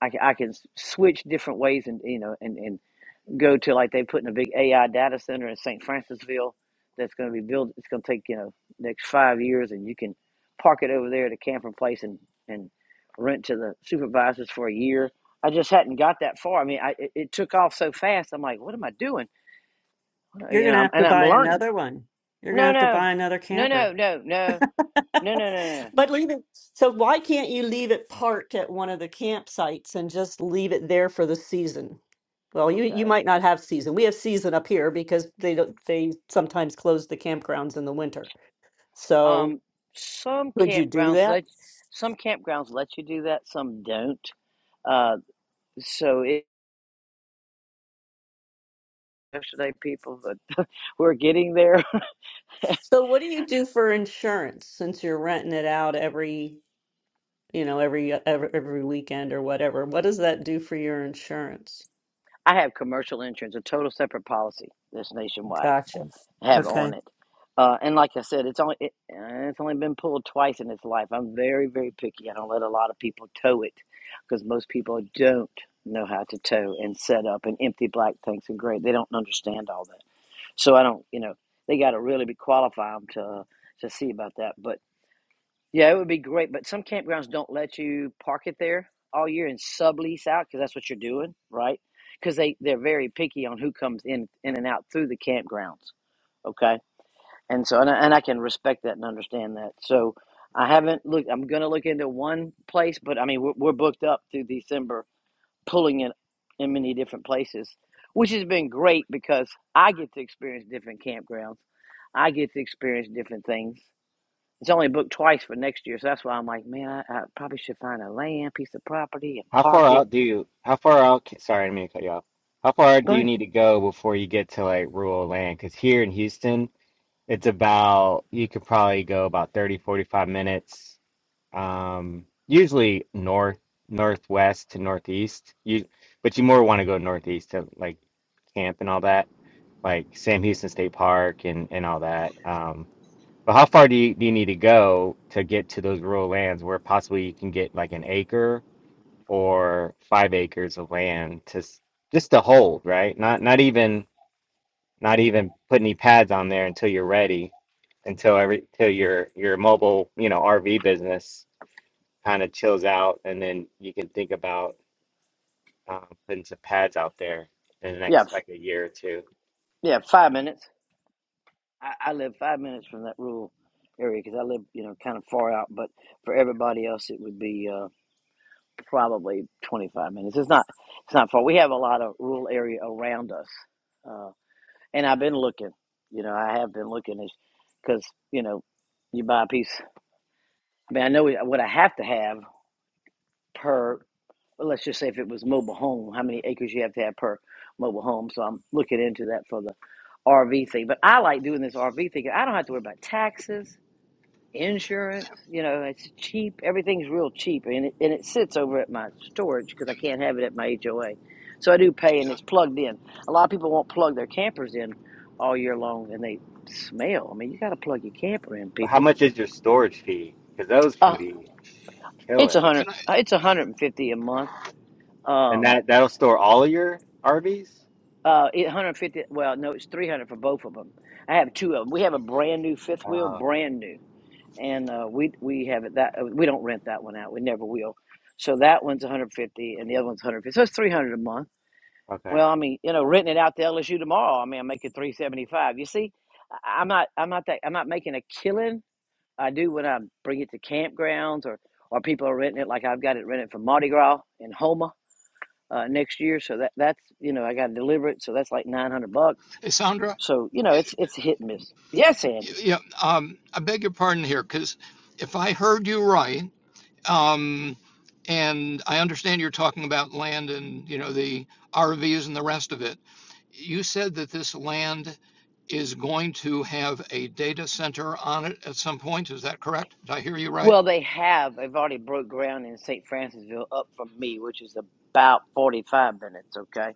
Speaker 12: I can, I can switch different ways and you know and, and go to like they put in a big AI data center in St. Francisville that's going to be built. It's going to take you know next five years, and you can park it over there at a camping place and and rent to the supervisors for a year. I just hadn't got that far. I mean, I it, it took off so fast. I'm like, what am I doing? Uh,
Speaker 6: You're
Speaker 12: You
Speaker 6: going
Speaker 12: know,
Speaker 6: to
Speaker 12: I'm,
Speaker 6: have to
Speaker 12: and I'm
Speaker 6: buy
Speaker 12: learning it.
Speaker 6: another one. You're going to
Speaker 12: No,
Speaker 6: have to
Speaker 12: no,
Speaker 6: buy another
Speaker 12: no,
Speaker 6: camper.
Speaker 12: no, no, no, no, no, no, no. no.
Speaker 6: But leave it. So why can't you leave it parked at one of the campsites and just leave it there for the season? Well, you you
Speaker 12: Okay.
Speaker 6: might not have season. We have season up here because they don't they sometimes close the campgrounds in the winter. So
Speaker 12: Um, some
Speaker 6: could you do
Speaker 12: campgrounds
Speaker 6: that?
Speaker 12: let some campgrounds let you do that. Some don't Uh, so it, yesterday, people but we're getting there.
Speaker 6: So what do you do for insurance since you're renting it out every you know, every uh, every, every weekend or whatever. What does that do for your insurance?
Speaker 12: I have commercial insurance, a total separate policy that's nationwide.
Speaker 6: Gotcha.
Speaker 12: I have
Speaker 6: Okay.
Speaker 12: on it, uh, and like I said, it's only it, uh, it's only been pulled twice in its life. I'm very very picky. I don't let a lot of people tow it because most people don't know how to tow and set up and empty black tanks and great. They don't understand all that. So I don't, you know, they got to really be qualified to to see about that. But Yeah, it would be great, but some campgrounds don't let you park it there all year and sublease out because that's what you're doing, right? Because they they're very picky on who comes in in and out through the campgrounds. Okay, and so and I, and I can respect that and understand that. So I haven't looked. I'm gonna look into one place, but I mean we're, we're booked up through December, pulling it in many different places, which has been great because I get to experience different campgrounds. I get to experience different things it's only booked twice for next year, so that's why I'm like, man, I, I probably should find a land, piece of property, and
Speaker 13: How
Speaker 12: park
Speaker 13: far
Speaker 12: it.
Speaker 13: out do you, how far out, ca- sorry, I didn't mean to cut you off. How far out
Speaker 12: Go
Speaker 13: do you
Speaker 12: ahead.
Speaker 13: need to go before you get to like rural land? Because here in Houston, it's about, you could probably go about 30, 45 minutes, um, usually north, northwest to northeast. You, but you more want to go northeast to like camp and all that, like Sam Houston State Park and, and all that. Um, but how far do you, do you need to go to get to those rural lands where possibly you can get like an acre? or five acres of land to s- just to hold, right? Not not even not even put any pads on there until you're ready, until every till your your mobile you know RV business kind of chills out, and then you can think about um, putting some pads out there in the
Speaker 12: Yeah,
Speaker 13: next
Speaker 12: f-
Speaker 13: like a year or two.
Speaker 12: yeah, five minutes. I, I live five minutes from that rural area because I live, you know, kind of far out. But for everybody else, it would be uh, probably 25 minutes. It's not, it's not far. We have a lot of rural area around us, uh, and I've been looking. You know, I have been looking because you know, you buy a piece. I mean, I know what I have to have per. Well, let's just say if it was mobile home, how many acres you have to have per mobile home. So I'm looking into that for the RV thing. But I like doing this RV thing. I don't have to worry about taxes, insurance. You know, it's cheap. Everything's real cheap, and it, and it sits over at my storage because I can't have it at my HOA. So I do pay, and it's plugged in. A lot of people won't plug their campers in all year long, and they smell. I mean, you got to plug your camper in,
Speaker 13: But how
Speaker 12: people.
Speaker 13: much is your storage fee? Because those can
Speaker 12: Uh,
Speaker 13: be
Speaker 12: it's a
Speaker 13: killer,
Speaker 12: hundred.
Speaker 14: Can I,
Speaker 12: uh, It's a hundred and fifty a month.
Speaker 13: and
Speaker 12: Um,
Speaker 13: that that'll store all of your RVs.
Speaker 12: Uh, it 150. Well, no, it's 300 for both of them. I have two of them. We have a brand new fifth wheel,
Speaker 13: Oh,
Speaker 12: brand new, and uh, we we have it that uh, we don't rent that one out. We never will. So that one's 150, and the other one's 150. So it's 300 a month.
Speaker 13: okay.
Speaker 12: Well, I mean, you know, renting it out to LSU tomorrow, I mean, I'm making 375. You see, I- I'm not I'm not that I'm not making a killing. I do when I bring it to campgrounds or or people are renting it, like I've got it rented for Mardi Gras in Homa uh, next year. So that that's you know I got to deliver it. So that's like 900 bucks
Speaker 14: hey, Sandra?
Speaker 12: so, you know, it's it's hit and miss. Yes, Andy.
Speaker 14: Yeah, um, I beg your pardon here, because if I heard you right, um, and I understand you're talking about land and, you know, the RVs and the rest of it, you said that this land is going to have a data center on it at some point. Is that correct? Did I hear you right?
Speaker 12: Well, they have. They've already broke ground in St. Francisville up from me, which is about 45 minutes, okay?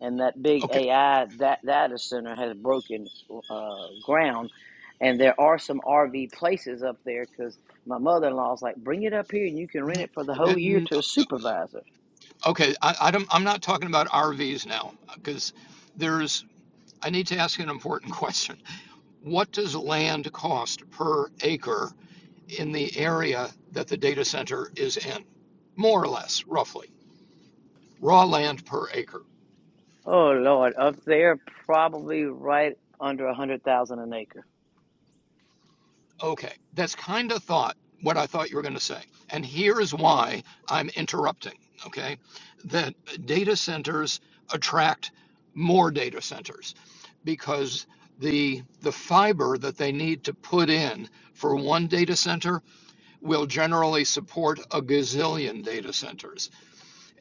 Speaker 12: And that big
Speaker 14: Okay.
Speaker 12: AI that data center has broken uh, ground. And there are some RV places up there because my mother in law's like, bring it up here and you can rent
Speaker 14: No,
Speaker 12: it for the
Speaker 14: And
Speaker 12: whole year
Speaker 14: then,
Speaker 12: to a supervisor.
Speaker 14: okay, I, I don't, I'm not talking about RVs now, because there's, I need to ask you an important question. What does land cost per acre in the area that the data center is in? More or less, roughly. Raw land per acre.
Speaker 12: Oh, Lord. Up there, probably right under a 100000 an acre.
Speaker 14: Okay, that's kind of thought what I thought you were going to say. And here's why I'm interrupting, okay? That data centers attract more data centers because the the fiber that they need to put in for one data center will generally support a gazillion data centers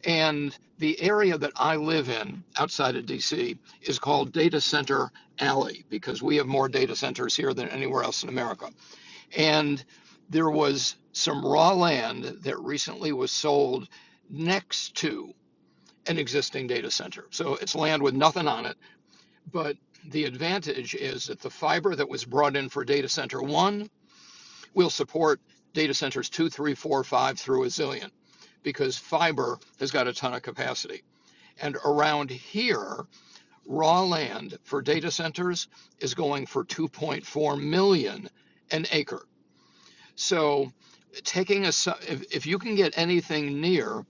Speaker 14: And the area that I live in outside of DC is called Data Center Alley because we have more data centers here than anywhere else in America. And there was some raw land that recently was sold next to an existing data center. So it's land with nothing on it. But the advantage is that the fiber that was brought in for data center one will support data centers two, three, four, five through a zillion because fiber has got a ton of capacity and around here, raw land for data centers is going for 2.4 million dollars an acre. So taking a, si-, if, if you can get anything near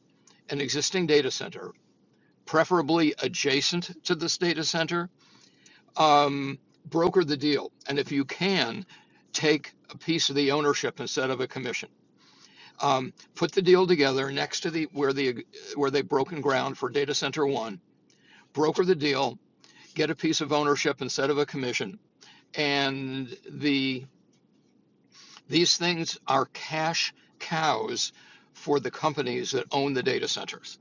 Speaker 14: an existing data center, preferably adjacent to this data center, um, broker the deal. And if you can, take a piece of the ownership instead of a commission. Um, put the deal together next to the, where the, where they've broken ground for data center one, broker the deal, get a piece of ownership instead of a commission. And the these things are cash cows for the companies that own the data centers.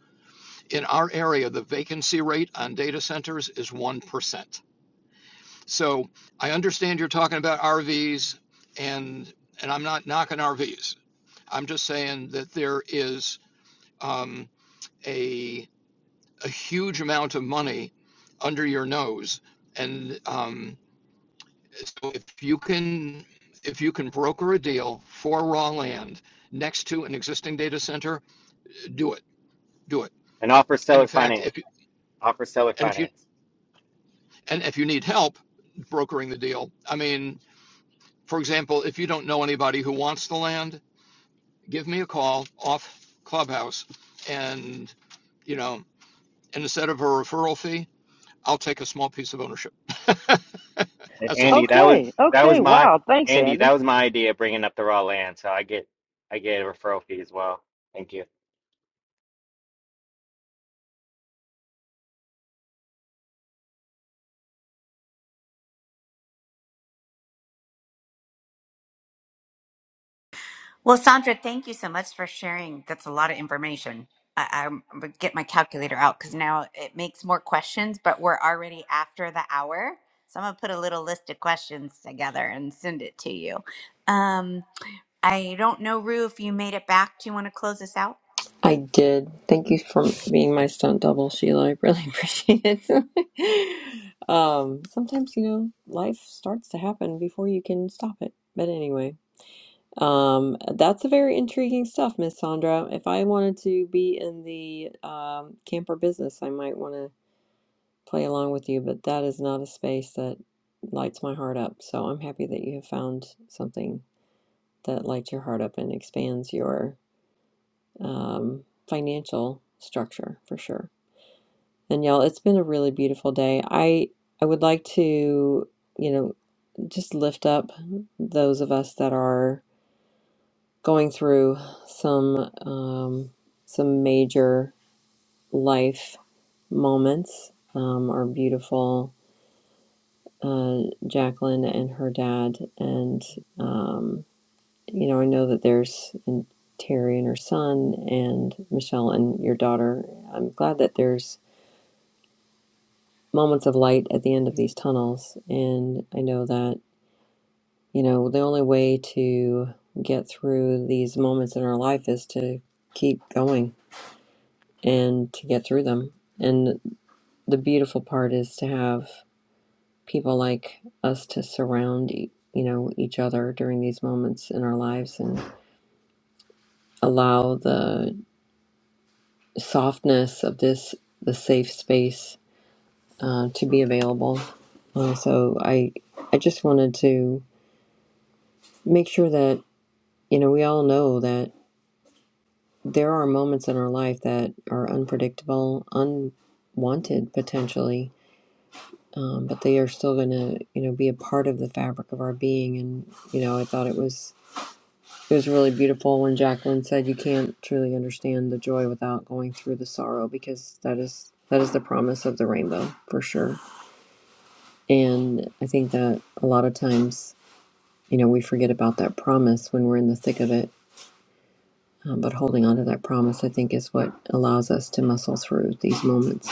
Speaker 14: In our area, the vacancy rate on data centers is 1%. So I understand you're talking about RVs and and I'm not knocking RVs. I'm just saying that there is um, a a huge amount of money under your nose and um, So if you can, if you can broker a deal for raw land next to an existing data center, do it, do it.
Speaker 13: And offer
Speaker 14: And
Speaker 13: seller
Speaker 14: in fact,
Speaker 13: finance.
Speaker 14: if, you-
Speaker 13: Offer seller
Speaker 14: and if you,
Speaker 13: finance.
Speaker 14: and if you need help brokering the deal, I mean, for example, if you don't know anybody who wants the land, give me a call off Clubhouse and, you know, and instead of a referral fee, I'll take a small piece of ownership.
Speaker 13: And
Speaker 14: That's all.
Speaker 13: Andy, that was
Speaker 12: Okay.
Speaker 13: that
Speaker 12: Okay.
Speaker 13: was my
Speaker 12: Wow. Thanks,
Speaker 13: Andy, that
Speaker 12: Andy.
Speaker 13: was my idea bringing up the raw land. So I get I get a referral fee as well. Thank you.
Speaker 5: Well, It's a lot of information. I, I'm getting out it may questions, but after the hour, so I'm gonna list of questions together and send it to you. Um, I don't know, Rue, if you made it back. Do you want to close this out?
Speaker 1: I did. Thank you for being my stunt double, Sheila. I really appreciate it. um, sometimes, you know, life starts to happen before you can stop it. But anyway, um, that's a very intriguing stuff, Miss Sandra. If I wanted to be in the um, camper business, I might want to play along with you, but that is not a space that lights my heart up. So I'm happy that you have found something that lights your heart up and expands your um, financial structure for sure. And y'all, it's been a really beautiful day. I I would like to, you know, just lift up those of us that are going through some um, some major life moments. Um, our beautiful uh, Jacqueline and her dad, and um, you know, I know that there's and Terry and her son, and Michelle and your daughter. I'm glad that there's moments of light at the end of these tunnels, and I know that You know, the only way to get through these moments in our life is to keep going and to get through them. And the beautiful part is to have people like us to surround, e- you know, each other during these moments in our lives and allow the softness of this, the safe space uh, to be available. Uh, so I, I just wanted to make sure that, you know, we all know that. there are moments in our life that are unpredictable, unwanted potentially, um, but they are still going to, you know, be a part of the fabric of our being. And you know, I thought it was it was really beautiful when Jacqueline said, "You can't truly understand the joy without going through the sorrow," because that is that is the promise of the rainbow for sure. And I think that a lot of times, you know, we forget about that promise when we're in the thick of it. Um, but holding on to that promise, I think, is what allows us to muscle through these moments.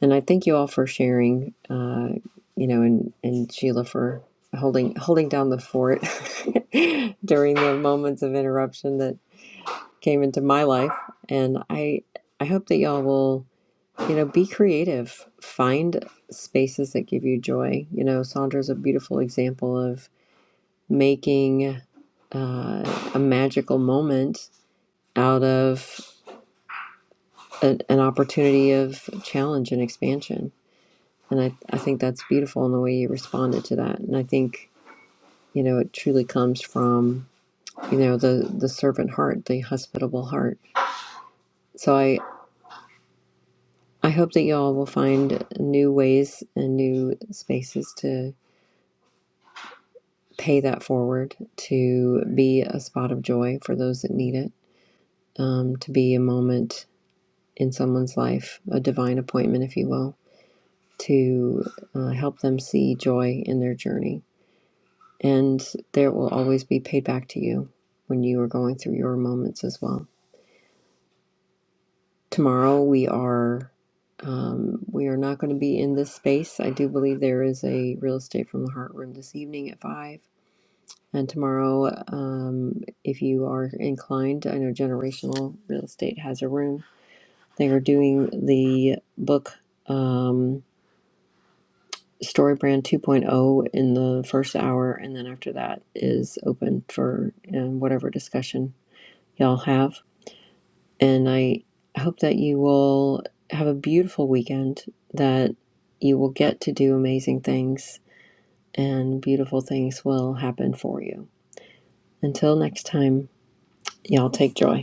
Speaker 1: And I thank you all for sharing, uh, you know, and, and Sheila for holding holding down the fort during the moments of interruption that came into my life. And I I hope that y'all will, you know, be creative. Find spaces that give you joy. You know, Sandra's a beautiful example of making uh, a magical moment out of a, an opportunity of challenge and expansion And I, I think that's beautiful in the way you responded to that. And I think, you know, it truly comes from, you know, the, the servant heart, the hospitable heart. So I, I hope that y'all will find new ways and new spaces to pay that forward, to be a spot of joy for those that need it, um, to be a moment in someone's life, a divine appointment, if you will, to uh, help them see joy in their journey and there will always be paid back to you when you are going through your moments as well. Tomorrow we are um, we are not going to be in this space. I do believe there is a real estate from the heart room this evening at five. And tomorrow, um, if you are inclined, I know generational real estate has a room. They are doing the book um, Story Brand 2.0 point oh in the first hour, and then after that is open for um, whatever discussion y'all have. And I hope that you will have a beautiful weekend, that you will get to do amazing things, and beautiful things will happen for you. Until next time, y'all take joy.